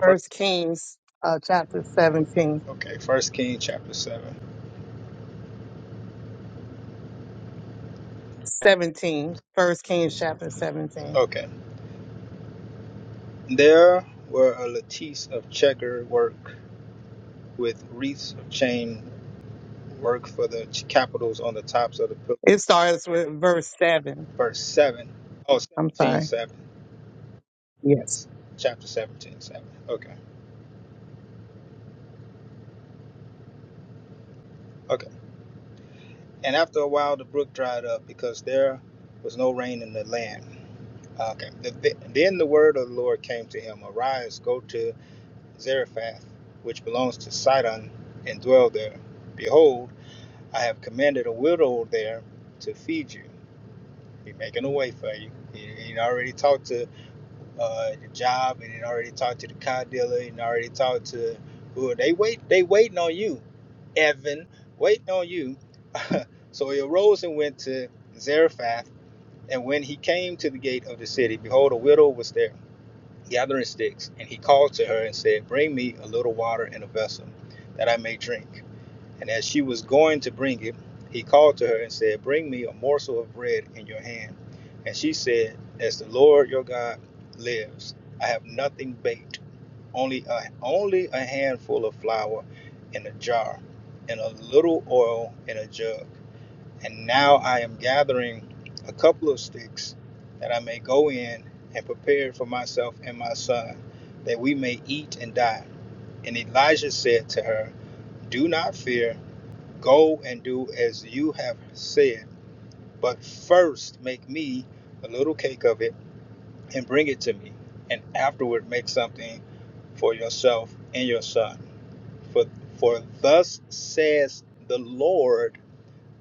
[SPEAKER 1] First,
[SPEAKER 4] Kings, uh, chapter 17.
[SPEAKER 1] okay, First King chapter seven.
[SPEAKER 4] 17. First Kings, chapter 17.
[SPEAKER 1] Okay, there were a lattice of checker work with wreaths of chain work for the capitals on the tops of the pillars.
[SPEAKER 4] It starts with verse 7.
[SPEAKER 1] Verse seven. Oh,
[SPEAKER 4] I'm
[SPEAKER 1] 17 7.
[SPEAKER 4] sorry. Yes.
[SPEAKER 1] chapter 17, 7. Okay, okay. And after a while, the brook dried up because there was no rain in the land. Okay. The, the, then the word of the Lord came to him Arise, go to Zarephath, which belongs to Sidon, and dwell there. Behold, I have commanded a widow there to feed you. He's making a way for you. He, he already talked to uh, the job and then already talked to the car dealer and already talked to who they wait they waiting on you, Evan, waiting on you. so he arose and went to Zarephath, and when he came to the gate of the city, behold, a widow was there gathering sticks, and he called to her and said, Bring me a little water in a vessel, that I may drink. And as she was going to bring it, he called to her and said, Bring me a morsel of bread in your hand. And she said, As the Lord your God lives, I have nothing baked, only a, only a handful of flour in a jar, and a little oil in a jug. And now I am gathering a couple of sticks that I may go in and prepare for myself and my son, that we may eat and die. And Elijah said to her, Do not fear. Go and do as you have said, but first make me a little cake of it and bring it to me, and afterward make something for yourself and your son. For, for thus says the Lord,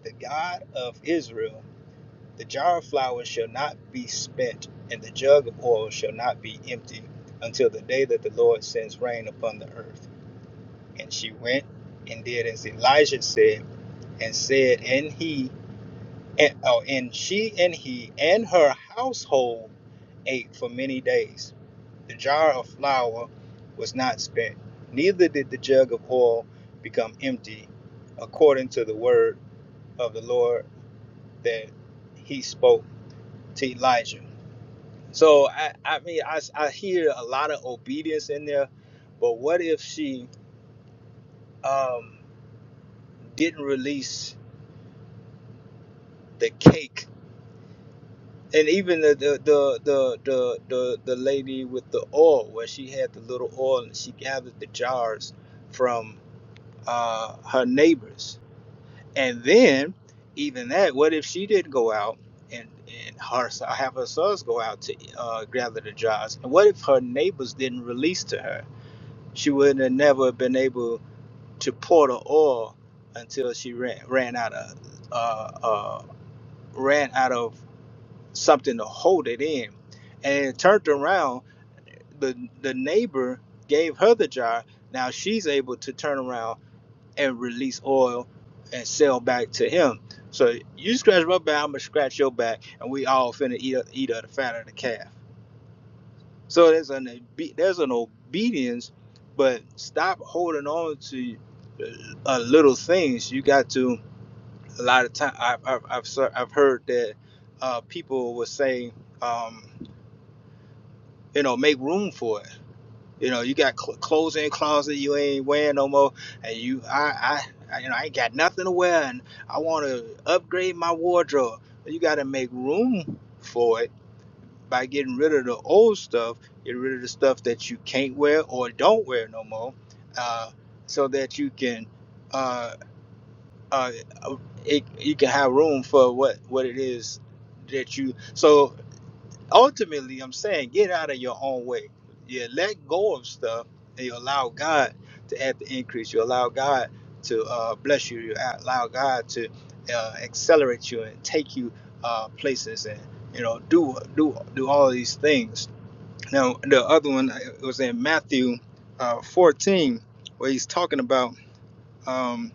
[SPEAKER 1] the God of Israel the jar of flour shall not be spent, and the jug of oil shall not be empty until the day that the Lord sends rain upon the earth. And she went and did as Elijah said, and said, and he and, oh, and she and he and her household ate for many days. The jar of flour was not spent, neither did the jug of oil become empty, according to the word of the Lord that he spoke to Elijah. So, I, I mean, I, I hear a lot of obedience in there, but what if she um, didn't release the cake? and even the the the the the, the, the lady with the oil where she had the little oil and she gathered the jars from uh, her neighbors and then even that what if she didn't go out and and her so, have her sons go out to uh, gather the jars and what if her neighbors didn't release to her she wouldn't have never been able to pour the oil until she ran ran out of uh, uh, ran out of something to hold it in. And turned around, the the neighbor gave her the jar. Now she's able to turn around and release oil and sell back to him. So you scratch my back, I'm gonna scratch your back, and we all finna eat up, eat up the fat of the calf. So there's an there's an obedience, but stop holding on to uh, uh, little things. You got to a lot of time. I've I've I've, I've heard that uh, people will say. Um, you know, make room for it. You know, you got cl- clothes in closet you ain't wearing no more, and you, I, I, I- you know, I ain't got nothing to wear, and I want to upgrade my wardrobe. You got to make room for it by getting rid of the old stuff, get rid of the stuff that you can't wear or don't wear no more, uh, so that you can, uh, uh, it, you can have room for what what it is that you. So ultimately i'm saying get out of your own way you let go of stuff and you allow god to add the increase you allow god to uh, bless you you allow god to uh, accelerate you and take you uh, places and you know do do do all these things now the other one uh, was in matthew uh, 14 where he's talking about um,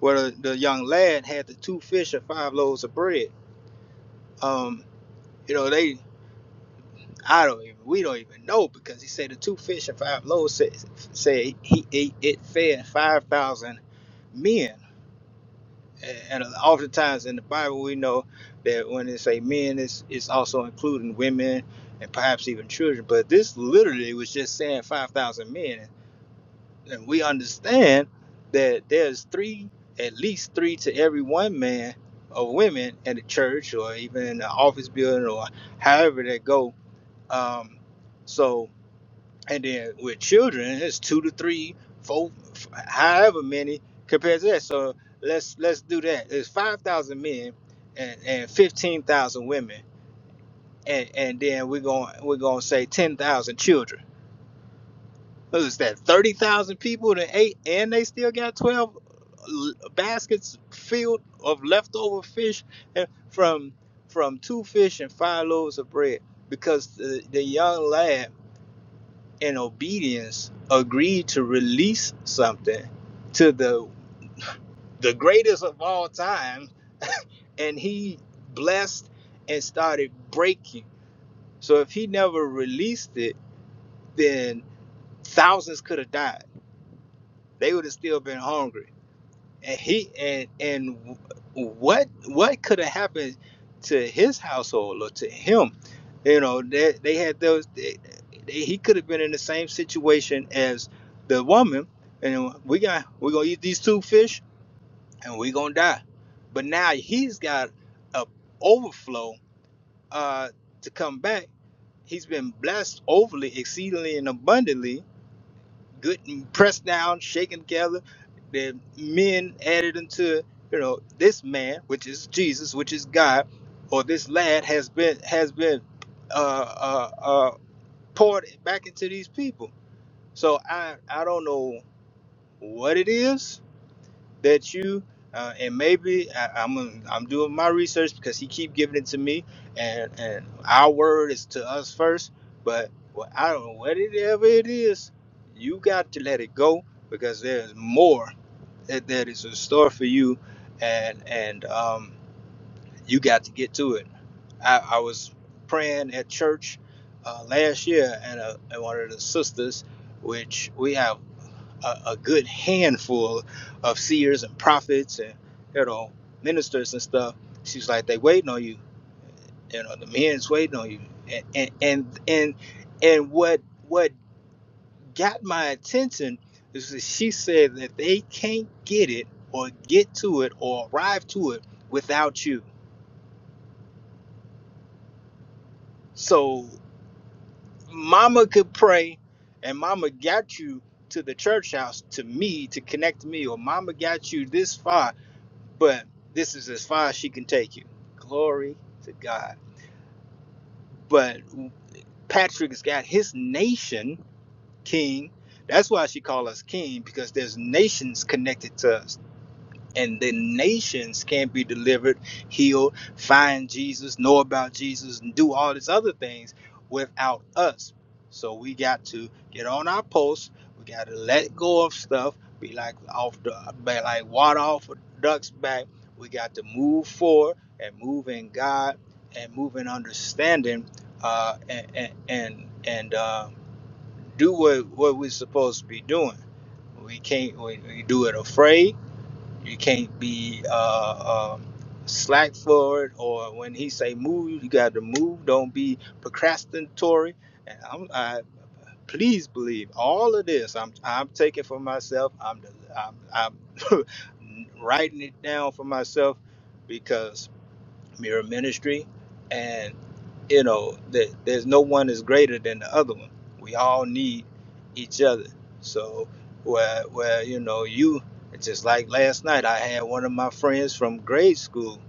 [SPEAKER 1] where the young lad had the two fish and five loaves of bread um, you know they I don't even. We don't even know because he said the two fish and five loaves said, said he ate it fed five thousand men. And oftentimes in the Bible, we know that when they say men, it's, it's also including women and perhaps even children. But this literally was just saying five thousand men, and we understand that there's three, at least three to every one man of women in the church or even in the office building or however they go. Um, so and then with children, it's two to three, four, f- however many compared to that. So let's let's do that. It's five thousand men and, and fifteen thousand women, and and then we're going we're gonna say ten thousand children. What is that? Thirty thousand people to eight, and they still got twelve l- baskets filled of leftover fish eh, from from two fish and five loaves of bread because the, the young lad in obedience agreed to release something to the the greatest of all time and he blessed and started breaking so if he never released it then thousands could have died they would have still been hungry and he and and what what could have happened to his household or to him you know they, they had those they, they, he could have been in the same situation as the woman and we got we're gonna eat these two fish and we're gonna die but now he's got a overflow uh to come back he's been blessed overly exceedingly and abundantly good and pressed down, shaken together. The men added unto you know this man, which is Jesus, which is God, or this lad has been has been uh, uh, uh, poured back into these people. So I I don't know what it is that you uh, and maybe I, I'm gonna- I'm doing my research because he keep giving it to me, and and our word is to us first. But well, I don't know whatever it ever it is, you got to let it go because there's more that, that is in store for you, and and um, you got to get to it. I, I was praying at church uh, last year, and, uh, and one of the sisters, which we have a, a good handful of seers and prophets and you know ministers and stuff. She's like they waiting on you. You know the men's waiting on you. And and and and, and what what got my attention is that she said that they can't get it or get to it or arrive to it without you. So mama could pray and mama got you to the church house to me to connect me or mama got you this far but this is as far as she can take you. Glory to God. But Patrick's got his nation king. That's why she called us king because there's nations connected to us and the nations can be delivered, healed, find Jesus, know about Jesus, and do all these other things without us. So we got to get on our posts. We got to let go of stuff. Be like off the, be like water off a duck's back. We got to move forward and move in God and move in understanding, uh, and and and, and uh, do what what we're supposed to be doing. We can't we, we do it afraid you can't be uh, um, slack for it, or when he say move, you got to move. Don't be procrastinatory. And I'm, I please believe all of this. I'm I'm taking for myself. I'm I'm, I'm writing it down for myself because mirror ministry and you know that there's no one is greater than the other one we all need each other so where where you know you it's just like last night i had one of my friends from grade school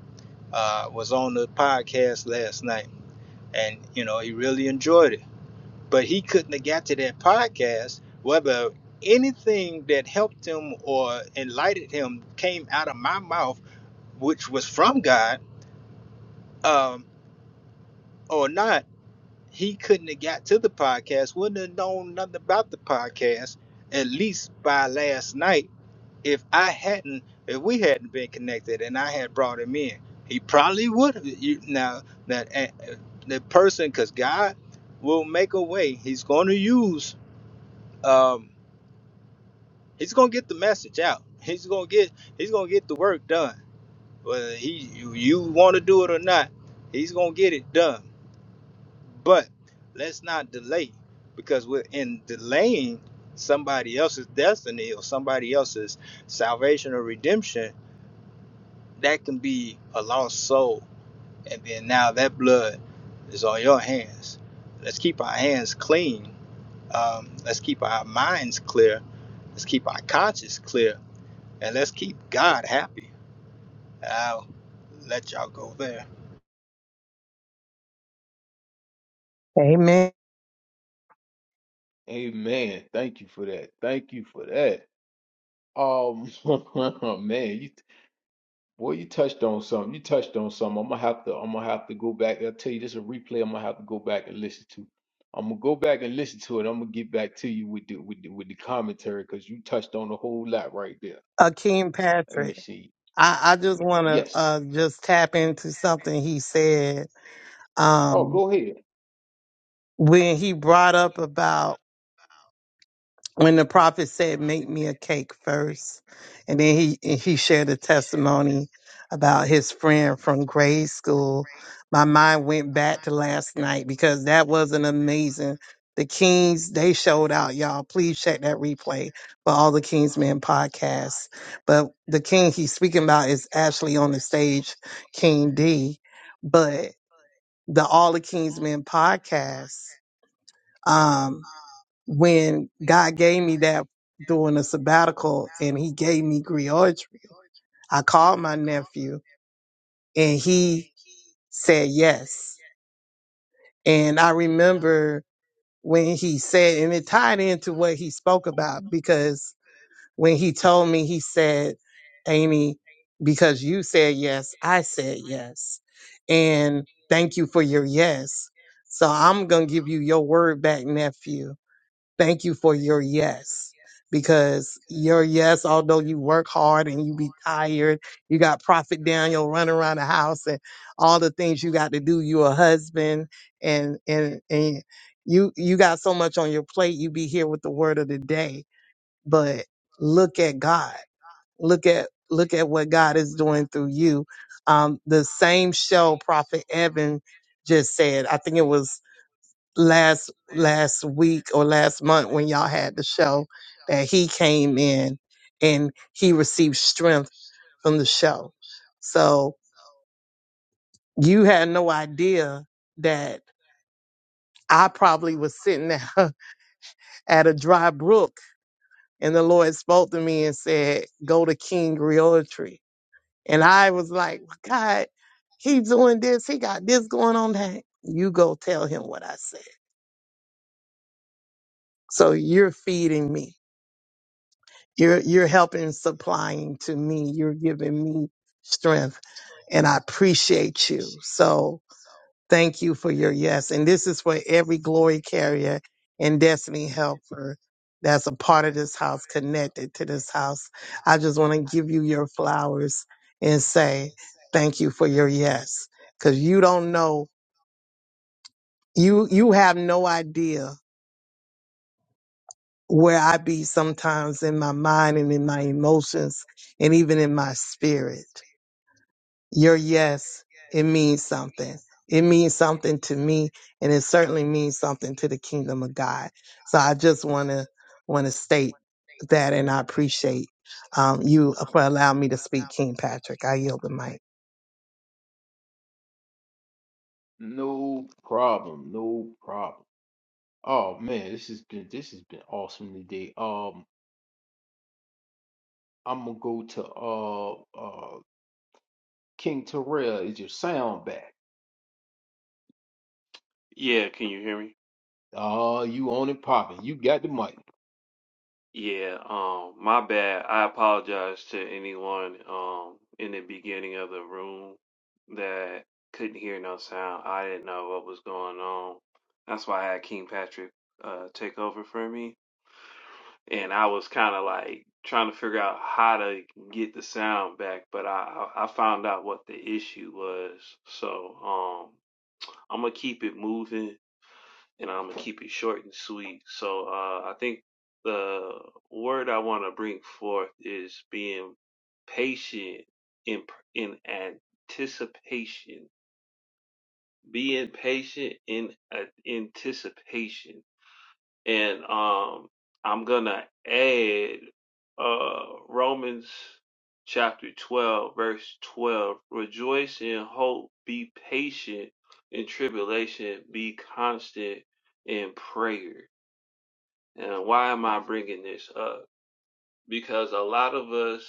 [SPEAKER 1] uh, was on the podcast last night and you know he really enjoyed it but he couldn't have got to that podcast whether anything that helped him or enlightened him came out of my mouth which was from god um, or not he couldn't have got to the podcast, wouldn't have known nothing about the podcast, at least by last night, if I hadn't, if we hadn't been connected and I had brought him in. He probably would have. You, now, that eh, eh, the person, because God will make a way, he's going to use, um, he's going to get the message out. He's going to get, he's going to get the work done. Whether he, you, you want to do it or not, he's going to get it done. But let's not delay because we're in delaying somebody else's destiny or somebody else's salvation or redemption. That can be a lost soul. And then now that blood is on your hands. Let's keep our hands clean. Um, let's keep our minds clear. Let's keep our conscience clear. And let's keep God happy. I'll let y'all go there.
[SPEAKER 4] Amen.
[SPEAKER 2] Amen. Thank you for that. Thank you for that. Um, man, you boy, you touched on something. You touched on something. I'm gonna have to. I'm gonna have to go back. I'll tell you, this is a replay. I'm gonna have to go back and listen to. I'm gonna go back and listen to it. I'm gonna get back to you with the with the, with the commentary because you touched on a whole lot right there.
[SPEAKER 4] Akeem
[SPEAKER 2] Let me
[SPEAKER 4] Patrick.
[SPEAKER 2] see.
[SPEAKER 4] I, I just want to
[SPEAKER 2] Yes.
[SPEAKER 4] uh, just tap into something he said
[SPEAKER 2] Oh,
[SPEAKER 4] um,
[SPEAKER 2] go ahead.
[SPEAKER 4] when he brought up about when the prophet said, "Make me a cake first," and then he and he shared a testimony about his friend from grade school. My mind went back to last night because that was an amazing. The Kings they showed out, y'all. Please check that replay for all the Kingsmen podcasts. But the King he's speaking about is actually on the stage, King D. But the All the Kingsmen podcast when God gave me that during a sabbatical and he gave me Griotry, I called my nephew and he said yes. And I remember when he said, and it tied into what he spoke about because when he told me, he said, Amy, because you said yes, I said yes. And thank you for your yes. So I'm going to give you your word back, nephew Thank you for your yes. Because your yes, although you work hard and you be tired, you got Prophet Daniel running around the house and all the things you got to do. You a husband and and and you you got so much on your plate. You be here with the word of the day. But look at God. Look at look at what God is doing through you. Um, the same show Prophet Evan just said. I think it was last last week or last month when y'all had the show that he came in and he received strength from the show. So you had no idea that I probably was sitting there at a dry brook and the Lord spoke to me and said, Go to King Realtree. And I was like, God, he doing this, he got this going on that. You go tell him what I said. So you're feeding me. You're you're helping and supplying to me. You're giving me strength and I appreciate you. So thank you for your yes. And this is for every glory carrier and destiny helper that's a part of this house, connected to this house. I just want to give you your flowers and say thank you for your yes. Cause you don't know, you, you have no idea where I be sometimes in my mind and in my emotions and even in my spirit. Your yes, it means something. It means something to me, and it certainly means something to the kingdom of God. So I just want to want to state that, and I appreciate um, you for allowing me to speak, King Patrick. I yield the mic.
[SPEAKER 2] No problem. No problem. Oh man, this has been this has been awesome today. Um. I'm gonna go to uh uh King Terrell. Is your sound back?
[SPEAKER 7] Yeah, can you hear me?
[SPEAKER 2] Oh, you on and popping. You got the mic.
[SPEAKER 7] Yeah, um, my bad. I apologize to anyone um in the beginning of the room that couldn't hear no sound. I didn't know what was going on. That's why I had King Patrick uh take over for me. And I was kind of like trying to figure out how to get the sound back, but I I I found out what the issue was. So, um, I'm gonna keep it moving and I'm gonna keep it short and sweet. So uh, I think the word I want to bring forth is being patient in in anticipation. Being patient in uh, anticipation, and um, I'm gonna add uh, Romans chapter 12, verse 12. Rejoice in hope. Be patient in tribulation. Be constant in prayer. And why am I bringing this up? Because a lot of us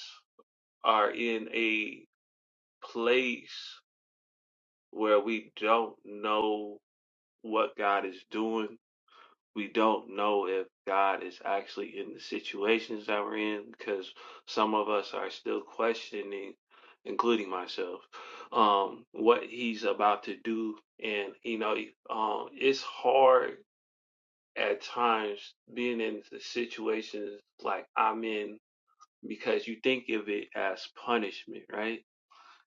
[SPEAKER 7] are in a place where we don't know what God is doing. We don't know if God is actually in the situations that we're in because some of us are still questioning, including myself, um, what He's about to do. And, you know, um, it's hard at times being in the situations like I'm in because you think of it as punishment, right?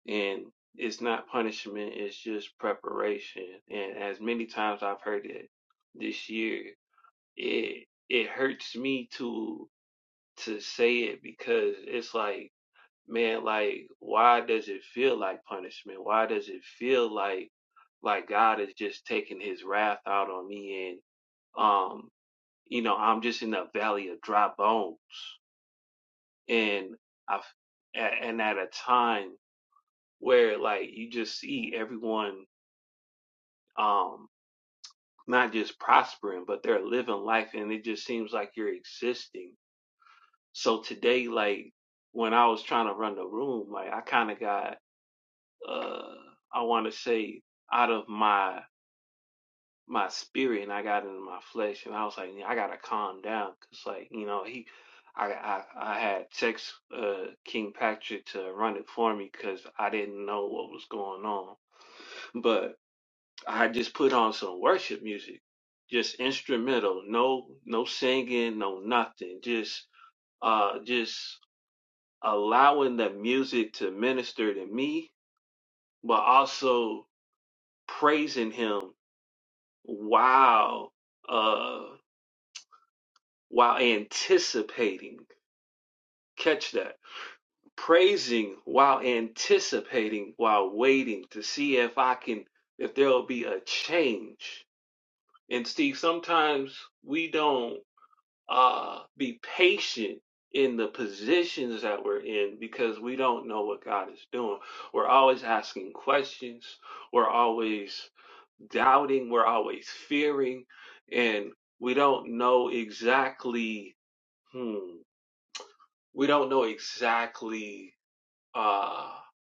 [SPEAKER 7] And it's not punishment, it's just preparation. And as many times I've heard it this year, it it hurts me to to say it because it's like, man, like why does it feel like punishment? Why does it feel like like God is just taking his wrath out on me and um, you know, I'm just in a valley of dry bones and I, and at a time where like you just see everyone um not just prospering but they're living life and it just seems like you're existing so today like when I was trying to run the room like I kind of got uh I want to say out of my my spirit and I got into my flesh and I was like, "Yeah, I gotta calm down because like you know he, I I, I had text uh, King Patrick to run it for me because I didn't know what was going on, but I just put on some worship music, just instrumental, no no singing, no nothing, just uh just allowing the music to minister to me, but also praising him Wow. uh, while anticipating. Catch that. Praising while anticipating, while waiting to see if I can, if there'll be a change. And Steve, sometimes we don't uh, be patient in the positions that we're in because we don't know what God is doing. We're always asking questions. We're always doubting. We're always fearing. And we don't know exactly, hmm. we don't know exactly uh,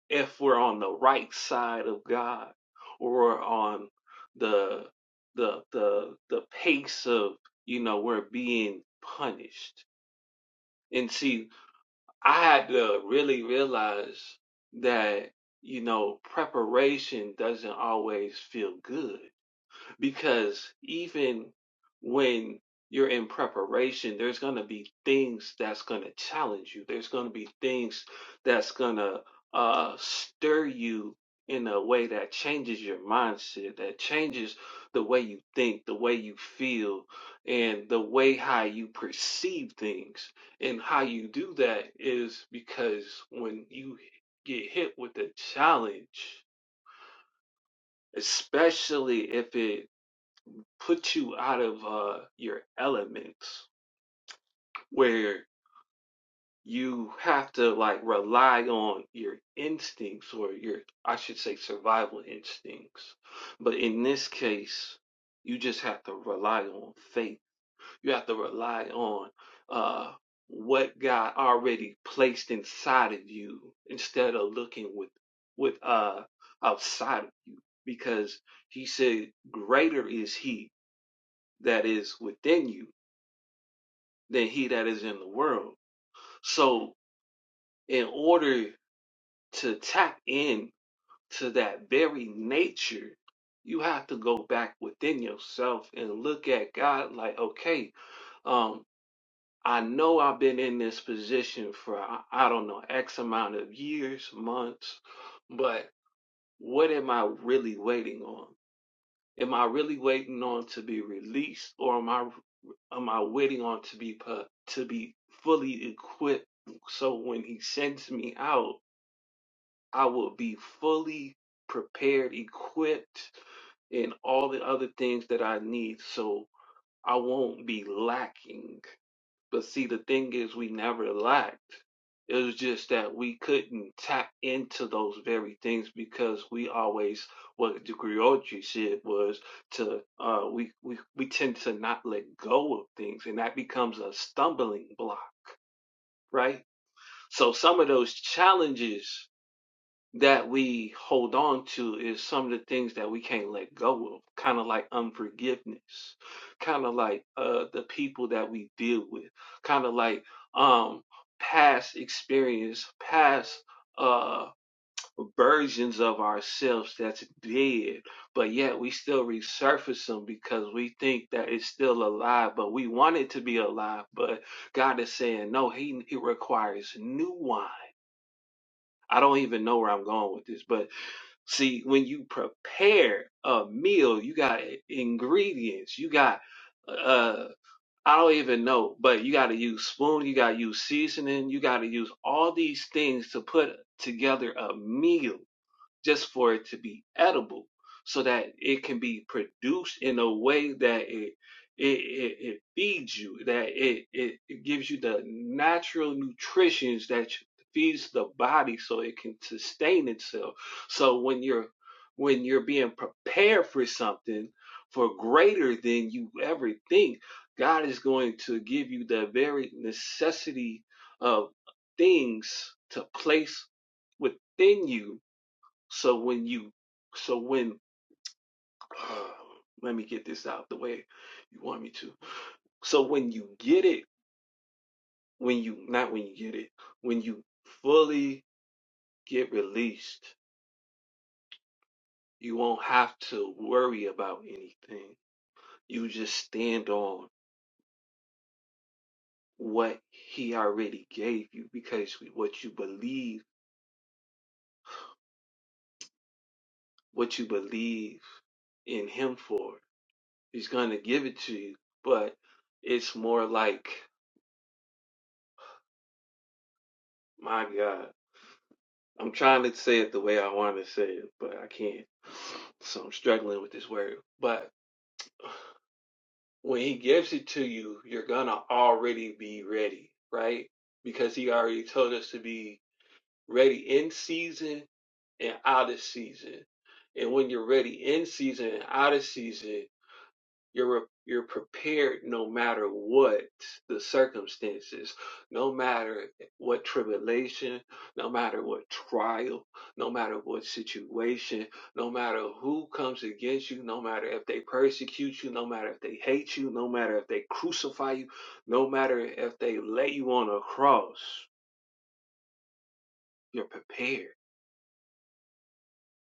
[SPEAKER 7] if we're on the right side of God or on the the the the pace of you know we're being punished. And see, I had to really realize that you know preparation doesn't always feel good because even when you're in preparation there's going to be things that's going to challenge you there's going to be things that's going to uh, stir you in a way that changes your mindset that changes the way you think the way you feel and the way how you perceive things and how you do that is because when you get hit with a challenge especially if it put you out of uh, your elements where you have to like rely on your instincts or your I should say survival instincts. But in this case, you just have to rely on faith. You have to rely on uh what God already placed inside of you instead of looking with with uh outside of you because he said greater is he that is within you than he that is in the world. So, in order to tap in to that very nature, you have to go back within yourself and look at God like, okay, um, I know I've been in this position for, I I don't know, X amount of years, months, but what am I really waiting on? Am I really waiting on to be released or am I am I waiting on to be put, to be fully equipped so when he sends me out I will be fully prepared, equipped and all the other things that I need so I won't be lacking but see, the thing is, we never lacked. It was just that we couldn't tap into those very things because we always, what the Griotri said was to, uh, we, we, we tend to not let go of things and that becomes a stumbling block, right? So some of those challenges that we hold on to is some of the things that we can't let go of, kind of like unforgiveness, kind of like uh, the people that we deal with, kind of like um, past experience, past uh, versions of ourselves that's dead, but yet we still resurface them because we think that it's still alive, but we want it to be alive. But God is saying, no, He, he requires new wine. I don't even know where I'm going with this, but See, when you prepare a meal, you got ingredients, you got uh I don't even know, but you got to use spoon, you got to use seasoning, you got to use all these things to put together a meal just for it to be edible so that it can be produced in a way that it it, it, it feeds you that it, it it gives you the natural nutritions that feeds the body so it can sustain itself so when you're when you're being prepared for something for greater than you ever think god is going to give you the very necessity of things to place within you so when you, so when, let me get this out the way you want me to. So when you get it, when you, not when you get it, when you fully get released, you won't have to worry about anything. You just stand on what he already gave you because what you believe, what you believe in him for, he's going to give it to you. But it's more like, my God. I'm trying to say it the way I want to say it, but I can't. So I'm struggling with this word. But when he gives it to you, you're gonna already be ready, right? Because he already told us to be ready in season and out of season. And when you're ready in season and out of season, You're you're prepared no matter what the circumstances, no matter what tribulation, no matter what trial, no matter what situation, no matter who comes against you, no matter if they persecute you, no matter if they hate you, no matter if they crucify you, no matter if they lay you on a cross, you're prepared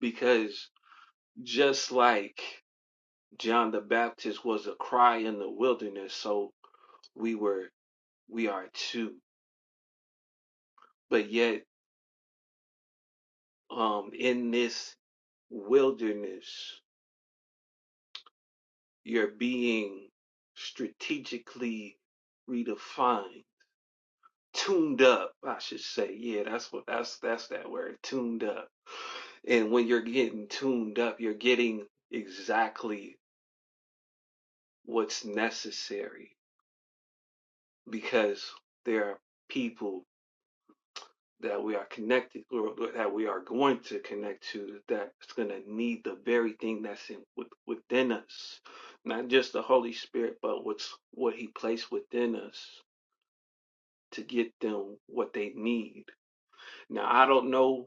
[SPEAKER 7] because just like John the Baptist was a cry in the wilderness, so we were. we are too. But yet, um, in this wilderness, you're being strategically redefined, tuned up, I should say. Yeah, that's what that's that's that word, tuned up. And when you're getting tuned up, you're getting exactly what's necessary because there are people that we are connected or that we are going to connect to that's going to need the very thing that's in with, within us not just the holy spirit but what's what he placed within us to get them what they need now i don't know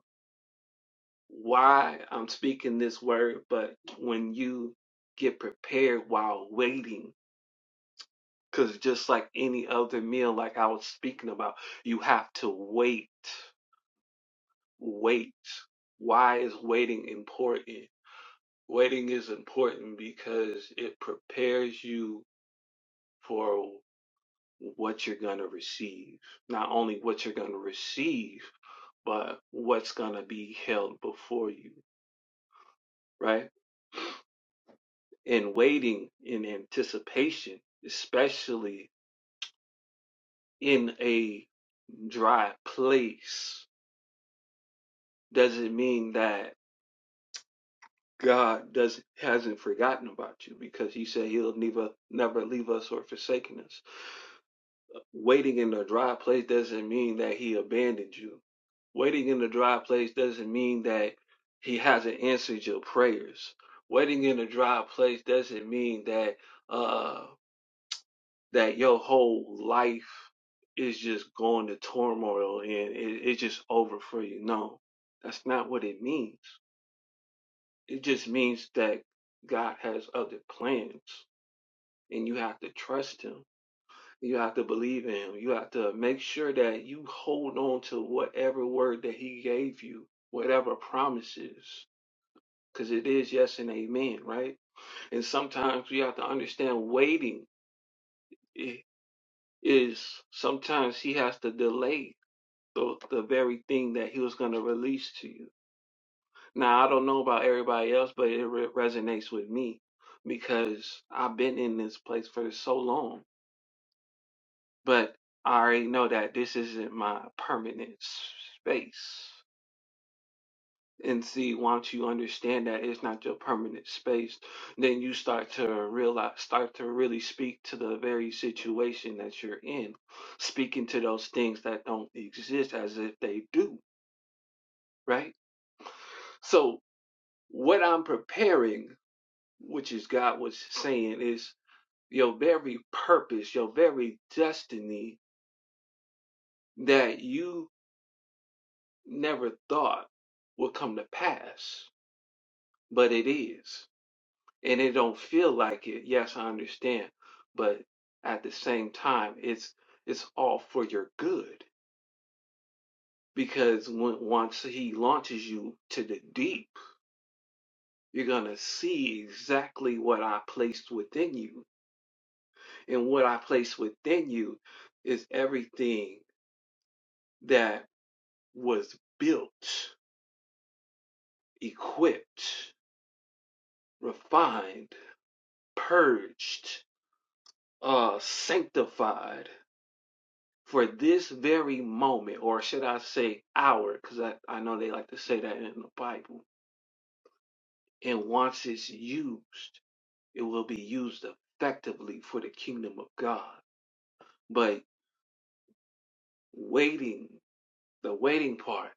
[SPEAKER 7] why i'm speaking this word but when you get prepared while waiting because just like any other meal like i was speaking about you have to wait wait why is waiting important Waiting is important because it prepares you for what you're going to receive. Not only what you're going to receive, but what's going to be held before you, right? And waiting in anticipation, especially in a dry place, doesn't mean that God doesn't hasn't forgotten about you because he said he'll never never leave us or forsaken us Waiting in a dry place doesn't mean that he abandoned you. Waiting in a dry place doesn't mean that he hasn't answered your prayers. Waiting in a dry place doesn't mean that uh that your whole life is just going to turmoil and it, it's just over for you. No, that's not what it means. It just means that God has other plans and you have to trust him. You have to believe in him. You have to make sure that you hold on to whatever word that he gave you, whatever promises, because it is yes and amen, right? And sometimes we have to understand waiting is sometimes he has to delay the, the very thing that he was going to release to you. Now, I don't know about everybody else, but it re- resonates with me because I've been in this place for so long but I already know that this isn't my permanent space. And see, once you understand that it's not your permanent space, then you start to realize, start to really speak to the very situation that you're in, speaking to those things that don't exist as if they do, right? So, what I'm preparing, which is God was saying, is your very purpose, your very destiny that you never thought would come to pass, but it is. And it don't feel like it. Yes, I understand, but at the same time, it's it's all for your good because when, once he launches you to the deep, you're gonna see exactly what I placed within you, and what I placed within you is everything that was built, equipped, refined, purged uh, sanctified for this very moment, or should I say hour, because I, I know they like to say that in the Bible. And once it's used, it will be used effectively for the kingdom of God. But waiting, the waiting part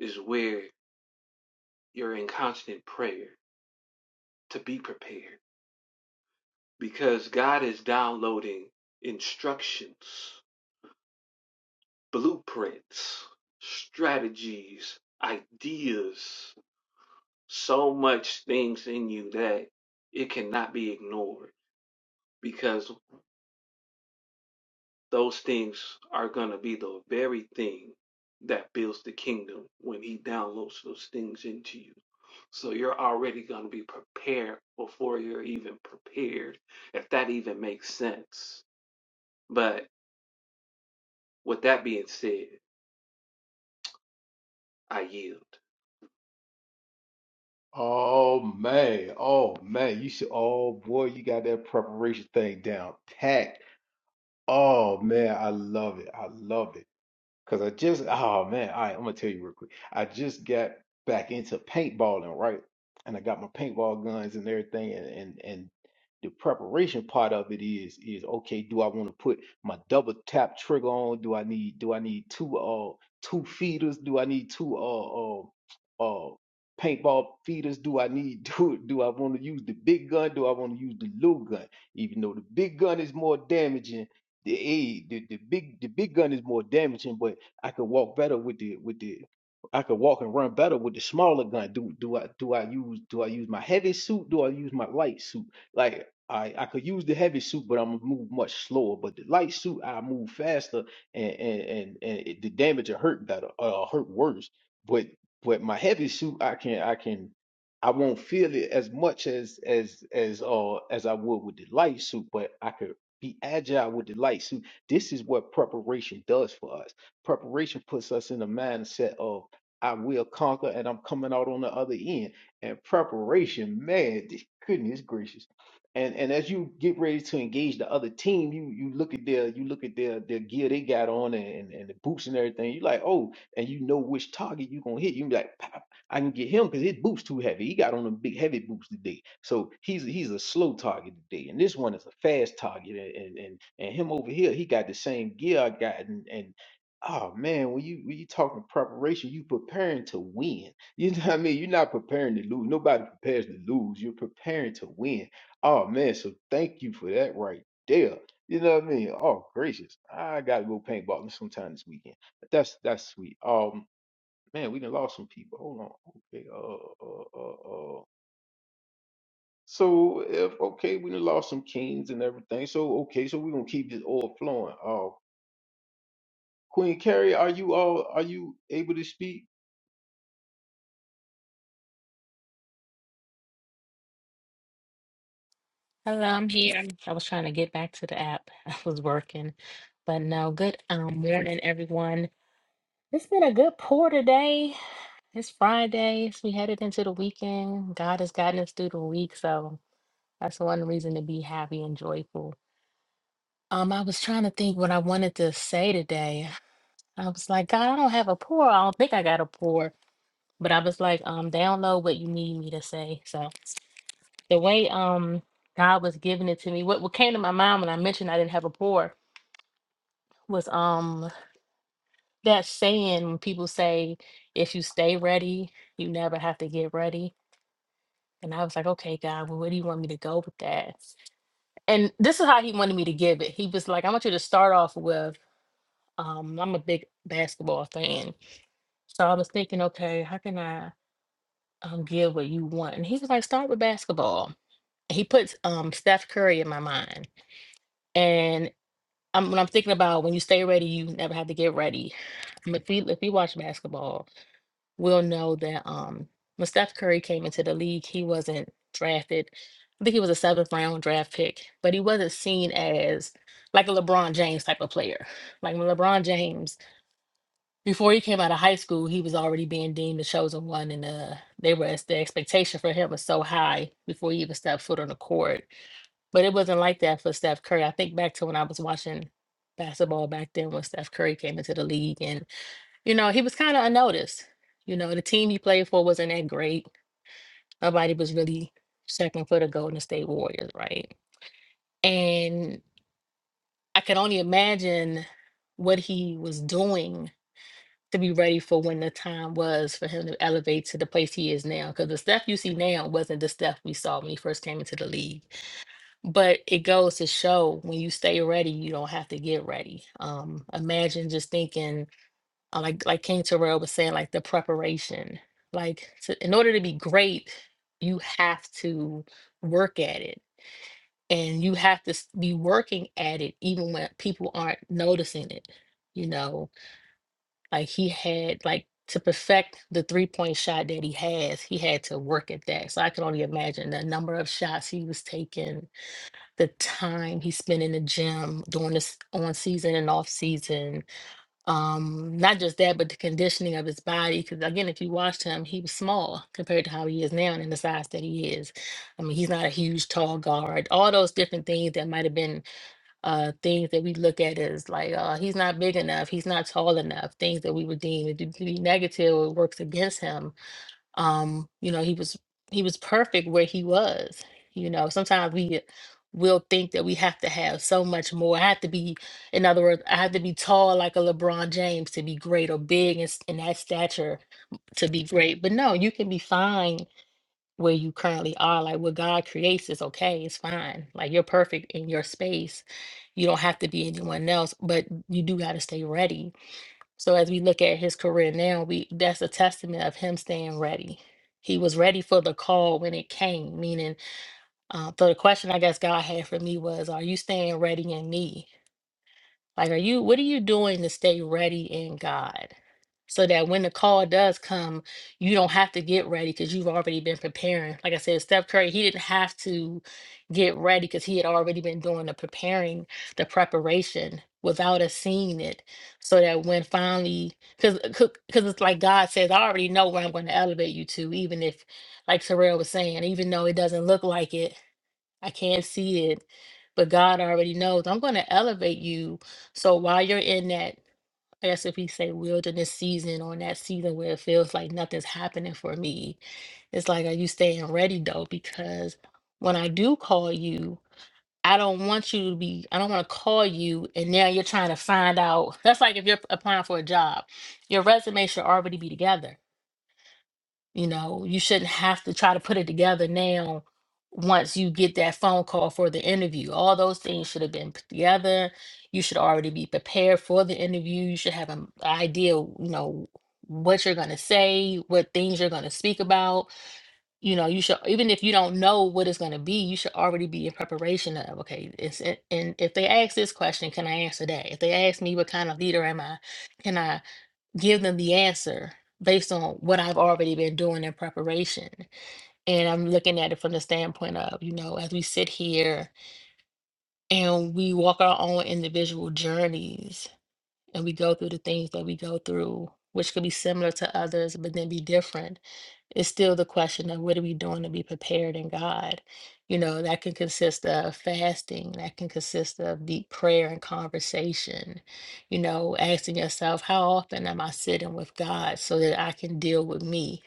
[SPEAKER 7] is where you're in constant prayer to be prepared because God is downloading instructions, blueprints, strategies, ideas so much things in you that it cannot be ignored because those things are going to be the very thing that builds the kingdom when he downloads those things into you. So you're already going to be prepared before you're even prepared, if that even makes sense. But with that being said, I yield.
[SPEAKER 2] Oh man, oh man, you should. Oh boy, you got that preparation thing down packed. Oh man, I love it. I love it. Cause I just, oh man, all right, I'm gonna tell you real quick. I just got back into paintballing, right? And I got my paintball guns and everything, and and and the preparation part of it is is okay. Do I want to put my double tap trigger on? Do I need do I need two uh two feeders? Do I need two uh uh uh paintball feeders? Do I need do do I want to use the big gun? Do I want to use the little gun? Even though the big gun is more damaging, the eh, the the big the big gun is more damaging, but I could walk better with the with the I could walk and run better with the smaller gun. Do do I do I use do I use my heavy suit? Do I use my light suit? Like I I could use the heavy suit, but I'm gonna move much slower. But the light suit, I move faster and and and, and it, the damage will hurt better or hurt worse. But but my heavy suit, I can I can I won't feel it as much as as as uh as I would with the light suit. But I could be agile with the light suit. This is what preparation does for us preparation puts us in the mindset of I will conquer and I'm coming out on the other end. And preparation, man, goodness gracious. And and as you get ready to engage the other team, you you look at their you look at their their gear they got on and, and the boots and everything. You like, oh, and you know which target you gonna hit. You be like, "Pop, I can get him because his boots too heavy. He got on them big heavy boots today. So he's he's a slow target today. And this one is a fast target. And and, and and him over here, he got the same gear I got. and. and oh man, when you when you talking preparation, you preparing to win. You know what I mean? You're not preparing to lose. Nobody prepares to lose. You're preparing to win. Oh man, so thank you for that right there. You know what I mean? Oh gracious, I gotta go paintballing sometime this weekend. But that's that's sweet. Um, man, we done lost some people. Hold on. Okay. Uh. Uh. Uh. uh. So if okay, we done lost some kings and everything. So okay, so we're gonna keep this oil flowing. Uh, Queen Carrie, are you all are you able to speak?
[SPEAKER 8] Hello, I'm here. I was trying to get back to the app. I was working. But no, good um morning, everyone. It's been a good pour today. It's Friday, so we headed into the weekend. God has gotten us through the week, so that's one reason to be happy and joyful. Um, I was trying to think what I wanted to say today. I was like, God, I don't have a pour. I don't think I got a pour. But I was like, um, download what you need me to say. So the way um God was giving it to me, what what came to my mind when I mentioned I didn't have a pour was um that saying when people say if you stay ready you never have to get ready and i was like okay god well where do you want me to go with that and this is how he wanted me to give it he was like i want you to start off with um i'm a big basketball fan so i was thinking okay how can i um give what you want and he was like start with basketball he puts um steph curry in my mind and I'm, when i'm thinking about when you stay ready you never have to get ready Um, if we if we watch basketball we'll know that um when Steph Curry came into the league, he wasn't drafted. I think he was a seventh round draft pick, but he wasn't seen as like a LeBron James type of player. Like when LeBron James, before he came out of high school, he was already being deemed the chosen one, and uh, they were the expectation for him was so high before he even stepped foot on the court. But it wasn't like that for Steph Curry. I think back to when I was watching basketball back then when Steph Curry came into the league, and. You know, he was kind of unnoticed. You know, the team he played for wasn't that great. Nobody was really checking for the Golden State Warriors, right? And I could only imagine what he was doing to be ready for when the time was for him to elevate to the place he is now. Because the stuff you see now wasn't the stuff we saw when he first came into the league. But it goes to show when you stay ready, you don't have to get ready. Um, imagine just thinking uh, like like King Terrell was saying, like the preparation. Like to, in order to be great, you have to work at it, and you have to s- be working at it even when people aren't noticing it. You know, like he had like to perfect the three point shot that he has, he had to work at that. So I can only imagine the number of shots he was taking, the time he spent in the gym during this on season and off season, um, not just that, but the conditioning of his body. Because again, if you watched him, he was small compared to how he is now and in the size that he is. I mean, he's not a huge, tall guard. All those different things that might have been uh, things that we look at as like, uh, he's not big enough, he's not tall enough, things that we would deem to be negative or works against him um you know he was he was perfect where he was you know sometimes we will think that we have to have so much more i have to be in other words i have to be tall like a lebron james to be great or big in, s- in that stature to be great but no you can be fine where you currently are like what god creates is okay it's fine like you're perfect in your space you don't have to be anyone else but you do got to stay ready so as we look at his career now, we that's a testament of him staying ready. He was ready for the call when it came. Meaning, uh, so the question I guess God had for me was, "Are you staying ready in me?" Like, are you, what are you doing to stay ready in God? So that when the call does come, you don't have to get ready because you've already been preparing. Like I said, Steph Curry, he didn't have to get ready because he had already been doing the preparing, the preparation without us seeing it. So that when finally, because because it's like God says, I already know where I'm going to elevate you to, even if, like Terrell was saying, even though it doesn't look like it, I can't see it, but God already knows. I'm going to elevate you. So while you're in that, I guess if we say wilderness season or in that season where it feels like nothing's happening for me, it's like, are you staying ready though? Because when I do call you, I don't want you to be, I don't want to call you and now you're trying to find out. That's like if you're applying for a job, your resume should already be together you know, you shouldn't have to try to put it together now once you get that phone call for the interview. All those things should have been put together. You should already be prepared for the interview. You should have an idea, you know, what you're going to say, what things you're going to speak about. You know, you should, even if you don't know what it's going to be, you should already be in preparation of, okay, it's, and if they ask this question, can I answer that? If they ask me, what kind of leader am I? Can I? give them the answer based on what I've already been doing in preparation. And I'm looking at it from the standpoint of, you know, as we sit here and we walk our own individual journeys and we go through the things that we go through, which could be similar to others, but then be different, it's still the question of what are we doing to be prepared in God? You know, that can consist of fasting, that can consist of deep prayer and conversation, you know, asking yourself, how often am I sitting with God so that I can deal with me?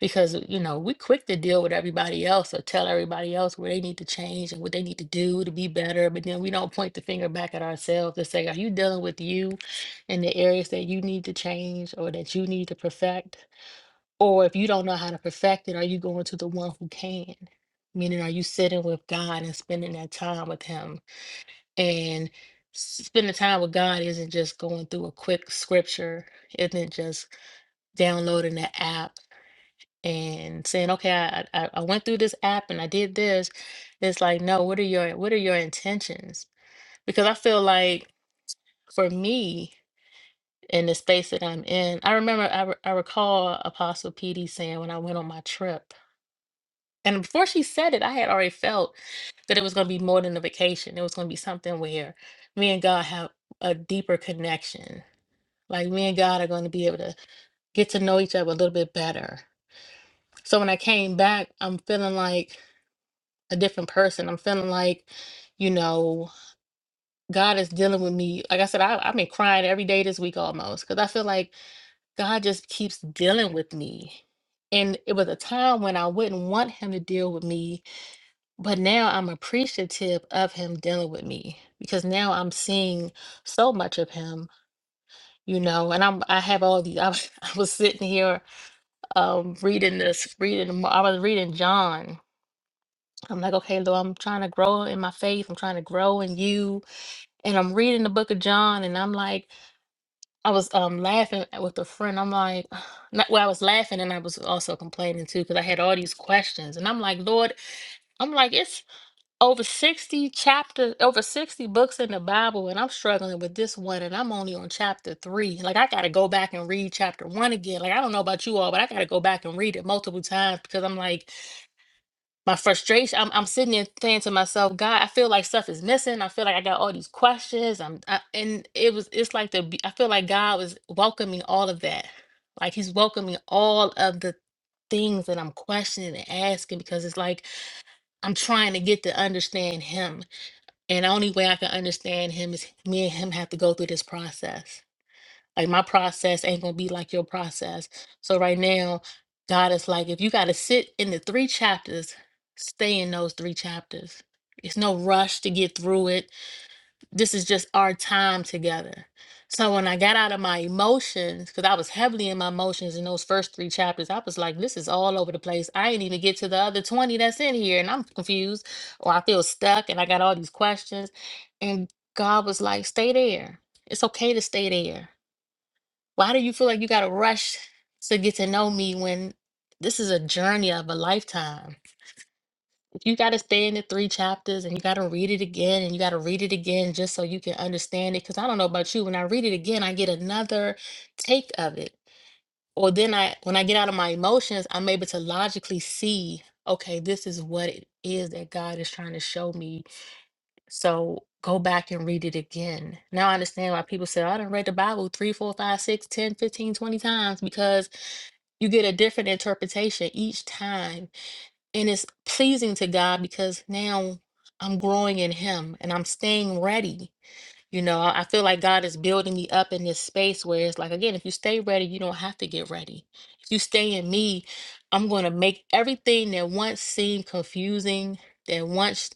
[SPEAKER 8] because uh, you know we quick to deal with everybody else or tell everybody else where they need to change and what they need to do to be better but then we don't point the finger back at ourselves and say are you dealing with you and the areas that you need to change or that you need to perfect or if you don't know how to perfect it are you going to the one who can meaning are you sitting with god and spending that time with him and spending time with god isn't just going through a quick scripture isn't just downloading the app and saying, okay, I, I I went through this app and I did this. It's like, no, what are your what are your intentions? Because I feel like for me in the space that I'm in, I remember I, re- I recall Apostle PD saying when I went on my trip, and before she said it, I had already felt that it was going to be more than a vacation. It was going to be something where me and God have a deeper connection. Like me and God are going to be able to get to know each other a little bit better. So when I came back, I'm feeling like a different person. I'm feeling like, you know, God is dealing with me. Like I said, I, I've been crying every day this week almost because I feel like God just keeps dealing with me. And it was a time when I wouldn't want Him to deal with me, but now I'm appreciative of Him dealing with me because now I'm seeing so much of Him. You know, and I'm I have all these. I, was- I was sitting here um reading this, reading. I was reading John. I'm like, okay, Lord, I'm trying to grow in my faith. I'm trying to grow in you and I'm reading the book of John, and I'm like, I was um laughing with a friend. I'm like, not, well, I was laughing, and I was also complaining too because I had all these questions, and I'm like, Lord, I'm like, it's over sixty chapters, over sixty books in the Bible, and I'm struggling with this one, and I'm only on chapter three. Like, I got to go back and read chapter one again. Like, I don't know about you all, but I got to go back and read it multiple times because I'm like my frustration I'm, I'm sitting there saying to myself god i feel like stuff is missing i feel like i got all these questions i'm I, and it was it's like the be- i feel like god was welcoming all of that like he's welcoming all of the things that i'm questioning and asking because it's like i'm trying to get to understand him and the only way i can understand him is me and him have to go through this process like my process ain't gonna be like your process. So right now, God is like, if you gotta sit in the three chapters, stay in those three chapters. It's no rush to get through it. This is just our time together. So when I got out of my emotions, because I was heavily in my emotions in those first three chapters, I was like, this is all over the place. I ain't even get to the other 20 that's in here, and I'm confused or I feel stuck and I got all these questions. And God was like, stay there. It's okay to stay there why do you feel like you got to rush to get to know me when this is a journey of a lifetime? If you got to stay in the three chapters and you got to read it again and you got to read it again just so you can understand it. Because I don't know about you, when I read it again, I get another take of it. Or then I, when I get out of my emotions, I'm able to logically see, okay, this is what it is that God is trying to show me so go back and read it again. Now I understand why people say, "Oh, I done read the Bible three, four, five, six, ten, fifteen, twenty times because you get a different interpretation each time. And it's pleasing to God because now I'm growing in Him and I'm staying ready you know, I I feel like God is building me up in this space where it's like, again, if you stay ready, you don't have to get ready. If you stay in me, I'm going to make everything that once seemed confusing, that once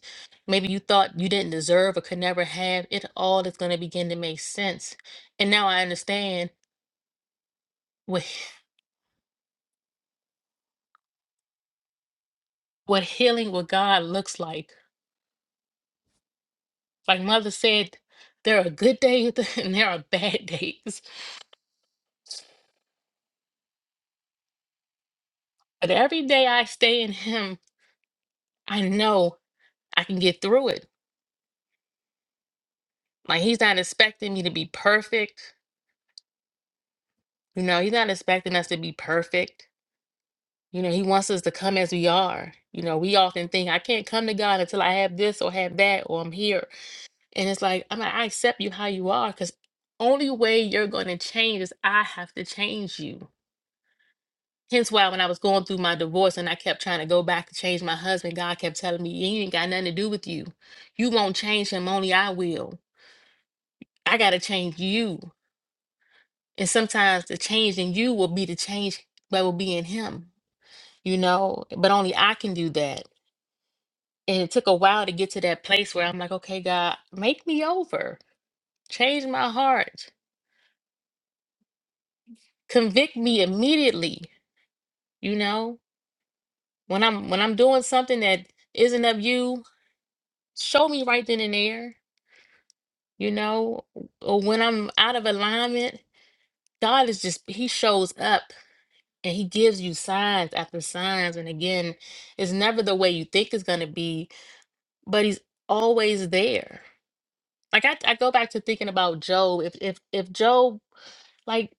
[SPEAKER 8] maybe you thought you didn't deserve or could never have, it all is going to begin to make sense. And now I understand what what healing with God looks like. Like Mother said, there are good days and there are bad days. But every day I stay in Him, I know I can get through it. Like he's not expecting me to be perfect. You know, he's not expecting us to be perfect. You know, he wants us to come as we are. You know, we often think I can't come to God until I have this or have that or I'm here. And it's like, I'm like, I accept you how you are because only way you're going to change is I have to change you. Hence why when I was going through my divorce and I kept trying to go back to change my husband, God kept telling me, he ain't got nothing to do with you. You won't change him, only I will. I got to change you. And sometimes the change in you will be the change that will be in him, you know, but only I can do that. And it took a while to get to that place where I'm like, okay, God, make me over, change my heart, convict me immediately, you know, when I'm when I'm doing something that isn't of you, show me right then and there, you know, or when I'm out of alignment, God is just he shows up and he gives you signs after signs and again, it's never the way you think it's going to be but he's always there. Like I, I go back to thinking about Job. If if if Job, like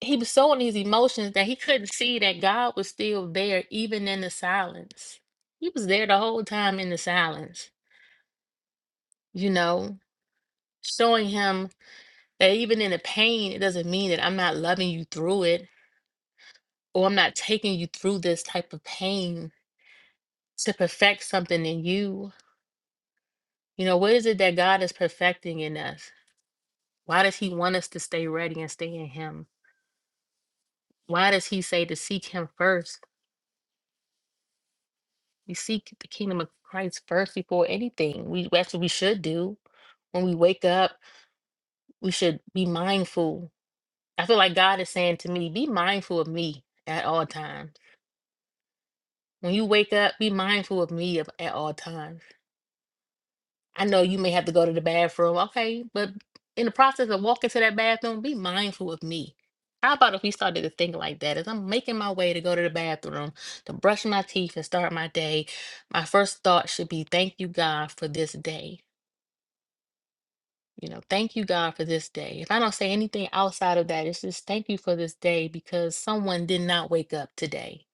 [SPEAKER 8] he was so in these emotions that he couldn't see that God was still there, even in the silence. He was there the whole time in the silence, you know, showing him that even in the pain, it doesn't mean that I'm not loving you through it or I'm not taking you through this type of pain to perfect something in you. You know, what is it that God is perfecting in us? Why does he want us to stay ready and stay in him? Why does he say to seek him first? We seek the kingdom of Christ first before anything. We that's what we should do. When we wake up, we should be mindful. I feel like God is saying to me, be mindful of me at all times. When you wake up, be mindful of me of- at all times I know you may have to go to the bathroom, okay, but in the process of walking to that bathroom, be mindful of me. How about if we started to think like that? As I'm making my way to go to the bathroom, to brush my teeth and start my day, my first thought should be, Thank you, God, for this day. You know, thank you, God, for this day. If I don't say anything outside of that, it's just thank you for this day because someone did not wake up today.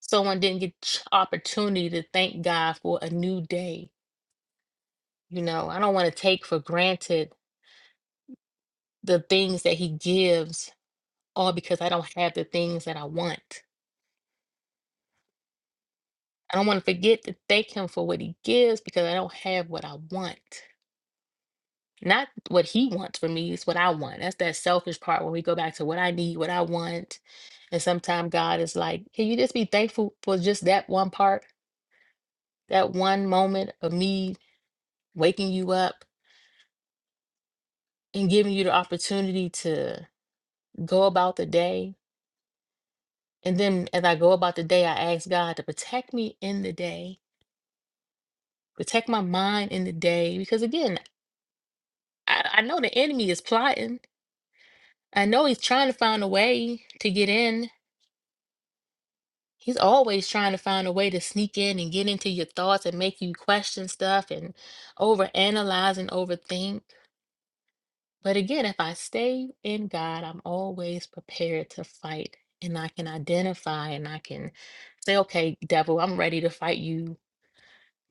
[SPEAKER 8] Someone didn't get ch- opportunity to thank God for a new day. You know, I don't want to take for granted the things that he gives all because I don't have the things that I want. I don't want to forget to thank him for what he gives because I don't have what I want. Not what he wants for me, it's what I want. That's that selfish part when we go back to what I need, what I want. And sometimes God is like, can you just be thankful for just that one part, that one moment of me waking you up and giving you the opportunity to go about the day? And then as I go about the day, I ask God to protect me in the day protect my mind in the day because again I, I know the enemy is plotting i know he's trying to find a way to get in he's always trying to find a way to sneak in and get into your thoughts and make you question stuff and overanalyze and overthink but again if i stay in god i'm always prepared to fight and i can identify and i can say okay devil i'm ready to fight you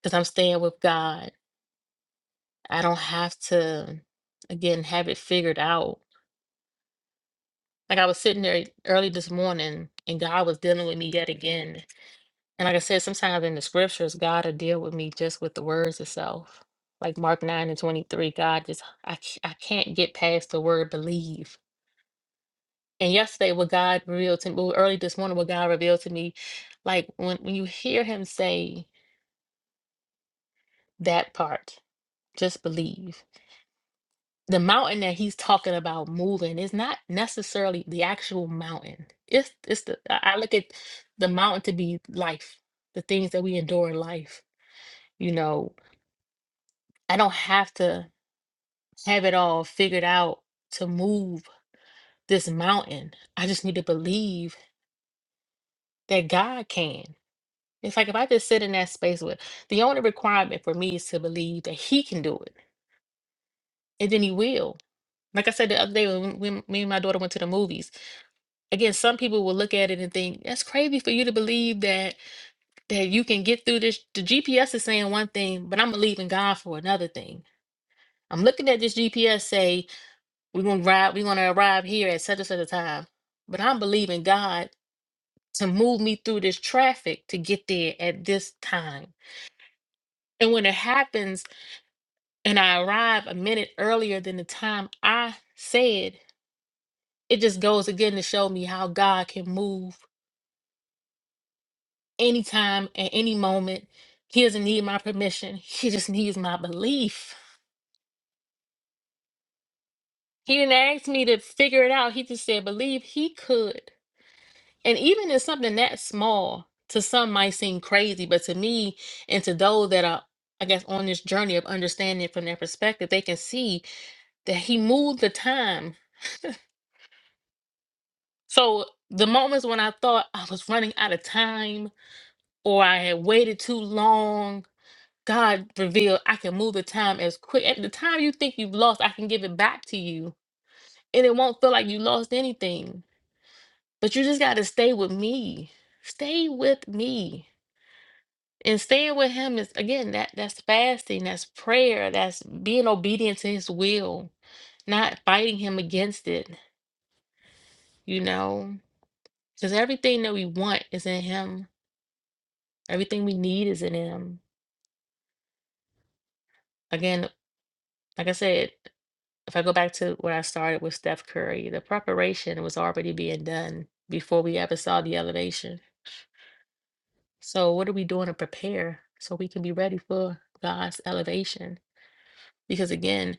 [SPEAKER 8] because i'm staying with god i don't have to again have it figured out Like I was sitting there early this morning and God was dealing with me yet again. And like I said, sometimes in the scriptures, God will deal with me just with the words itself. Like Mark 9 and 23, God just, I, c- I can't get past the word believe. And yesterday, what God revealed to me, well, early this morning, what God revealed to me, like when, when you hear him say that part, just believe. the mountain that he's talking about moving is not necessarily the actual mountain. It's it's the I I look at the mountain to be life, the things that we endure in life. You know, I don't have to have it all figured out to move this mountain. I just need to believe that God can. It's like if I just sit in that space with the only requirement for me is to believe that He can do it, and then He will. Like I said the other day when, when me and my daughter went to the movies, again, some people will look at it and think that's crazy for you to believe that that you can get through this. The GPS is saying one thing, but I'm believing God for another thing. I'm looking at this GPS say we're gonna ride, we're gonna arrive here at such and such a time, but I'm believing God to move me through this traffic to get there at this time. And when it happens, and I arrive a minute earlier than the time I said, it just goes again to show me how God can move anytime, at any moment. He doesn't need my permission. He just needs my belief. He didn't ask me to figure it out. He just said, believe he could. And even in something that small, to some might seem crazy, but to me and to those that are, I guess, on this journey of understanding from their perspective, they can see that he moved the time. So the moments when I thought I was running out of time or I had waited too long God revealed, I can move the time as quick. At the time you think you've lost, I can give it back to you. And it won't feel like you lost anything. But you just got to stay with me. Stay with me. And staying with him is again that that's fasting, that's prayer, that's being obedient to his will, not fighting him against it, you know? Because everything that we want is in him. Everything we need is in him. Again, like I said, if I go back to what I started with Steph Curry, the preparation was already being done before we ever saw the elevation. So, what are we doing to prepare so we can be ready for God's elevation? Because again,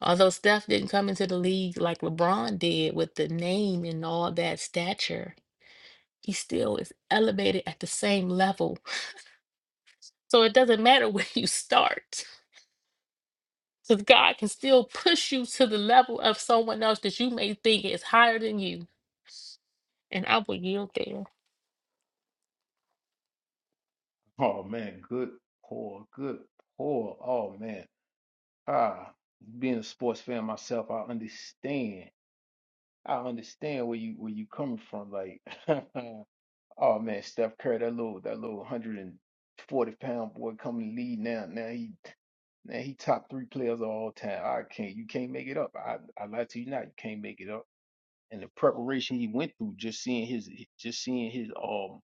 [SPEAKER 8] although Steph didn't come into the league like LeBron did with the name and all that stature, he still is elevated at the same level. So, it doesn't matter where you start. Because God can still push you to the level of someone else that you may think is higher than you. And I will yield there.
[SPEAKER 2] Oh man, good poor, good poor. Oh man, ah, being a sports fan myself, I understand. I understand where you where you coming from. Like, oh man, Steph Curry, that little that little one hundred and forty pound boy coming to lead now. Now he now he top three players of all time. I can't. You can't make it up. I I lie to you not. You can't make it up. And the preparation he went through, just seeing his just seeing his um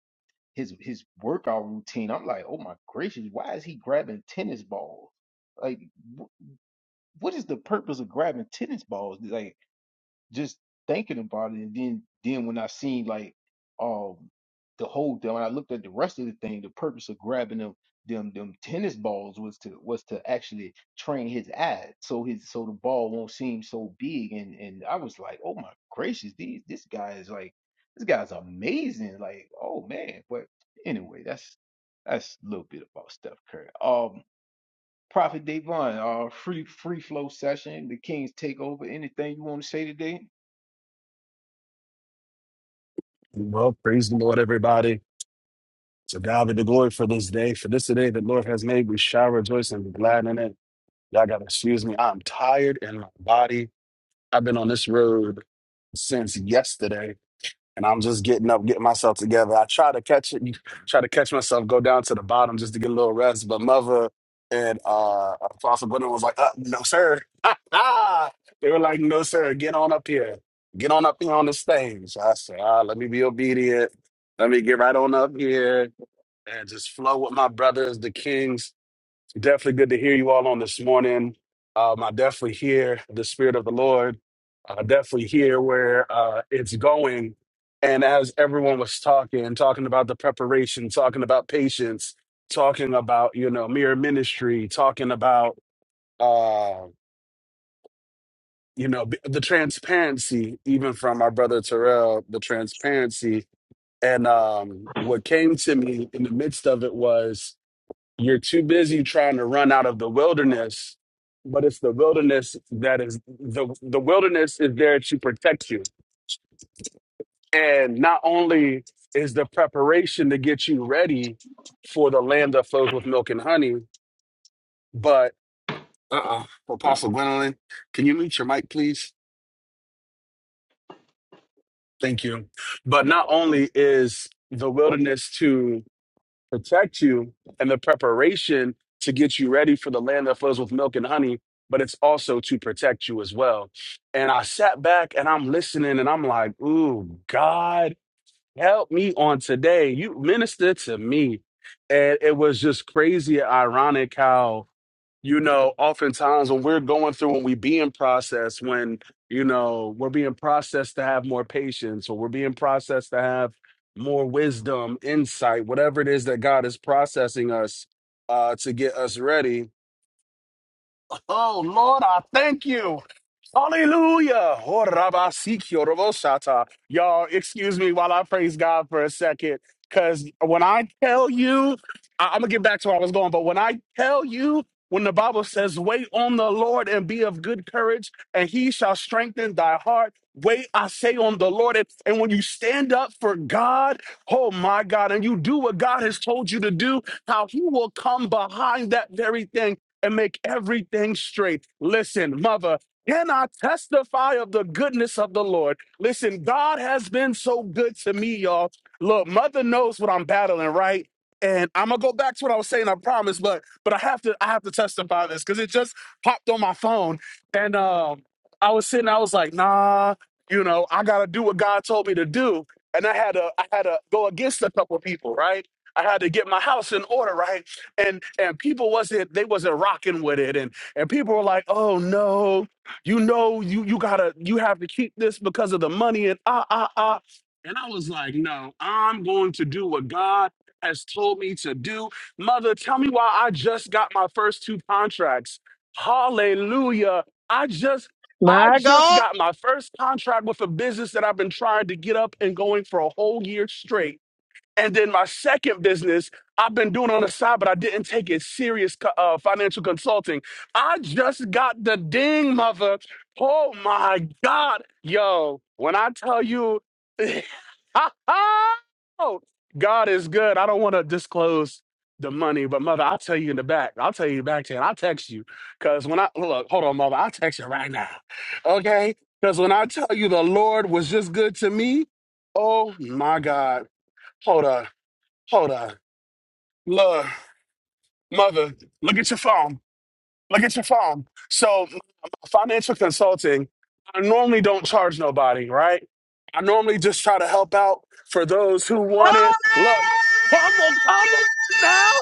[SPEAKER 2] his his workout routine. I'm like, oh my gracious, why is he grabbing tennis balls? Like, wh- what is the purpose of grabbing tennis balls? Like, just thinking about it. And then then when I seen like um the whole thing, when I looked at the rest of the thing, the purpose of grabbing them them them tennis balls was to was to actually train his eyes so his so the ball won't seem so big and and I was like, oh my gracious, these this guy is like this guy's amazing. Like, oh man. But anyway, that's that's a little bit about Steph Curry. Um Prophet Davon, uh free free flow session, the Kings takeover. Anything you want to say today?
[SPEAKER 9] Well, praise the Lord, everybody. To God be the glory for this day. For this day that Lord has made, we shall rejoice and be glad in it. Y'all gotta excuse me. I'm tired in my body. I've been on this road since yesterday and I'm just getting up, getting myself together. I try to catch it, try to catch myself, go down to the bottom just to get a little rest. But mother and uh Apostle Gwendolyn was like, uh, no, sir. they were like, no, sir, get on up here. Get on up here on the stage. I said, ah, let me be obedient. Let me get right on up here and just flow with my brothers, the kings Definitely good to hear you all on this morning. Um, I definitely hear the Spirit of the Lord. I definitely hear where uh, it's going. And as everyone was talking, talking about the preparation, talking about patience, talking about, you know, mirror ministry, talking about, uh, you know, b- the transparency, even from our brother Terrell, the transparency. And um, what came to me in the midst of it was you're too busy trying to run out of the wilderness, but it's the wilderness that is the the wilderness is there to protect you. And not only is the preparation to get you ready for the land that flows with milk and honey, but uh-uh, Apostle Gwendolyn, can you mute your mic, please? Thank you. But not only is the wilderness to protect you and the preparation to get you ready for the land that flows with milk and honey, but it's also to protect you as well. And I sat back and I'm listening and I'm like, ooh, God, help me on today. You minister to me. And it was just crazy and ironic how you know, oftentimes when we're going through, when we being processed, when, you know, we're being processed to have more patience or we're being processed to have more wisdom, insight, whatever it is that God is processing us uh, to get us ready Oh, Lord, I thank you. Hallelujah. Oh, Rabba, Sikyo, Y'all, excuse me while I praise God for a second. Because when I tell you, I- I'm going to get back to where I was going, but when I tell you, when the Bible says, wait on the Lord and be of good courage, and he shall strengthen thy heart. Wait, I say on the Lord. And and when you stand up for God, oh my God, and you do what God has told you to do, how he will come behind that very thing and make everything straight. Listen, mother, can I testify of the goodness of the Lord? Listen, God has been so good to me, y'all. Look, mother knows what I'm battling, right? And I'm gonna go back to what I was saying, I promise, but but I have to I have to testify this because it just popped on my phone. And um I was sitting, I was like, nah, you know, I gotta do what God told me to do. And I had to I had to go against a couple of people, right? I had to get my house in order, right? and and people wasn't they wasn't rocking with it and and people were like oh no you know you you gotta you have to keep this because of the money and ah ah ah and i was like no i'm going to do what god has told me to do mother tell me why i just got my first two contracts hallelujah i just I
[SPEAKER 4] My
[SPEAKER 9] just
[SPEAKER 4] God.
[SPEAKER 9] got my first contract with a business that I've been trying to get up and going for a whole year straight and then my second business, I've been doing on the side, but I didn't take it serious co- uh, financial consulting. I just got the ding, mother. Oh my God. Yo, when I tell you, oh, God is good. I don't want to disclose the money, but mother, I'll tell you in the back. I'll tell you back, Chad. I'll text you. Because when I look, hold on, mother, I'll text you right now. Okay? Because when I tell you the Lord was just good to me, oh my God. Hold on. Hold on. Lord, mother, look at your phone. Look at your phone. So, m- financial consulting, I normally don't charge nobody, right? I normally just try to help out for those who want
[SPEAKER 10] Hallelujah,
[SPEAKER 9] it. Look, come on, come on now.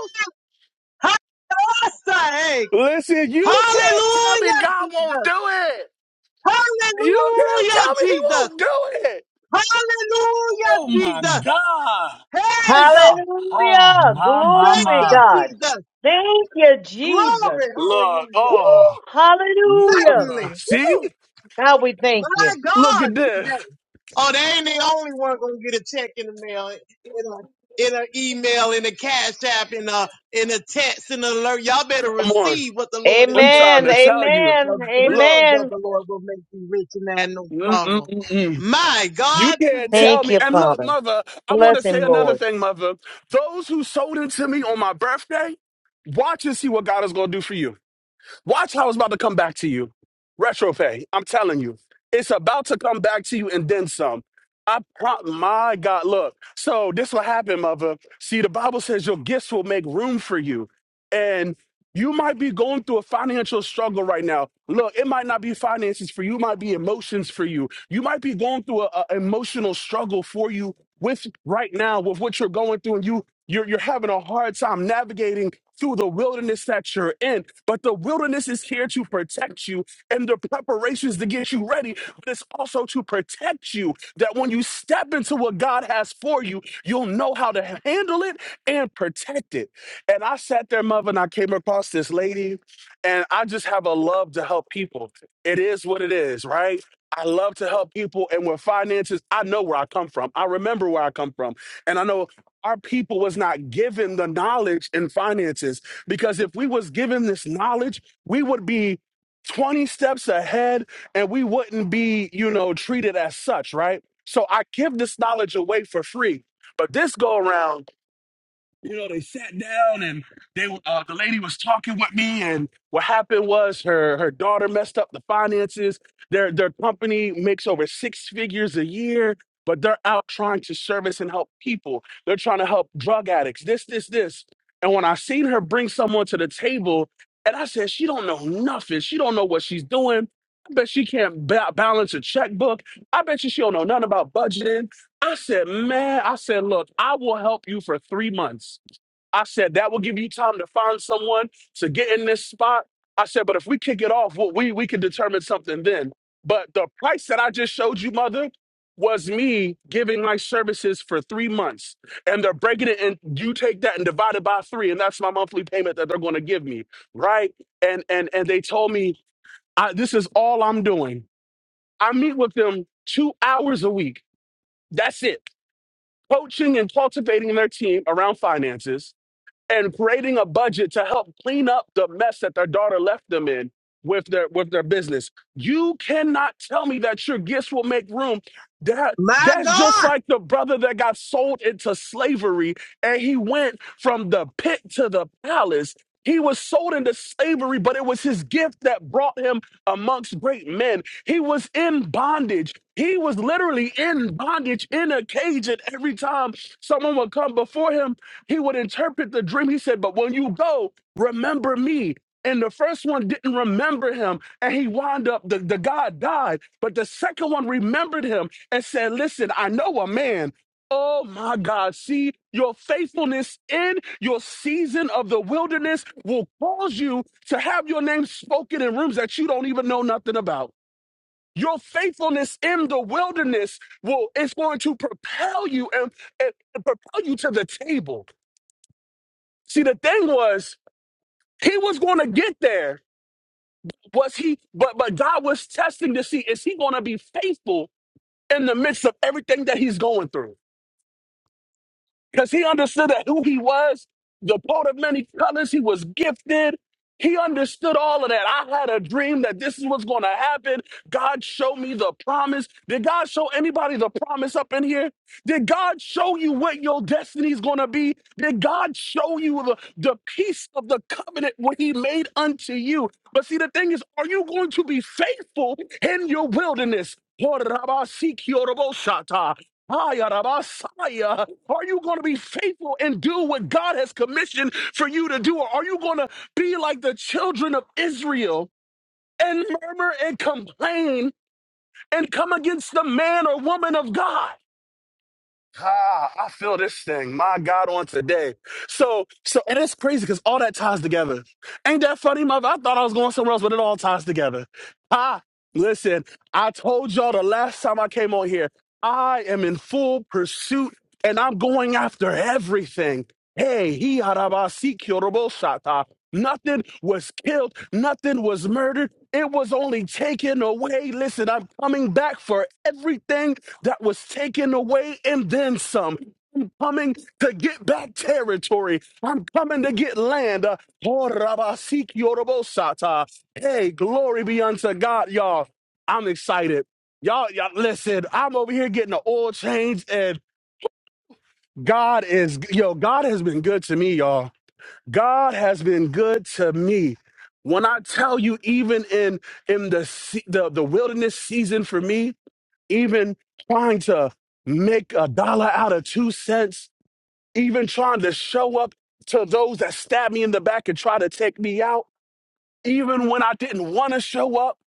[SPEAKER 10] Hallelujah,
[SPEAKER 9] Listen, you can't tell me God won't
[SPEAKER 10] Jesus.
[SPEAKER 9] do it. You can't
[SPEAKER 10] Hallelujah,
[SPEAKER 9] tell me He
[SPEAKER 10] Jesus.
[SPEAKER 9] won't do it.
[SPEAKER 10] Hallelujah,
[SPEAKER 9] Oh my
[SPEAKER 10] Jesus.
[SPEAKER 9] God.
[SPEAKER 10] Hey, God.
[SPEAKER 9] Oh,
[SPEAKER 11] Hallelujah.
[SPEAKER 9] my, my,
[SPEAKER 10] Thank
[SPEAKER 11] Glory,
[SPEAKER 10] you,
[SPEAKER 9] my.
[SPEAKER 11] God.
[SPEAKER 10] Jesus.
[SPEAKER 11] Thank you, Jesus.
[SPEAKER 10] Glory.
[SPEAKER 9] Look,
[SPEAKER 11] Woo,
[SPEAKER 10] Hallelujah.
[SPEAKER 9] oh,
[SPEAKER 11] hallelujah.
[SPEAKER 10] Certainly.
[SPEAKER 9] mother. See?
[SPEAKER 10] Woo.
[SPEAKER 11] God, we thank
[SPEAKER 10] My
[SPEAKER 11] you.
[SPEAKER 9] Look
[SPEAKER 10] God,
[SPEAKER 9] at this.
[SPEAKER 10] today. Oh, they ain't the only one gonna get a check in the mail, in a, in an email, in a cash app, in a, in a text, in an alert. Y'all better
[SPEAKER 9] Come on.
[SPEAKER 10] receive what the Lord is
[SPEAKER 9] I'm
[SPEAKER 10] doing.
[SPEAKER 9] trying
[SPEAKER 11] Amen.
[SPEAKER 9] to tell you.
[SPEAKER 11] Amen.
[SPEAKER 10] The
[SPEAKER 9] Look,
[SPEAKER 10] blessings of
[SPEAKER 11] Amen.
[SPEAKER 10] the Lord will make you rich and add no
[SPEAKER 9] mm, mm,
[SPEAKER 10] sorrow.
[SPEAKER 9] mm, mm.
[SPEAKER 10] My
[SPEAKER 9] you
[SPEAKER 10] God,
[SPEAKER 9] can't
[SPEAKER 10] today.
[SPEAKER 9] tell
[SPEAKER 11] Thank
[SPEAKER 9] me.
[SPEAKER 11] you,
[SPEAKER 9] And look,
[SPEAKER 11] Father.
[SPEAKER 9] mother, I want to
[SPEAKER 11] Bless
[SPEAKER 9] say
[SPEAKER 11] him,
[SPEAKER 9] another
[SPEAKER 11] Lord.
[SPEAKER 9] thing, mother. Those who sold into me on my birthday, watch and see what God is going to do for you. Watch how it's about to come back to you. Retro pay. I'm telling you, it's about to come back to you and then some. I pro- my God, look. So this will happen, mother. See, the Bible says your gifts will make room for you. And you might be going through a financial struggle right now. Look, it might not be finances for you, it might be emotions for you. You might be going through an emotional struggle for you with right now, with what you're going through, and you you're you're having a hard time navigating through the wilderness that you're in. But the wilderness is here to protect you, and the preparations to get you ready, but it's also to protect you that when you step into what God has for you, you'll know how to handle it and protect it. And I sat there, mother, and I came across this lady, and I just have a love to help people. It is what it is, right? I love to help people, and with finances, I know where I come from. I remember where I come from, and I know our people was not given the knowledge in finances. Because if we was given this knowledge, we would be 20 steps ahead and we wouldn't be, you know, treated as such, right? So I give this knowledge away for free. But this go around, you know, they sat down and they uh, the lady was talking with me, and what happened was her her daughter messed up the finances. Their their company makes over six figures a year, but they're out trying to service and help people. They're trying to help drug addicts. This this this. And when I seen her bring someone to the table, and I said she don't know nothing. She don't know what she's doing. I bet she can't ba- balance a checkbook. I bet you she don't know nothing about budgeting. I said, man, I said, look, I will help you for three months. I said that will give you time to find someone to get in this spot. I said, but if we kick it off, well, we we can determine something then. But the price that I just showed you, mother, was me giving my services for three months, and they're breaking it, and you take that and divide it by three, and that's my monthly payment that they're going to give me, right? And and and they told me I, this is all I'm doing. I meet with them two hours a week. That's it. Coaching and cultivating their team around finances and creating a budget to help clean up the mess that their daughter left them in with their with their business. You cannot tell me that your gifts will make room. That
[SPEAKER 10] My
[SPEAKER 9] that's just
[SPEAKER 10] God,
[SPEAKER 9] like the brother that got sold into slavery and he went from the pit to the palace. He was sold into slavery, but it was his gift that brought him amongst great men. He was in bondage. He was literally in bondage in a cage, and every time someone would come before him, he would interpret the dream. He said, But when you go, remember me. And the first one didn't remember him. And he wound up, the, the guy died. But the second one remembered him and said, Listen, I know a man. Oh my God. See, your faithfulness in your season of the wilderness will cause you to have your name spoken in rooms that you don't even know nothing about. Your faithfulness in the wilderness will, it's going to propel you and, and and propel you to the table. See, the thing was, he was going to get there. Was he? But but God was testing to see is he going to be faithful in the midst of everything that he's going through. because he understood that who he was, the coat of many colors, he was gifted. He understood all of that. I had a dream that this is what's going to happen. God showed me the promise. Did God show anybody the promise up in here? Did God show you what your destiny is going to be? Did God show you the, the peace of the covenant what he made unto you? But see, the thing is, are you going to be faithful in your wilderness? Lord, Rabba, seek your Rabosha. Hi, Rabasaya. Are you going to be faithful and do what God has commissioned for you to do? Or are you going to be like the children of Israel and murmur and complain and come against the man or woman of God? Ah, I feel this thing, my God, on today. So, so, and it's crazy because all that ties together. Ain't that funny, mother? I thought I was going somewhere else, but it all ties together. Ah, listen, I told y'all the last time I came on here, I am in full pursuit and I'm going after everything. Hey, he arabasi shata. Nothing was killed, nothing was murdered. It was only taken away. Listen, I'm coming back for everything that was taken away and then some. Coming to get back territory. I'm coming to get land. Uh, oh, Rabba, seek Hey, glory be unto God, y'all. I'm excited. Y'all, y'all, listen, I'm over here getting an oil change and God is, yo, God has been good to me, y'all. God has been good to me. When I tell you, even in in the se- the, the wilderness season for me, even trying to make a dollar out of two cents, even trying to show up to those that stab me in the back and try to take me out, even when I didn't want to show up.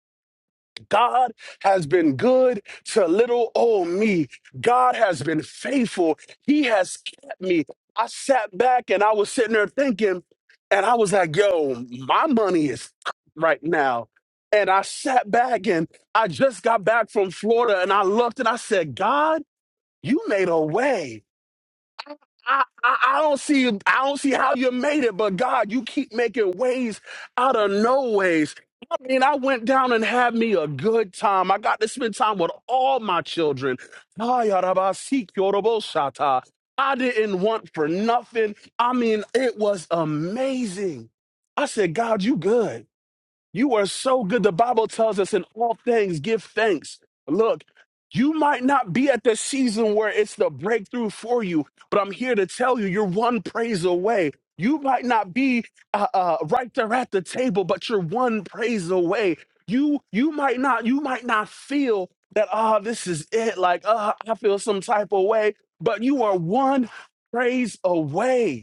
[SPEAKER 9] God has been good to little old me. God has been faithful. He has kept me. I sat back and I was sitting there thinking, and I was like, yo, my money is right now. And I sat back and I just got back from Florida and I looked and I said, God, you made a way. I, I, I don't see I don't see how you made it, but God, you keep making ways out of no ways. I mean, I went down and had me a good time. I got to spend time with all my children. Ay, arabasi, kyorobosata. I didn't want for nothing. I mean, it was amazing. I said, God, you good. You are so good. The Bible tells us in all things, give thanks. Look, you might not be at the season where it's the breakthrough for you, but I'm here to tell you, you're one praise away. You might not be uh, uh, right there at the table, but you're one praise away. You you might not you might not feel that ah this is it like ah I feel some type of way, but you are one praise away.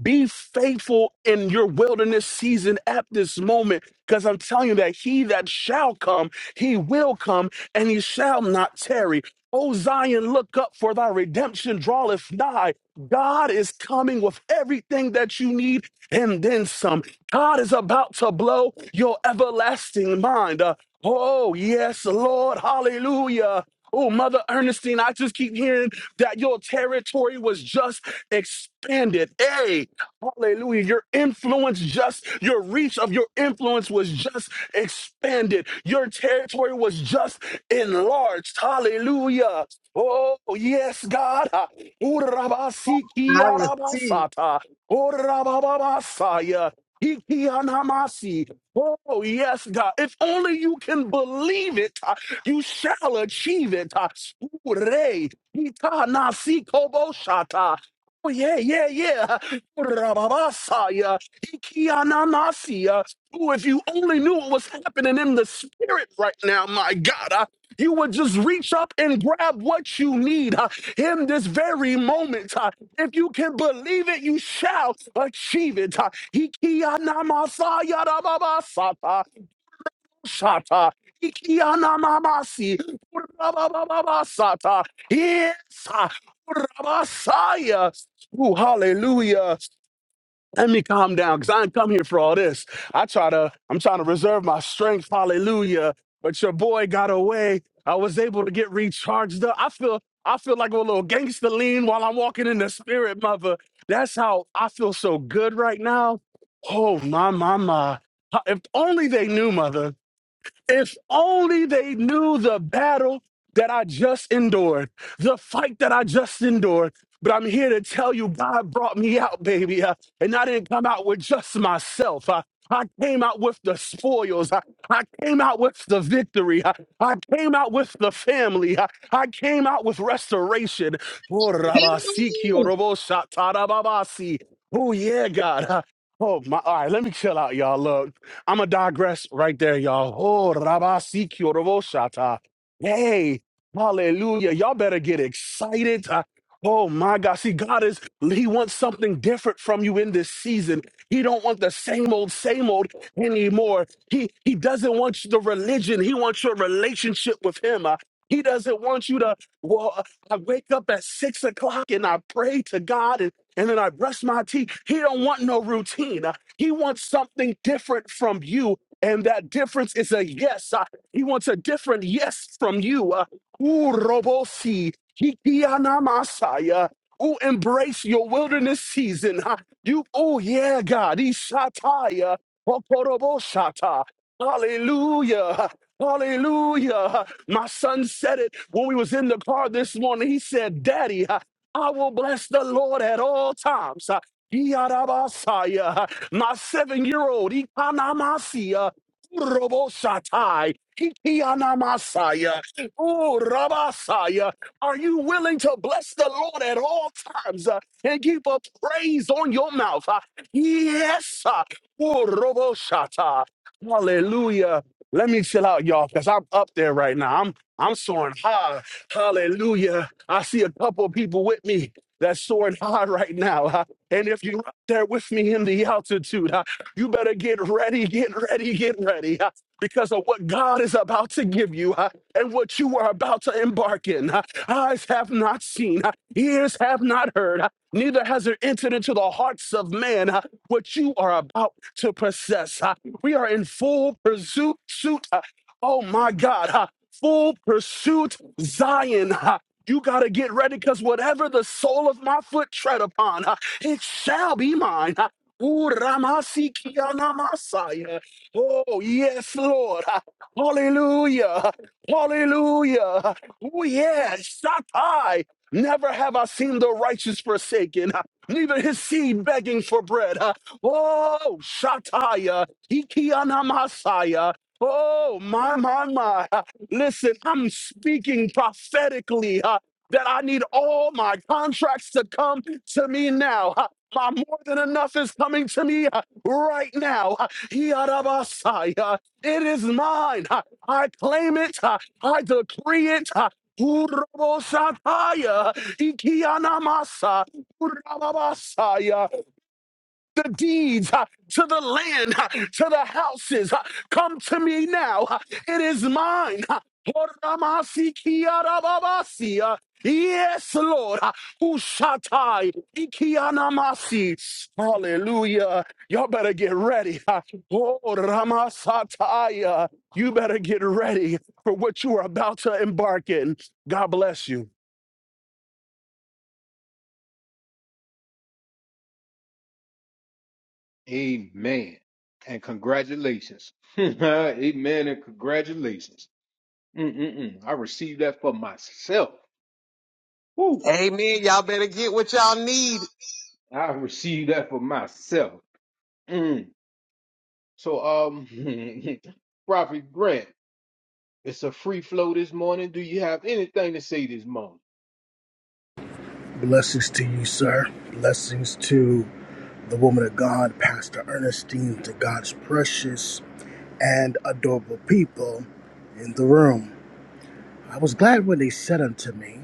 [SPEAKER 9] Be faithful in your wilderness season at this moment, because I'm telling you that he that shall come, he will come, and he shall not tarry. O Zion, look up, for thy redemption draweth nigh. God is coming with everything that you need and then some. God is about to blow your everlasting mind. Uh, oh, yes, Lord, hallelujah. Oh, Mother Ernestine, I just keep hearing that your territory was just expanded. Hey, Hallelujah. Your influence just, your reach of your influence was just expanded. Your territory was just enlarged. Hallelujah. Oh, yes, God.
[SPEAKER 10] I receive.
[SPEAKER 9] Urabasikiarabasata. Urabababasaya. Ikianamasi. Oh, yes, God. If only you can believe it, uh, you shall achieve it. uh. Ure. Itanasikoboshata. Oh, yeah, yeah, yeah. Rababasaya, Ikianamasia. Ooh, if you only knew what was happening in the spirit right now, my God, uh, you would just reach up and grab what you need uh, in this very moment. uh. if you can believe it, you shall achieve it. Uh, Ikianamasaya rababasata, shata. Ikianamamasi, rabababasata. Yes, uh, rabasaya. Ooh, hallelujah. Let me calm down because I ain't come here for all this. I try to, I'm trying to reserve my strength. Hallelujah. But your boy got away. I was able to get recharged up. I feel, I feel like a little gangster lean while I'm walking in the spirit, mother. That's how I feel so good right now. Oh, my, my, my. If only they knew, mother. If only they knew the battle that I just endured, the fight that I just endured. But I'm here to tell you, God brought me out, baby. uh, and I didn't come out with just myself. uh, I came out with the spoils. I, I came out with the victory. I, I came out with the family. I, I came out with restoration. Oh, Rabasiki, oh, Robosha, Tarababasi. Oh, yeah, God. uh, Oh, my. All right, let me chill out, y'all. Look. I'm going to digress right there, y'all. Oh, Rabasi Kyoroboshata. Hey, hallelujah. Y'all better get excited. Uh, oh, my God. See, God is, he wants something different from you in this season. He don't want the same old, same old anymore. He, he doesn't want the religion. He wants your relationship with him. Uh, he doesn't want you to, well, uh, I wake up at six o'clock and I pray to God and, and then I brush my teeth. He don't want no routine. uh. He wants something different from you. And that difference is a yes. Uh, he wants a different yes from you. Uh, ooh, robosi, hikiana masaya. Ooh, embrace your wilderness season. huh? You, oh yeah, God. Ishataya, okoroboshata. Hallelujah. Hallelujah. My son said it when we was in the car this morning. He said, Daddy, huh, I will bless the Lord at all times. huh, Yadabasaya. My seven year old, Ikanamasia, Roboshatai, Ikianamasaya, Ooh, Rabasaya. Are you willing to bless the Lord at all times uh, and keep a praise on your mouth? Uh, yes. Uh, ooh, Roboshata. Hallelujah. Let me chill out, y'all, because I'm up there right now. I'm I'm soaring high. Hallelujah. I see a couple of people with me that's soaring high right now. Uh, and if you there with me in the altitude. huh? You better get ready, get ready, get ready huh? because of what God is about to give you huh? and what you are about to embark in. huh? Eyes have not seen, huh? ears have not heard, huh? neither has it entered into the hearts of man huh? what you are about to possess. huh? We are in full pursuit. Suit, huh? oh my God, huh? full pursuit, Zion. huh? You got to get ready because whatever the sole of my foot tread upon, huh? It shall be mine. Ooh, Ramasiki-anamasaya. Oh, yes, Lord. Hallelujah. Hallelujah. Oh, yes. Shatai. Never have I seen the righteous forsaken, neither his seed begging for bread. Oh, Shataya. Ikianamasaya. Oh, my, my, my. Listen, I'm speaking prophetically uh, that I need all my contracts to come to me now. Uh, My more than enough is coming to me uh, right now. Uh, Yarabasai, uh, It is mine. Uh, I claim it. Uh, I decree it. Uh, Urobosataya, Ikianamasa, Urababasaya the deeds uh, to the land, uh, to the houses. uh, Come to me now. uh, It is mine. uh, Oramasi kiarababasi, uh, Yes, Lord. uh, Ushatai ikianamasi. Hallelujah. Y'all better get ready. uh, Oh, Ramasatai. uh, You better get ready for what you are about to embark in. God bless you.
[SPEAKER 2] Amen. And congratulations. Amen and congratulations. Mm-mm-mm. I received that for myself. Woo.
[SPEAKER 10] Amen. Amen. Y'all better get what y'all need.
[SPEAKER 2] I received that for myself. Mm. So, um, Prophet Grant, it's a free flow this morning. Do you have anything to say this morning?
[SPEAKER 12] Blessings to you, sir. Blessings to the woman of God, Pastor Ernestine, to God's precious and adorable people in the room. I was glad when they said unto me,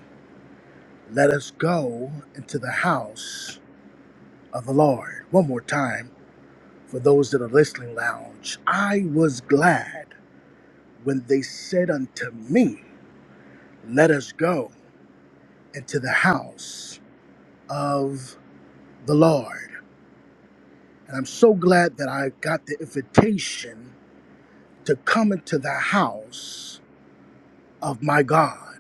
[SPEAKER 12] Let us go into the house of the Lord. One more time for those that are listening lounge. I was glad when they said unto me, Let us go into the house of the Lord. And I'm so glad that I got the invitation to come into the house of my God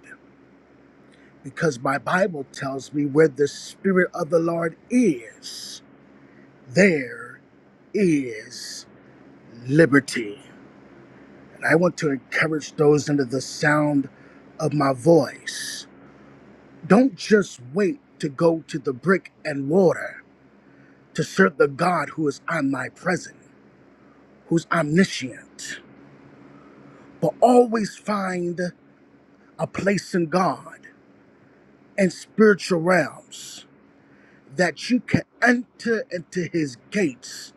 [SPEAKER 12] because my Bible tells me where the Spirit of the Lord is, there is liberty. And I want to encourage those under the sound of my voice. Don't just wait to go to the brick and mortar to serve the God who is omnipresent, who's omniscient, but always find a place in God and spiritual realms that you can enter into his gates,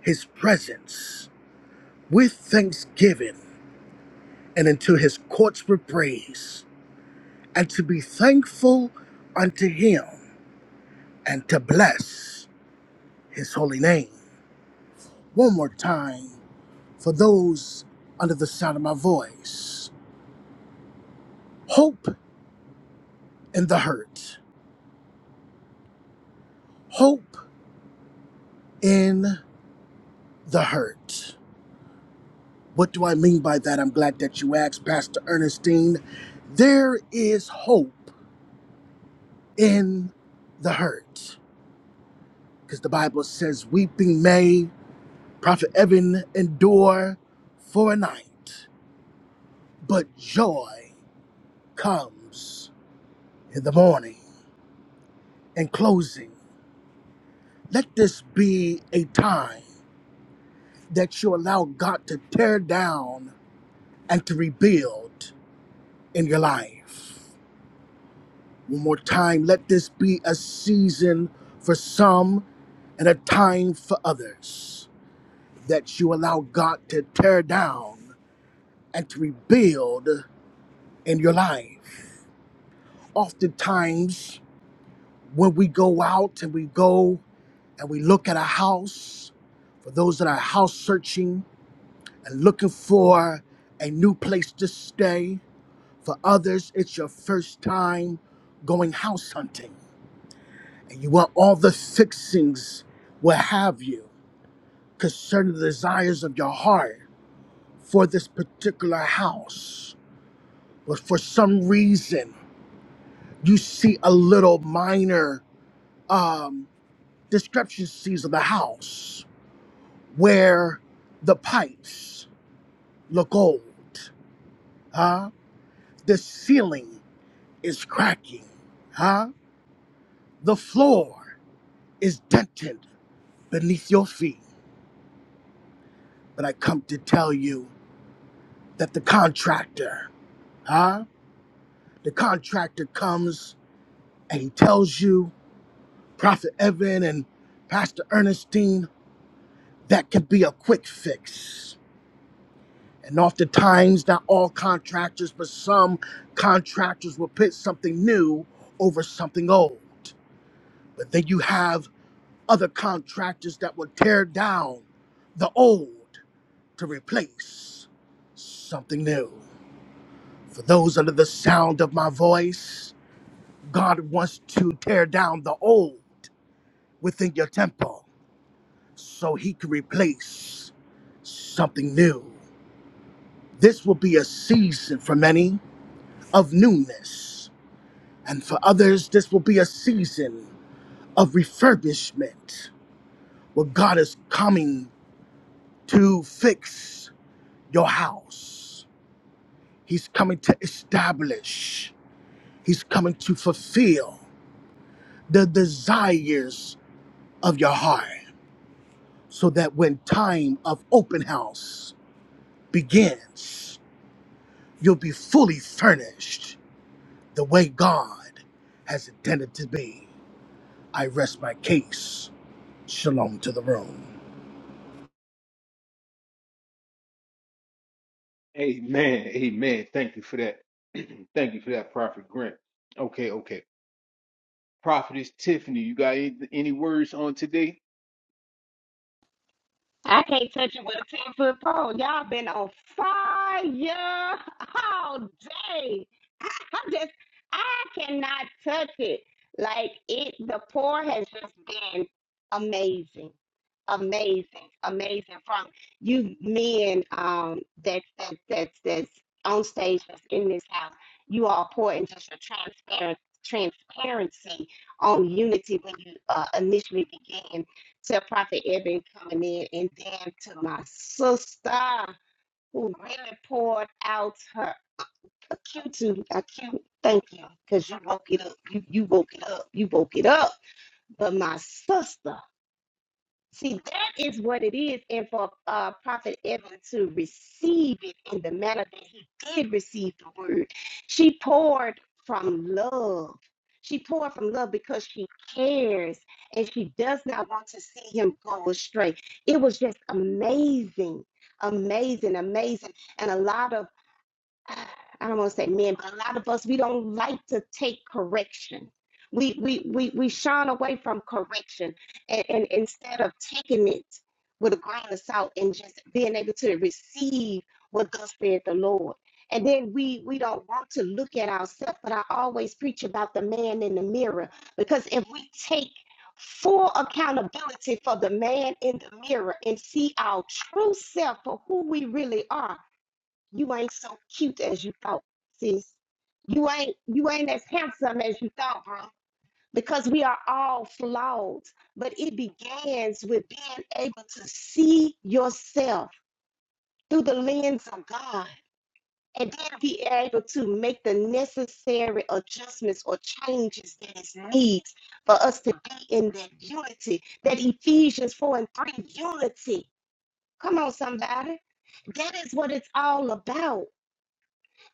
[SPEAKER 12] his presence with thanksgiving and into his courts with praise, and to be thankful unto him and to bless his holy name. One more time for those under the sound of my voice. Hope in the hurt. Hope in the hurt. What do I mean by that? I'm glad that you asked, Pastor Ernestine. There is hope in the hurt. Because the Bible says, Weeping may, Prophet Evan, endure for a night, but joy comes in the morning. In closing, let this be a time that you allow God to tear down and to rebuild in your life. One more time, let this be a season for some and a time for others that you allow God to tear down and to rebuild in your life. Oftentimes, when we go out and we go and we look at a house, for those that are house searching and looking for a new place to stay, for others, it's your first time going house hunting. and you want all the fixings will have you concerning the desires of your heart for this particular house. But for some reason, you see a little minor um, discrepancies of the house where the pipes look old, huh? The ceiling is cracking, huh? The floor is dented beneath your feet. But I come to tell you that the contractor Huh? The contractor comes and he tells you, Prophet Evan and Pastor Ernestine, that could be a quick fix. And oftentimes, not all contractors, but some contractors will put something new over something old. But then you have other contractors that will tear down the old to replace something new. For those under the sound of my voice, God wants to tear down the old within your temple so he can replace something new. This will be a season for many of newness, and for others, this will be a season of refurbishment where God is coming to fix your house. He's coming to establish, He's coming to fulfill the desires of your heart so that when time of open house begins, You'll be fully furnished the way God has intended to be. I rest my case. Shalom to the room.
[SPEAKER 2] Amen. Amen. Thank you for that. Thank you for that, Prophet Grant. Okay, okay. Prophetess Tiffany, you got any, any words on today?
[SPEAKER 13] I can't touch it with a 10 foot pole. Y'all been on fire all day. I, I just, I cannot touch it. Like, it, the pour has just been amazing. Amazing, amazing from you men um that that that's that's on stage that's in this house. You all pour in just your transparent transparency on unity when you uh, initially begin to Prophet Eben coming in, and then to my sister who really poured out her a cute, to- a cute. Thank you, cause you woke it up. You you woke it up. You woke it up. But my sister. See, that is what it is. And for uh, Prophet Evan to receive it in the manner that he did receive the word, she poured from love. She poured from love because she cares and she does not want to see him go astray. It was just amazing, amazing, amazing. And a lot of I don't want to say men, but a lot of us we don't like to take correction. We we we we shun away from correction, and, and instead of taking it with a grain of salt and just being able to receive what thus said the Lord. And then we we don't want to look at ourselves, but I always preach about the man in the mirror because if we take full accountability for the man in the mirror and see our true self for who we really are you ain't so cute as you thought, sis. You ain't you ain't as handsome as you thought, bro. Because we are all flawed, but it begins with being able to see yourself through the lens of God and then be able to make the necessary adjustments or changes that is needs for us to be in that unity, that Ephesians 4 and 3 unity. Come on, somebody. That is what it's all about.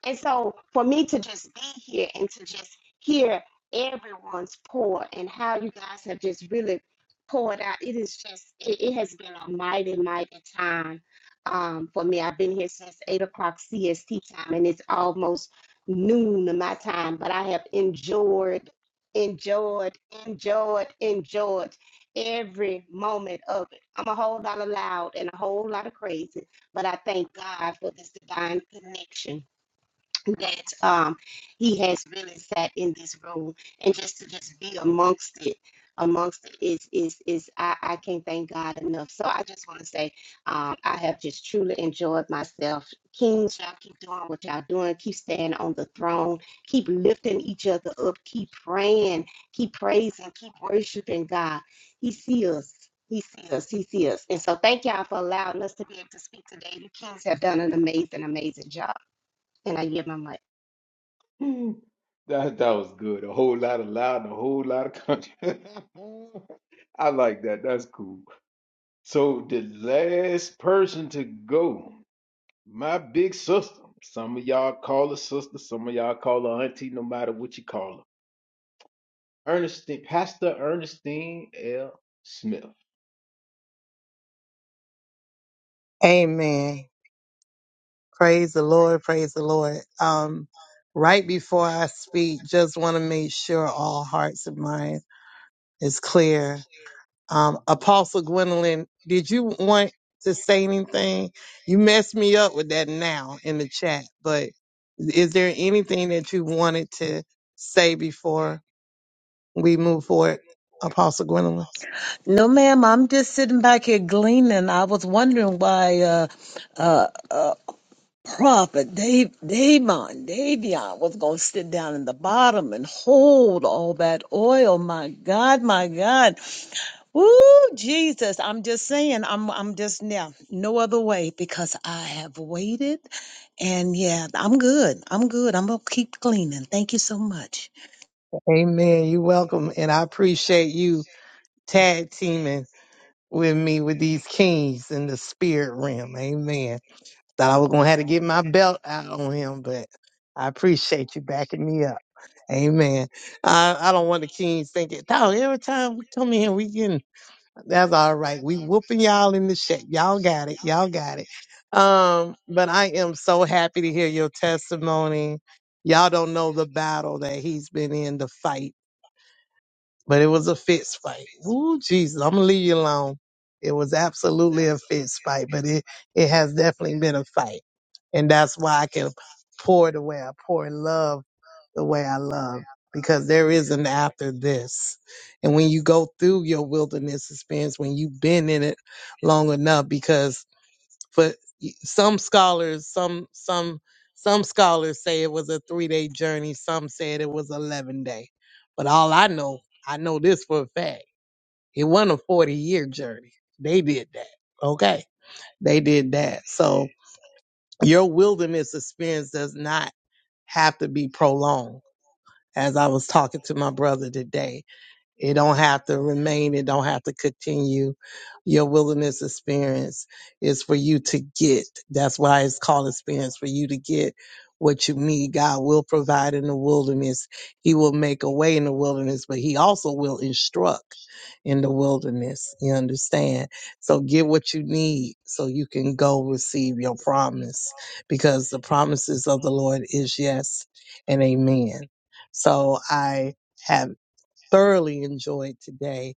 [SPEAKER 13] And so for me to just be here and to just hear everyone's pour and how you guys have just really poured out, it is just, it, it has been a mighty, mighty time um, for me. I've been here since 8 o'clock CST time and it's almost noon of my time, but I have enjoyed, enjoyed, enjoyed, enjoyed every moment of it. I'm a whole lot of loud and a whole lot of crazy, but I thank God for this divine connection that um, he has really sat in this room and just to just be amongst it amongst it is is is I, I can't thank God enough. So I just want to say um, I have just truly enjoyed myself. Kings, y'all keep doing what y'all doing. Keep staying on the throne. Keep lifting each other up. Keep praying. Keep praising. Keep worshiping God. He sees us. He sees us. He sees us. And so thank y'all for allowing us to be able to speak today. You kings have done an amazing, amazing job. And I give my mic.
[SPEAKER 2] That that was good. A whole lot of loud and a whole lot of country. I like that. That's cool. So the last person to go, my big sister. Some of y'all call her sister, some of y'all call her auntie, no matter what you call her. Ernestine, Pastor Ernestine L. Smith.
[SPEAKER 4] Amen. Praise the Lord. Praise the Lord. Um, right before I speak, just want to make sure all hearts and minds is clear Um, Apostle Gwendolyn, did you want to say anything? You messed me up with that now in the chat, but is there anything that you wanted to say before we move forward, Apostle Gwendolyn? Amen. You're welcome. And I appreciate you tag teaming with me with these kings in the spirit realm. Amen. Thought I was going to have to get my belt out on him, but I appreciate you backing me up. Amen. I, I don't want the kings thinking, dog, every time we come in, we getting, that's all right. We whooping y'all in the shit. Y'all got it. Y'all got it. Um, but I am so happy to hear your testimony. Y'all don't know the battle that he's been in, the fight, but it was a fist fight. Ooh, Jesus, I'm gonna leave you alone. It was absolutely a fist fight, but it, it has definitely been a fight. And that's why I can pour the way I pour in love the way I love because there is an after this. And when you go through your wilderness experience, when you've been in it long enough, because for some scholars, some some some scholars say it was a three day journey, some said it was eleven day. But all I know, I know this for a fact. It wasn't a forty year journey. They did that. Okay. They did that. So your wilderness experience does not have to be prolonged as I was talking to my brother today. It don't have to remain. It don't have to continue. Your wilderness experience is for you to get. That's why it's called experience for you to get what you need. God will provide in the wilderness. He will make a way in the wilderness, but he also will instruct in the wilderness. You understand? So get what you need so you can go receive your promise because the promises of the Lord is yes and amen. So I have thoroughly enjoyed today.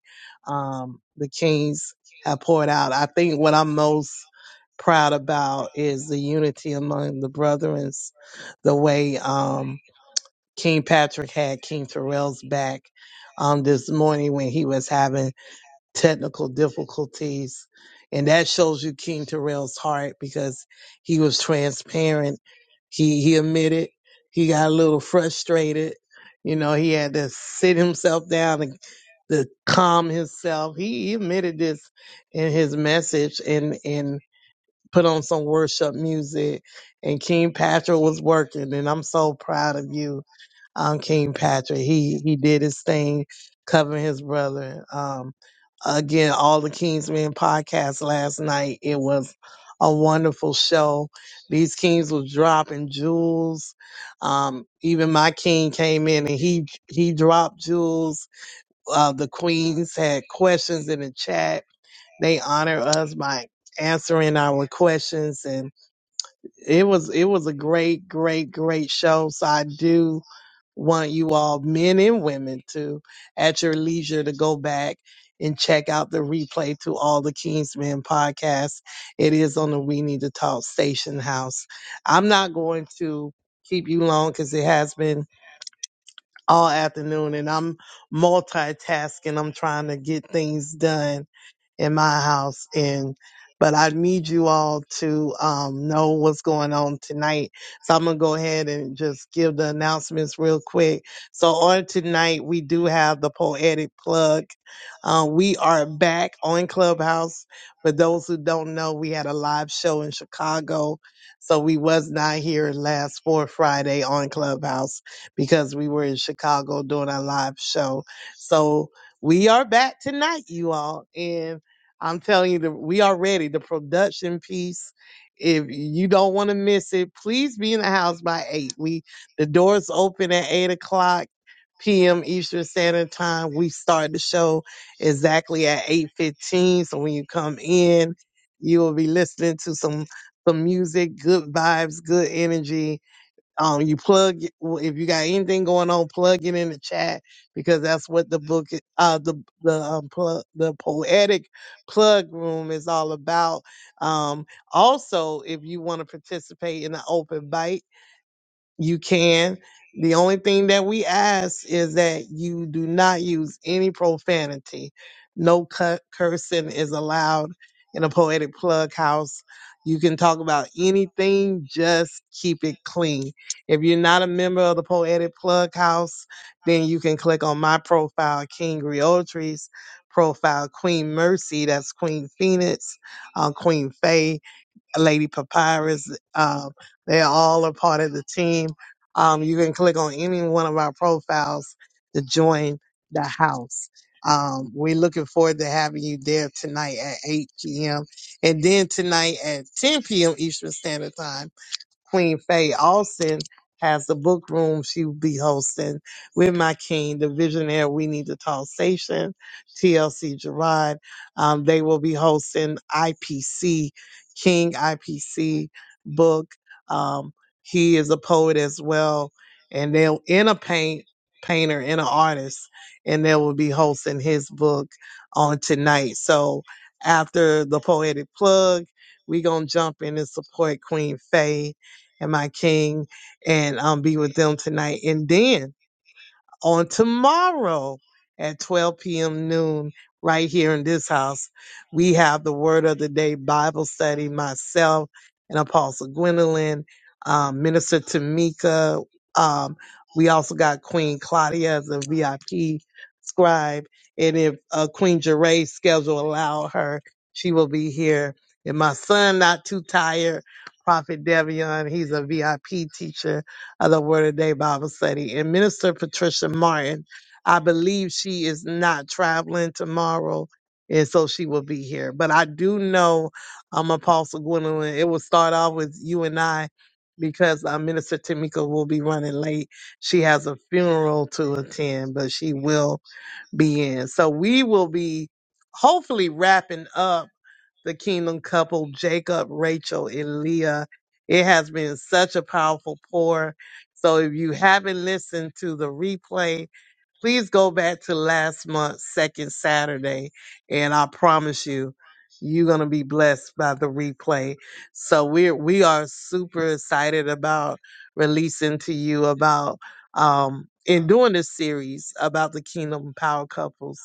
[SPEAKER 4] Um, the Kings have poured out. I think what I'm most proud about is the unity among the brethren, the way um, King Patrick had King Terrell's back um, this morning when he was having technical difficulties. And that shows you King Terrell's heart because he was transparent. He he admitted he got a little frustrated. You know, he had to sit himself down and to calm himself. He, he admitted this in his message and and put on some worship music and King Patrick was working and I'm so proud of you, um, King Patrick. He he did his thing covering his brother. Um again, all the Kingsmen podcast last night. It was a wonderful show. These kings was dropping jewels. Um, even my king came in and he he dropped jewels. Uh, the queens had questions in the chat they honor us by answering our questions and it was it was a great, great, great show. So I do want you all, men and women, to at your leisure to go back and check out the replay to all the Kingsmen podcasts. It is on the We Need to Talk Station House. I'm not going to keep you long because it has been all afternoon and I'm multitasking. I'm trying to get things done in my house and but I need you all to um, know what's going on tonight. So I'm going to go ahead and just give the announcements real quick. So on tonight, we do have the poetic plug. Uh, we are back on Clubhouse. For those who don't know, we had a live show in Chicago. So we was not here last fourth Friday on Clubhouse because we were in Chicago doing our live show. So we are back tonight, you all. And I'm telling you, the, we are ready. The production piece. If you don't want to miss it, please be in the house by eight. We the doors open at eight o'clock p.m. Eastern Standard Time. We start the show exactly at eight fifteen. So when you come in, you will be listening to some some music, good vibes, good energy um, you plug if you got anything going on, plug it in the chat because that's what the book, i- uh, the the um, plug, the poetic plug room is all about. Um, also, if you want to participate in the open bite. You can. The only thing that we ask is that you do not use any profanity. No cu- cursing is allowed in a poetic plug house. You can talk about anything, just keep it clean. If you're not a member of the Poetic Plug House, then you can click on my profile, King Realtree's profile, Queen Mercy, that's Queen Phoenix, uh, Queen Faye, Lady Papyrus. Um, they're all a part of the team. Um, you can click on any one of our profiles to join the house. Um, we're looking forward to having you there tonight at 8 p.m. and then tonight at 10 p.m. Eastern Standard Time Queen Faye Austin has the book room she will be hosting with my king, the visionary We Need to Talk Station, TLC Gerard. Um, they will be hosting IPC, King IPC book. Um, he is a poet as well, and they'll in a paint painter and an artist, and they will be hosting his book on tonight. So after the poetic plug, we gonna jump in and support Queen Faye and my King and um, be with them tonight. And then on tomorrow at 12 p.m. noon, right here in this house. We have the Word of the Day Bible study, myself and Apostle Gwendolyn, um, Minister Tamika. Um, we also got Queen Claudia as a VIP scribe. And if uh, Queen Jeray's schedule allow her, she will be here. And my son, not too tired, Prophet Devion, he's a VIP teacher of the Word of Day Bible study. And Minister Patricia Martin, I believe she is not traveling tomorrow, and so she will be here. But I do know um, Apostle Gwendolyn, it will start off with you and I because uh, Minister Tamika will be running late. She has a funeral to attend, but she will be in. So we will be hopefully wrapping up the kingdom couple, Jacob, Rachel, and Leah. It has been such a powerful pour. So if you haven't listened to the replay, Please go back to last month's second Saturday, and I promise you, you're gonna be blessed by the replay. So we're we are super excited about releasing to you about um in doing this series about the kingdom power couples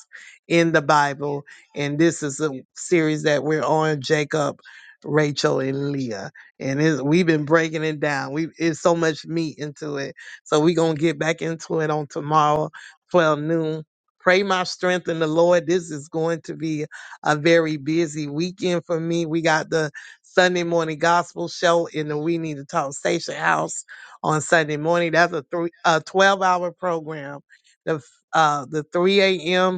[SPEAKER 4] in the Bible. And this is a series that we're on Jacob, Rachel, and Leah. And it's, we've been breaking it down. We it's so much meat into it. So we're gonna get back into it on tomorrow 12 noon. Pray my strength in the Lord. This is going to be a very busy weekend for me. We got the Sunday morning gospel show in the We Need to Talk Station House on Sunday morning. That's a three a 12 hour program. The f- uh the 3 a.m.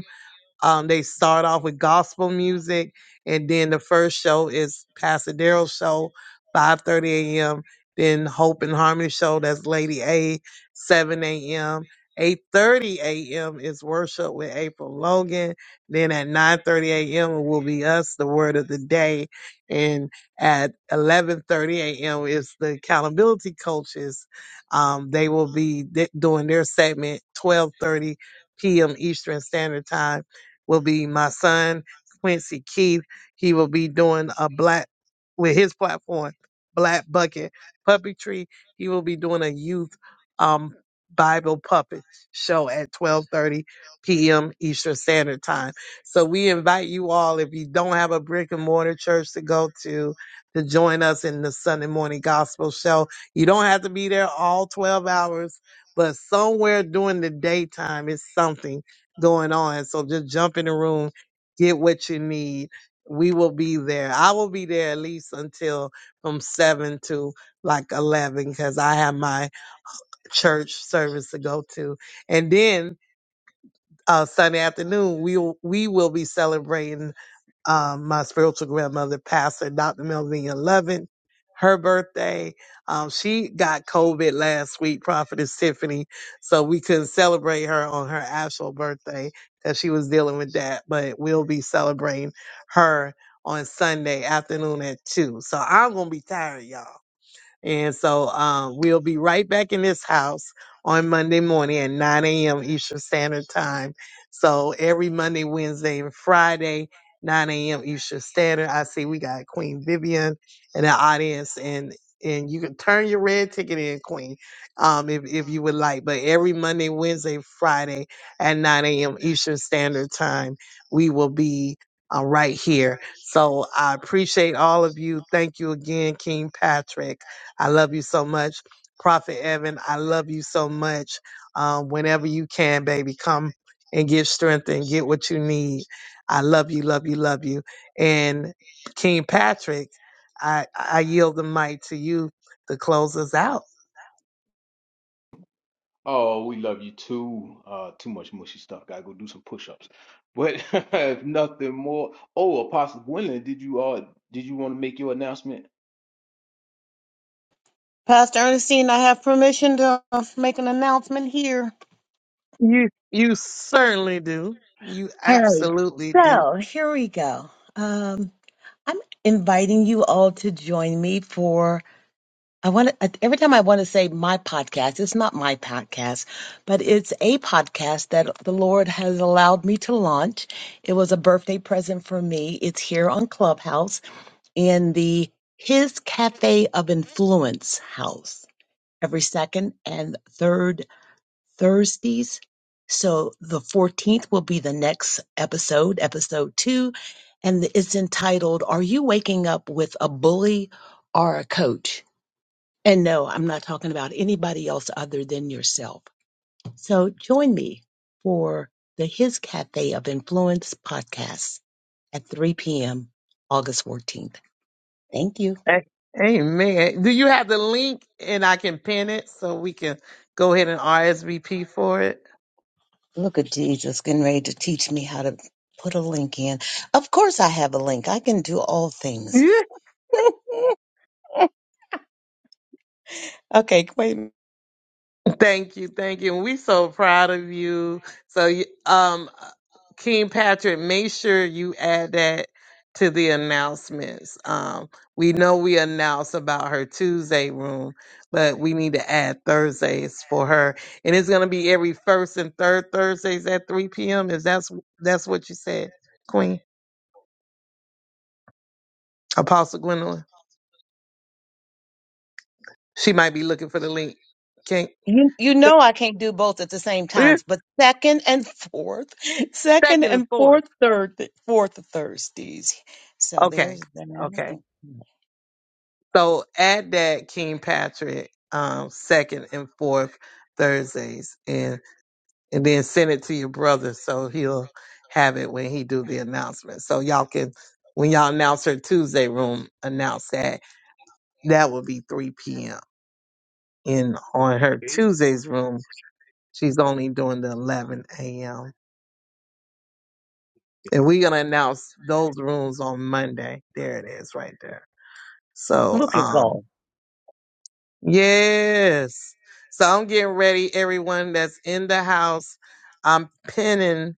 [SPEAKER 4] Um, they start off with gospel music, and then the first show is Pastor Daryl's show, 5:30 a.m. Then Hope and Harmony show, that's Lady A, 7 a.m. 8:30 a.m. is worship with April Logan. Then at 9:30 a.m. it will be us, the word of the day, and at 11:30 a.m. is the accountability coaches. Um, they will be d- doing their segment 12:30 p.m. Eastern Standard Time will be my son, Quincy Keith. He will be doing a black, with his platform, Black Bucket Puppetry. He will be doing a youth um, Bible puppet show at 12.30 p.m. Eastern Standard Time. So we invite you all, if you don't have a brick and mortar church to go to, to join us in the Sunday morning gospel show. You don't have to be there all 12 hours, but somewhere during the daytime is something going on. So just jump in the room, get what you need. We will be there. I will be there at least until from seven to like eleven because I have my church service to go to, and then uh, Sunday afternoon we will- we will be celebrating um, my spiritual grandmother, Pastor Dr. Melvina Lovin, her birthday. Um, she got COVID last week, Prophetess Tiffany, so we couldn't celebrate her on her actual birthday because she was dealing with that. But we'll be celebrating her on Sunday afternoon at two. So I'm gonna be tired, y'all. And so um, we'll be right back in this house on Monday morning at 9 a.m. Eastern Standard Time. So every Monday, Wednesday, and Friday, 9 a.m. Eastern Standard. I see we got Queen Vivian in the audience, and and you can turn your red ticket in, Queen, um, if if you would like. But every Monday, Wednesday, Friday at 9 a.m. Eastern Standard Time, we will be uh, right here. So I appreciate all of you. Thank you again, King Patrick I love you so much. Prophet Evan, I love you so much. Um, whenever you can, baby, come and get strength and get what you need. I love you, love you, love you. And King Patrick, I, I yield the mic to you to close us out.
[SPEAKER 2] Oh, we love you too. Uh, too much mushy stuff. Gotta go do some push-ups. But if nothing more, oh, Apostle Gwendolyn, did you uh, did you want to make your announcement?
[SPEAKER 4] You you certainly do. You absolutely do. A- Amen. Do you have the link and I can pin it so we can go ahead and RSVP for it? Yeah. Thank you, thank you. we so proud of you. So, you- um, King Patrick, make sure you add that to the announcements. Um, we know we announced about her Tuesday room, but we need to add Thursdays for her, and it's gonna be every first and third Thursdays at three p.m. Is that's that's what you said, Queen Apostle Gwendolyn? She might be looking for the link. Can second and fourth. Okay. Okay. So add that King Patrick um second and fourth Thursdays and and then send it to your brother so he'll have it when he do the announcement. So y'all can when y'all announce her Tuesday room, announce that. That will be three PM. And on her
[SPEAKER 2] Okay.
[SPEAKER 4] Tuesday's room, she's only doing the eleven AM.
[SPEAKER 2] Yeah.
[SPEAKER 4] And we're gonna announce those rooms on Monday. There it is right there. So
[SPEAKER 11] Look at God.
[SPEAKER 4] um yes. So I'm getting ready, everyone that's in the house. I'm pinning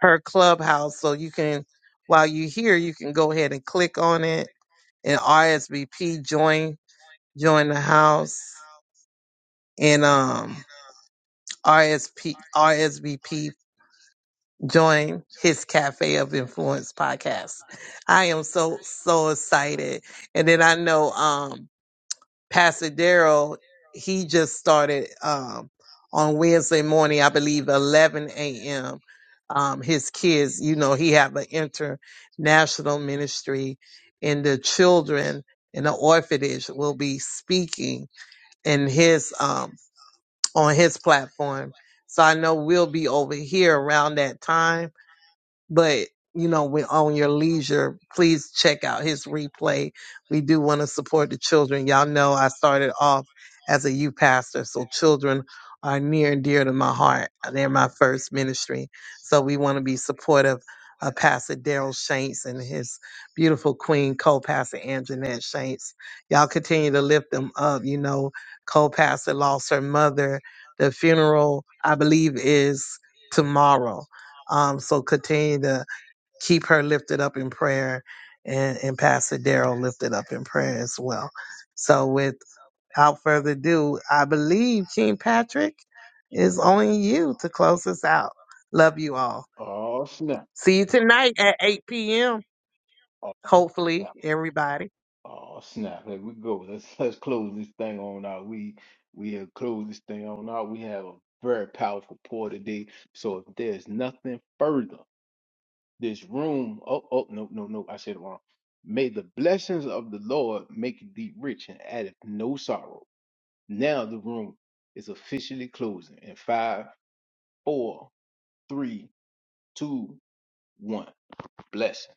[SPEAKER 4] her clubhouse so you can while you're here, you can go ahead and click on it and RSVP join join the house and um RSP join his Cafe of Influence podcast. I am so so excited. And then I know um Pastor Daryl, he just started um on Wednesday morning, I believe eleven AM. Um his kids, you know, he have an international ministry and the children in the orphanage will be speaking in his um on his platform. So I know we'll be over here around that time but you know when on your leisure please check out his replay we do want to support the children y'all know i started off as a youth pastor so children are near and dear to my heart they're my first ministry so we want to be supportive of pastor daryl shanks and his beautiful queen co-pastor anjanette shanks y'all continue to lift them up you know co-pastor lost her mother the funeral i believe is tomorrow um, so continue to keep her lifted up in prayer and, and Pastor Daryl lifted up in prayer as well. So without further ado, I believe King Patrick is only you to close us out. Love you all.
[SPEAKER 2] Oh snap!
[SPEAKER 4] See you tonight at 8 p.m.
[SPEAKER 2] Oh,
[SPEAKER 4] Hopefully,
[SPEAKER 2] snap.
[SPEAKER 4] everybody.
[SPEAKER 2] oh snap! Here we go. Let's let's close this thing on out. We we have closed this thing on out. We have a very powerful pour today. So if there's nothing further, this room. Oh oh no no no! I said it wrong. May the blessings of the Lord make thee rich and addeth no sorrow. Now the room is officially closing in five, four, three, two, one. Blessings.